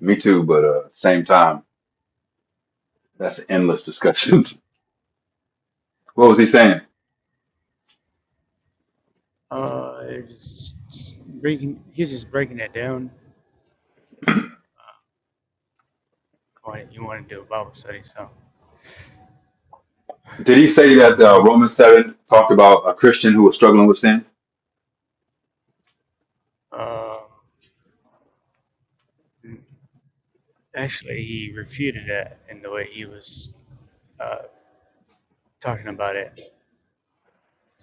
me too, but uh, same time, that's endless discussions. what was he saying? Did he say that uh, Romans 7 talked about a Christian who was struggling with sin?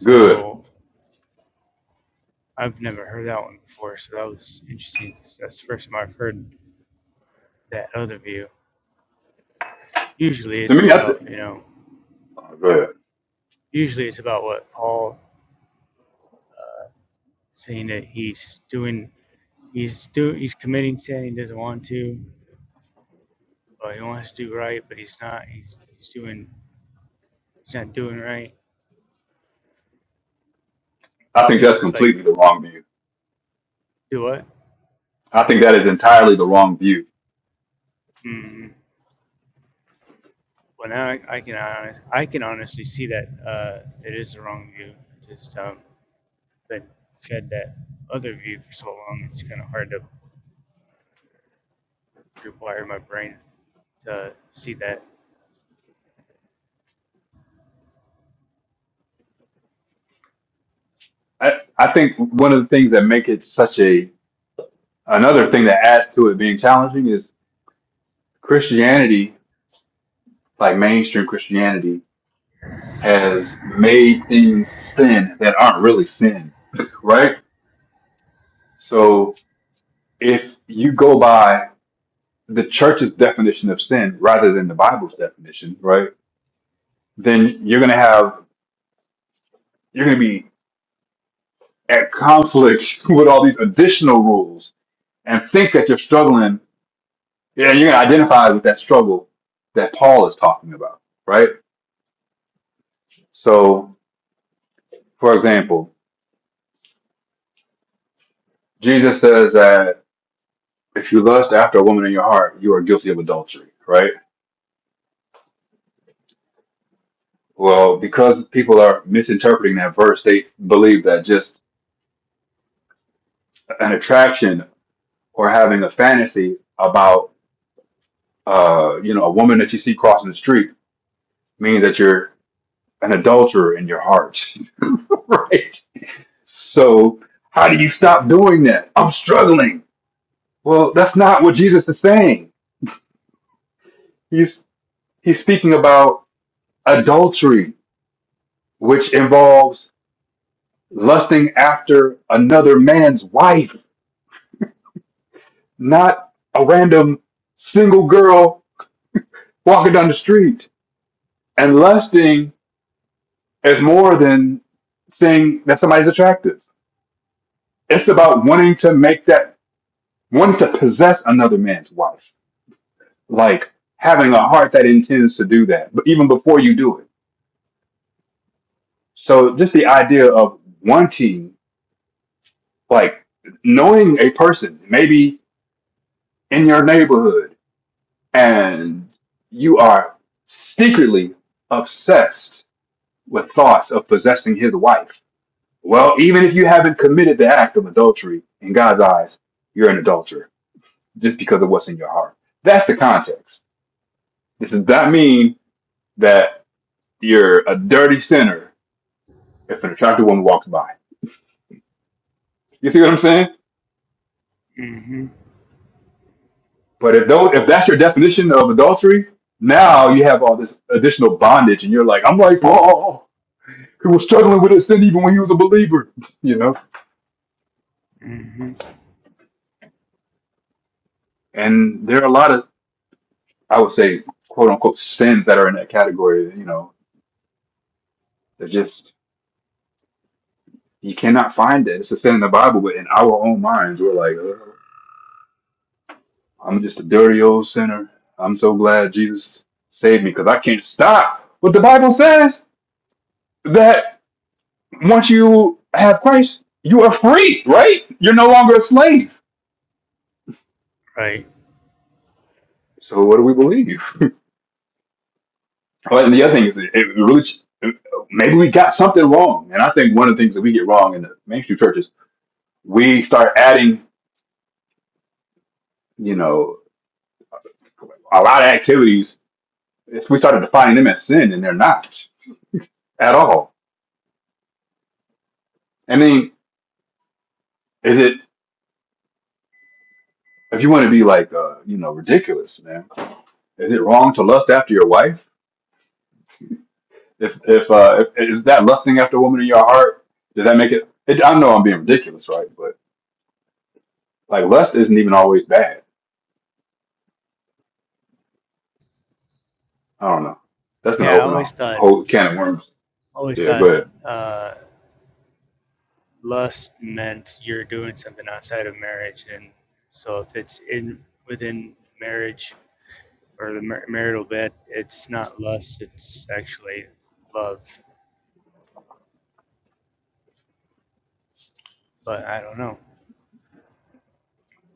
Good. To me, I, th- oh, go ahead. I think that's completely the wrong view. I think that is entirely the wrong view. I, I think one of the things that make it such a another thing that adds to it being challenging is Christianity, like mainstream Christianity. has made things sin that aren't really sin, right? So if you go by the church's definition of sin rather than the Bible's definition, right? Then you're going to have, you're going to be at conflict with all these additional rules and think that you're struggling yeah, and you're going to identify with that struggle that Paul is talking about, right? So, for example, Jesus says that if you lust after a woman in your heart, you are guilty of adultery, right? Well, because people are misinterpreting that verse, they believe that just an attraction or having a fantasy about, uh, you know, a woman that you see crossing the street means that you're an adulterer in your heart, right? So, how do you stop doing that? I'm struggling. Well, that's not what Jesus is saying. He's he's speaking about adultery, which involves lusting after another man's wife not a random single girl walking down the street. And lusting is more than saying that somebody's attractive. It's about wanting to make that, wanting to possess another man's wife, like having a heart that intends to do that, but even before you do it. So just the idea of wanting, like knowing a person, maybe in your neighborhood, and you are secretly obsessed with thoughts of possessing his wife. Well, even if you haven't committed the act of adultery, in God's eyes, you're an adulterer just because of what's in your heart. That's the context. This does not mean that you're a dirty sinner if an attractive woman walks by. You see what I'm saying? But if those, if that's your definition of adultery, now you have all this additional bondage, and you're like, I'm like oh, he was struggling with his sin even when he was a believer. You know, and there are a lot of I would say quote unquote sins that are in that category. You know, they're just you cannot find it. It's a sin in the Bible, but in our own minds, we're like, oh, I'm just a dirty old sinner. I'm so glad Jesus saved me because I can't stop. But the Bible says that once you have Christ, you are free, right? You're no longer a slave. So what do we believe? But the other thing is, it really maybe we got something wrong. And I think one of the things that we get wrong in the mainstream church is we start adding. You know, a lot of activities, if we started defining them as sin, and they're not at all. I mean, is it, if you want to be like, uh, you know, ridiculous, man, is it wrong to lust after your wife? If, if, uh, if, is that lusting after a woman in your heart? Does that make it, it, I know I'm being ridiculous, right? But like lust isn't even always bad. I don't know. That's going to open a whole can of worms. Yeah, go ahead.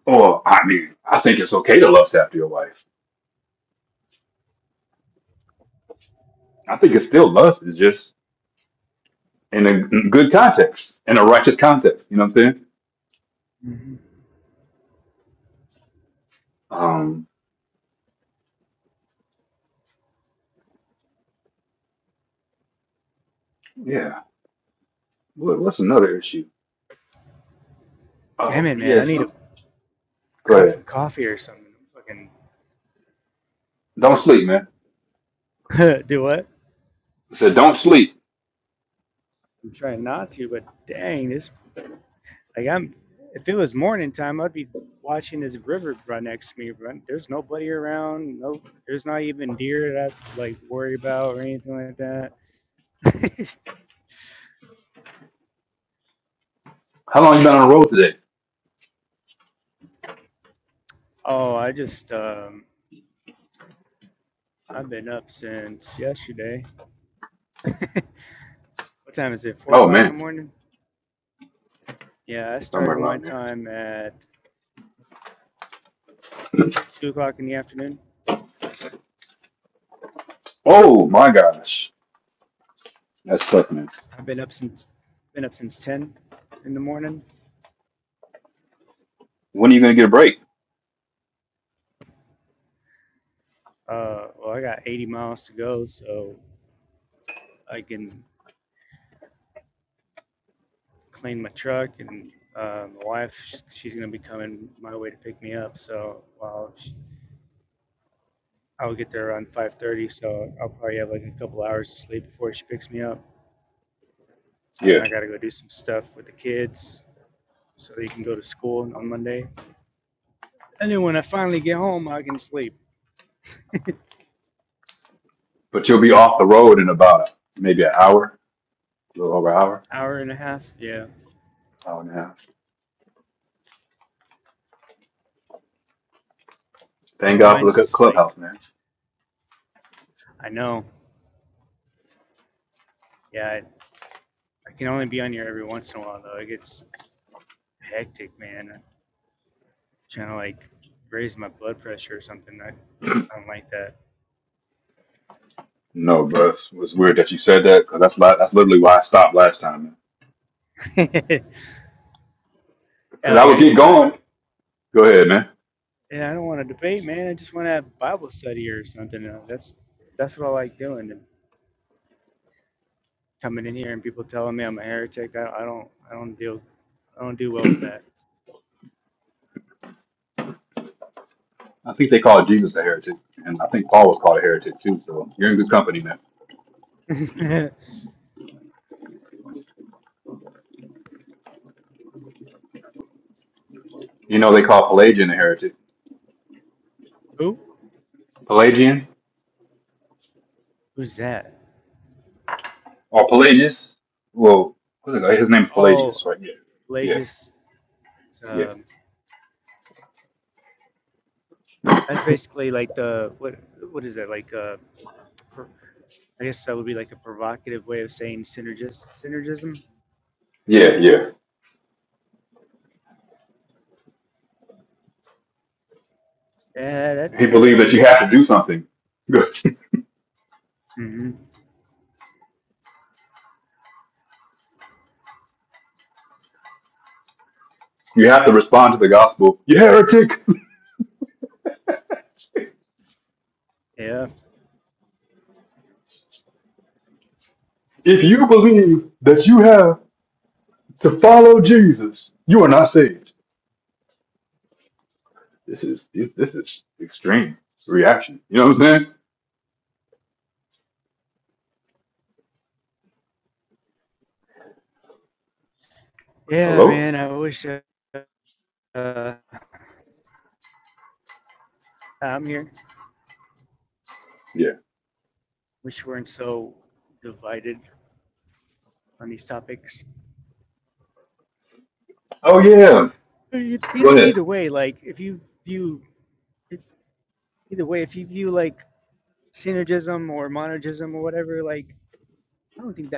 Well, I mean, I think it's okay to lust after your wife. I think it's still lust. It's just in a good context, in a righteous context. You know what I'm saying? Um, yeah. What, what's another issue? Oh, yes. Go ahead. Don't sleep, man. I said, don't sleep. How long you been on the road today? Oh man, somewhere around there. Oh my gosh, that's tough, man. When are you gonna get a break? Yeah, but you'll be off the road in about maybe an hour, a little over an hour, hour and a half. Thank God for the clubhouse, man. No, bro, it's, it's weird that you said that because that's li- that's literally why I stopped last time, man. Because I would get going. Go ahead, man. I think they called Jesus a heretic, and I think Paul was called a heretic too. So you're in good company, man. You know they call Pelagian a heretic. Pelagian or Pelagius? Well, what's it called? his name's Pelagius, right? Yeah, yeah, yeah, yeah, yeah. He believed that you have to do something. you have to respond to the gospel. You heretic! If you believe that you have to follow Jesus, you are not saved. This is this, this is extreme reaction. You know what I'm saying? Hello? Yeah. Oh yeah. Go ahead.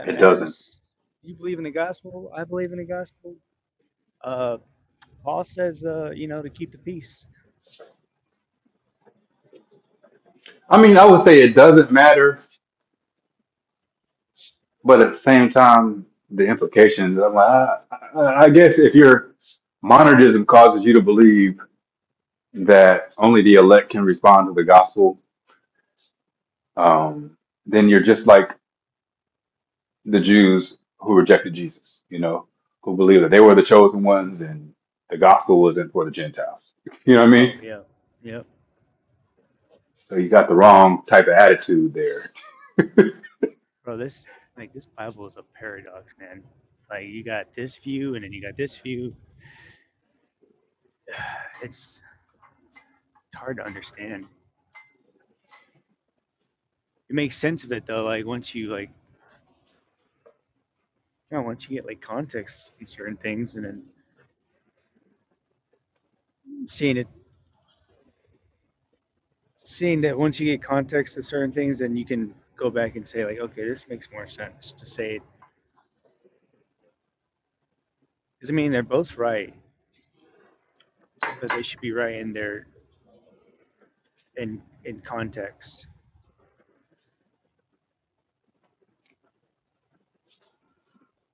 It doesn't. I mean, I would say it doesn't matter, but at the same time, the implications. I'm like, I, I, I guess if your monergism causes you to believe that only the elect can respond to the gospel, um, then you're just like the Jews who rejected Jesus. You know, who believed that they were the chosen ones and the gospel wasn't for the Gentiles. You know what I mean? So you got the wrong type of attitude there.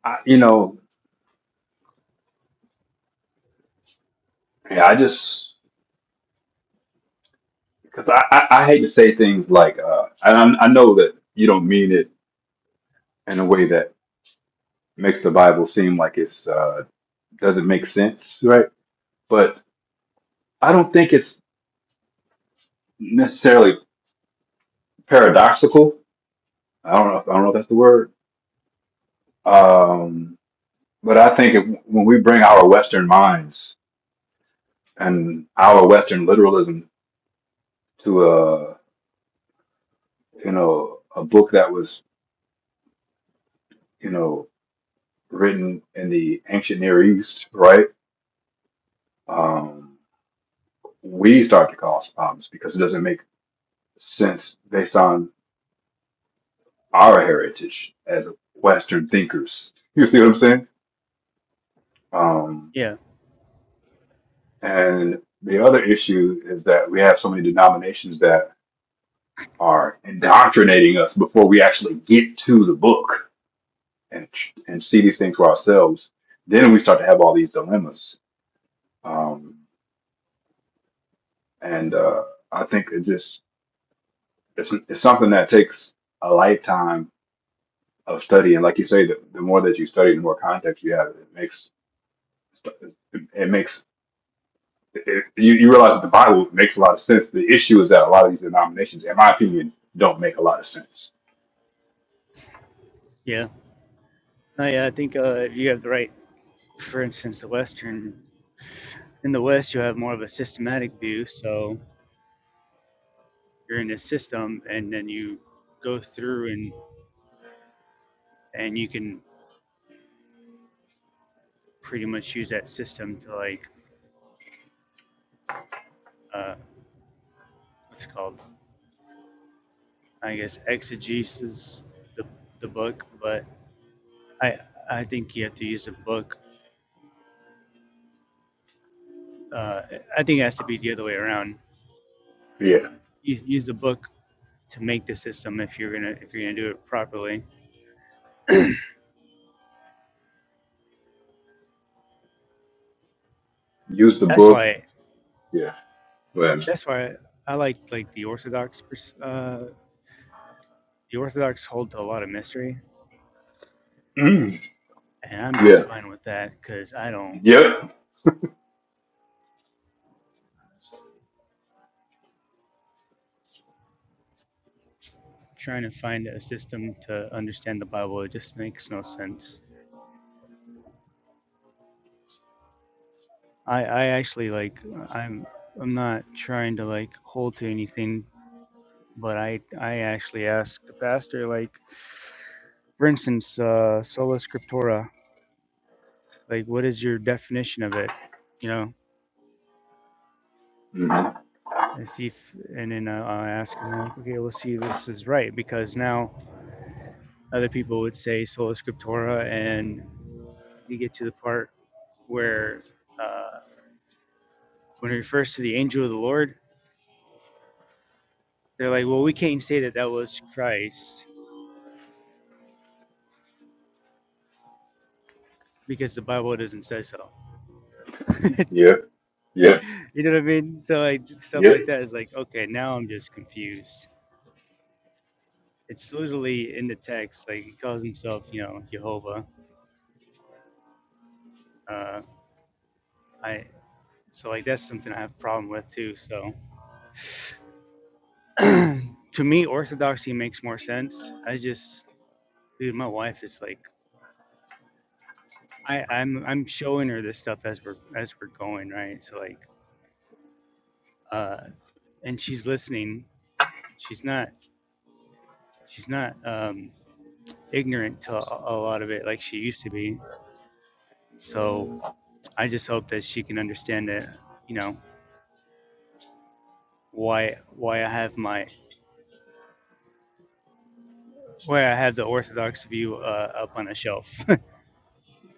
I, you know, yeah, I just. Because I, I, I hate to say things like, uh, and I'm, I know that you don't mean it in a way that makes the Bible seem like it's uh, doesn't make sense, right? But I don't think it's necessarily paradoxical. I don't know. If, I don't know if that's the word. Um, but I think if, when we bring our Western minds and our Western literalism to a you know a book that was you know written in the ancient Near East, right? Um, we start to cause problems because it doesn't make sense based on our heritage as Western thinkers. You see what I'm saying? Um, and the other issue is that we have so many denominations that are indoctrinating us before we actually get to the book and and see these things for ourselves. Then we start to have all these dilemmas. Um, and uh, I think it just it's, it's something that takes a lifetime of study. And like you say, the, the more that you study, the more context you have. It makes it makes it, you you realize that the Bible makes a lot of sense. The issue is that a lot of these denominations, in my opinion, don't make a lot of sense. Yeah, use the book. Yeah, but mm, yeah, yeah, hmm yeah, yeah, yeah,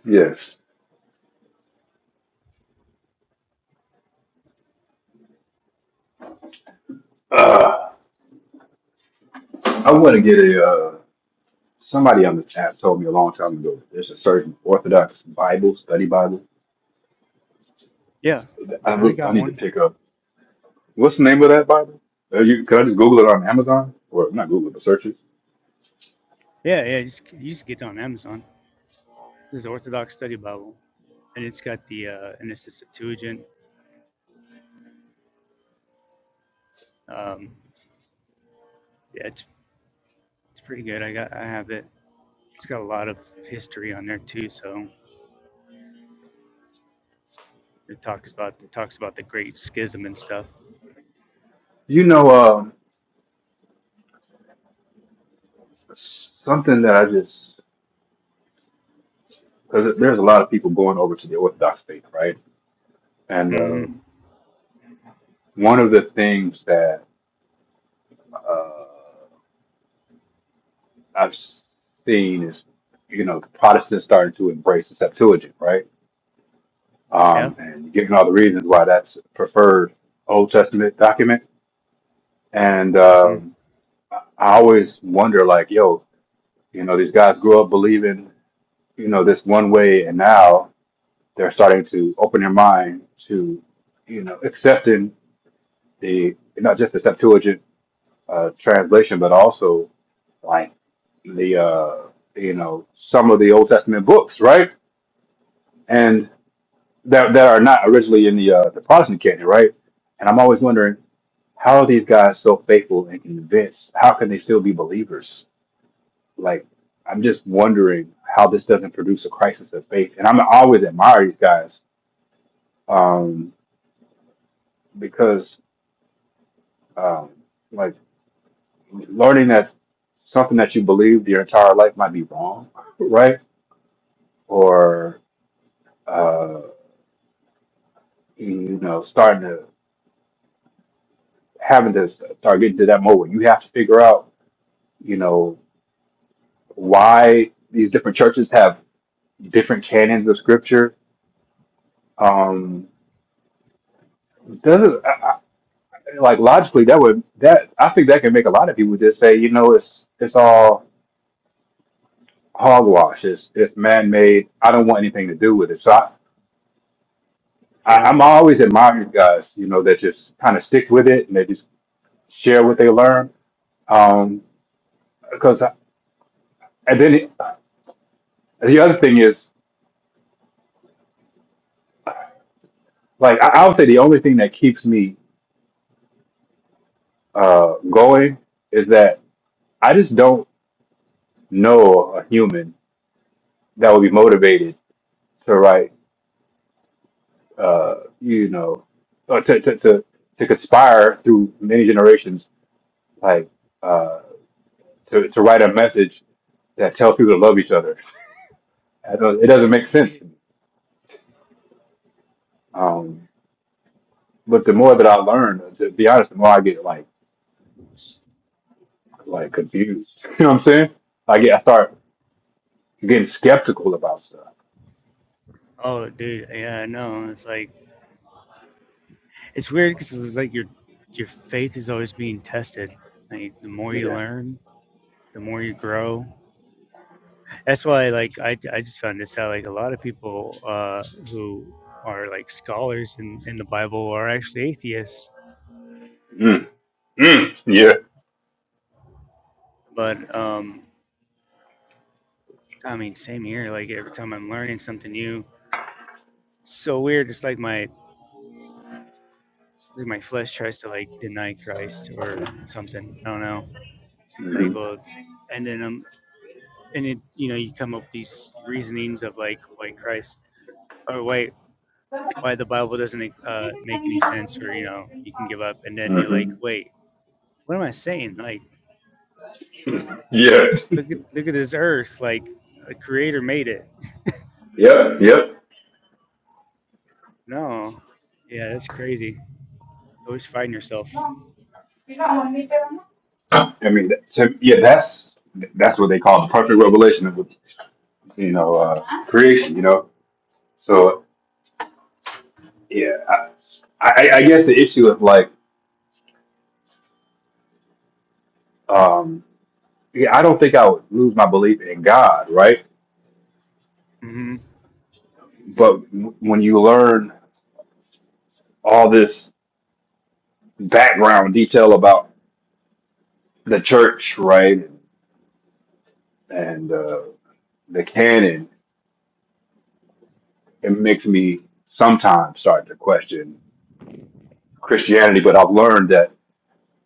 yes. Uh, I want to get a. Uh, somebody on this app told me a long time ago. There's a certain Orthodox Bible study Bible. I, re- I need to pick up. What's the name of that Bible? Uh, you, can I just Google it on Amazon or not Google it, but search it? You know, um, something that I just because there's a lot of people going over to the Orthodox faith, right? And um one of the things that uh, I've seen is, you know, Protestants starting to embrace the Septuagint, right? Um, and giving all the reasons why that's preferred Old Testament document. And um, I I always wonder, like, yo, you know, these guys grew up believing. you know this one way and now they're starting to open their mind to you know accepting the not just the Septuagint uh, translation but also like the uh, you know some of the Old Testament books right and that that are not originally in the uh, the Protestant canon right and I'm always wondering how are these guys so faithful and convinced how can they still be believers like I'm just wondering how this doesn't produce a crisis of faith and I'm always admire these guys um, because um, like learning that something that you believed your entire life might be wrong, right? Or uh, you know, starting to having to start getting to that moment where you have to figure out, you know, why these different churches have different canons of scripture. Um, doesn't I, I, like logically that would that I think that can make a lot of people just say, you know, it's it's all hogwash. It's it's man made. I don't want anything to do with it. So I, I I'm always admiring these guys, you know, that just kind of stick with it and they just share what they learn. Um, because I- and then it, the other thing is like I, I would say the only thing that keeps me uh going is that I just don't know a human that would be motivated to write uh you know or to to to, to conspire through many generations like uh to, to write a message that tells people to love each other. I don't, it doesn't make sense to me. Um, but the more that I learn, to be honest, the more I get like like confused. You know what I'm saying? I get I start getting skeptical about stuff. Yeah. Mm. Mm. Yeah. hmm hmm Yeah. Yeah. Yep. I mean, that- so, yeah, that's that's what they call the perfect revelation of you know uh, creation. You know, so yeah, I, I, I guess the issue is like. yeah, I don't think I would lose my belief in God, right? But w- when you learn all this background detail about the church, right, and uh, the canon, it makes me sometimes start to question Christianity. But I've learned that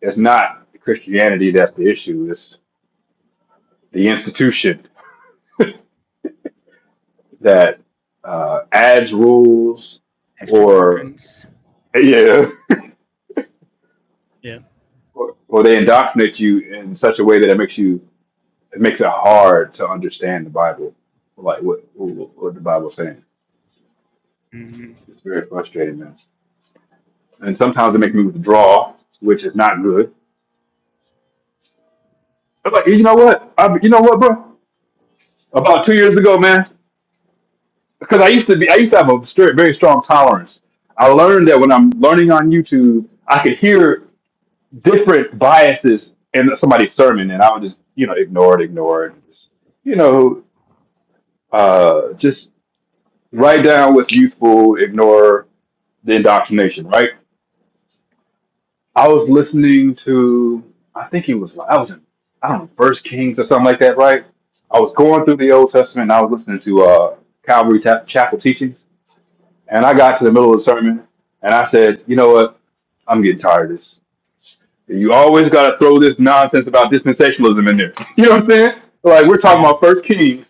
it's not Christianity that's the issue; it's the institution that uh, adds rules or yeah, or, or they indoctrinate you in such a way that it makes you It makes it hard to understand the Bible, like what what, what the Bible's saying. It's very frustrating, man. And sometimes it makes me withdraw, which is not good. I'm like, you know what? I, you know what, bro? About two years ago, man, because I used to be, I used to have a str- very strong tolerance. I learned that when I'm learning on YouTube, I could hear different biases in somebody's sermon, and I would just, you know, ignore it, ignore it, just, you know, uh, just write down what's useful, ignore the indoctrination, right? I was listening to, I think it was, I was in, I don't know, First Kings or something like that, right? I was going through the Old Testament and I was listening to uh, Calvary Ta- Chapel teachings, and I got to the middle of the sermon and I said, you know what? I'm getting tired of this. You always got to throw this nonsense about dispensationalism in there. You know what I'm saying? Like we're talking about First Kings,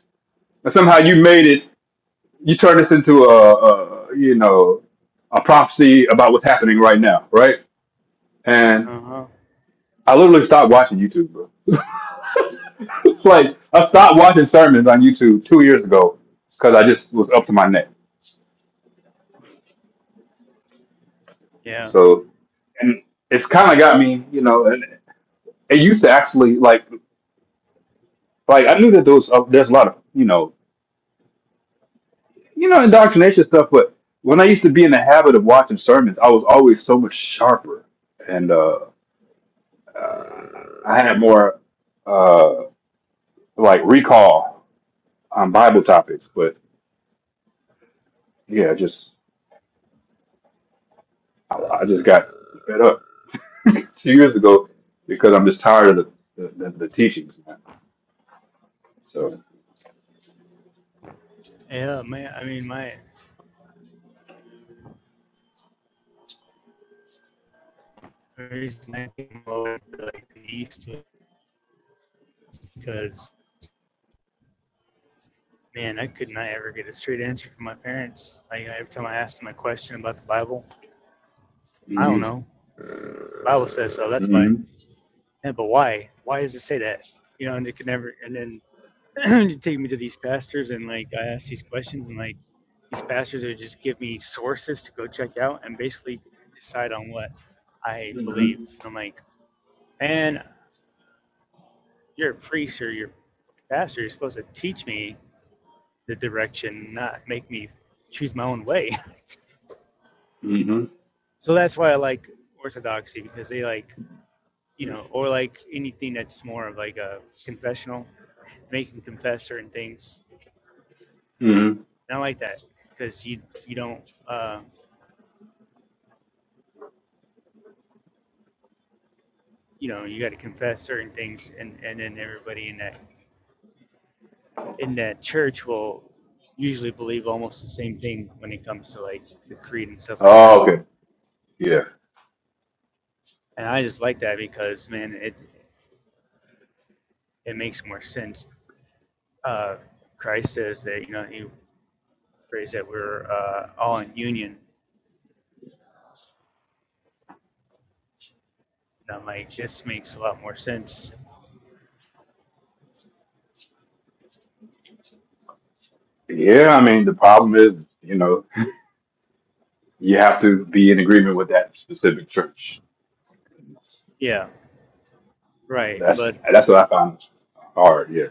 and somehow you made it. You turned this into a, a you know, a prophecy about what's happening right now, right? I literally stopped watching YouTube, bro. like I stopped watching sermons on YouTube two years ago because I just was up to my neck. So, and it's kind of got me, you know. And it used to actually like, like I knew that there was uh, there's a lot of you know, you know, indoctrination stuff. But when I used to be in the habit of watching sermons, I was always so much sharper, and uh, uh, I had more uh, like recall on Bible topics. But yeah, just I, I just got fed up two years ago because I'm just tired of the, the, the, the teachings, man. So, hmm hmm hmm hmm hmm Oh, okay. Yeah. Yeah, I mean, the problem is, you know, you have to be in agreement with that specific church. That's that's what I find hard. Yeah.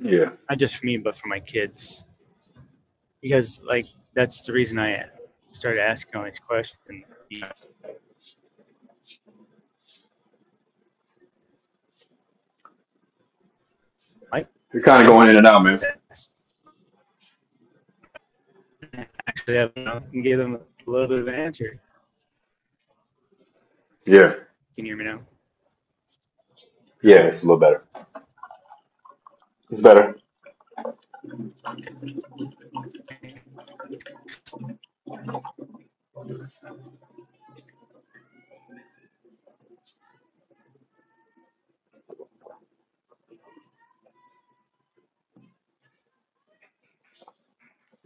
Yeah. You're kind of going in and out, man. Yeah. Yeah, it's a little better. It's better.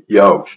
Yo.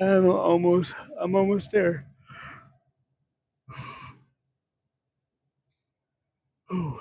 I'm almost. I'm almost there. Oh,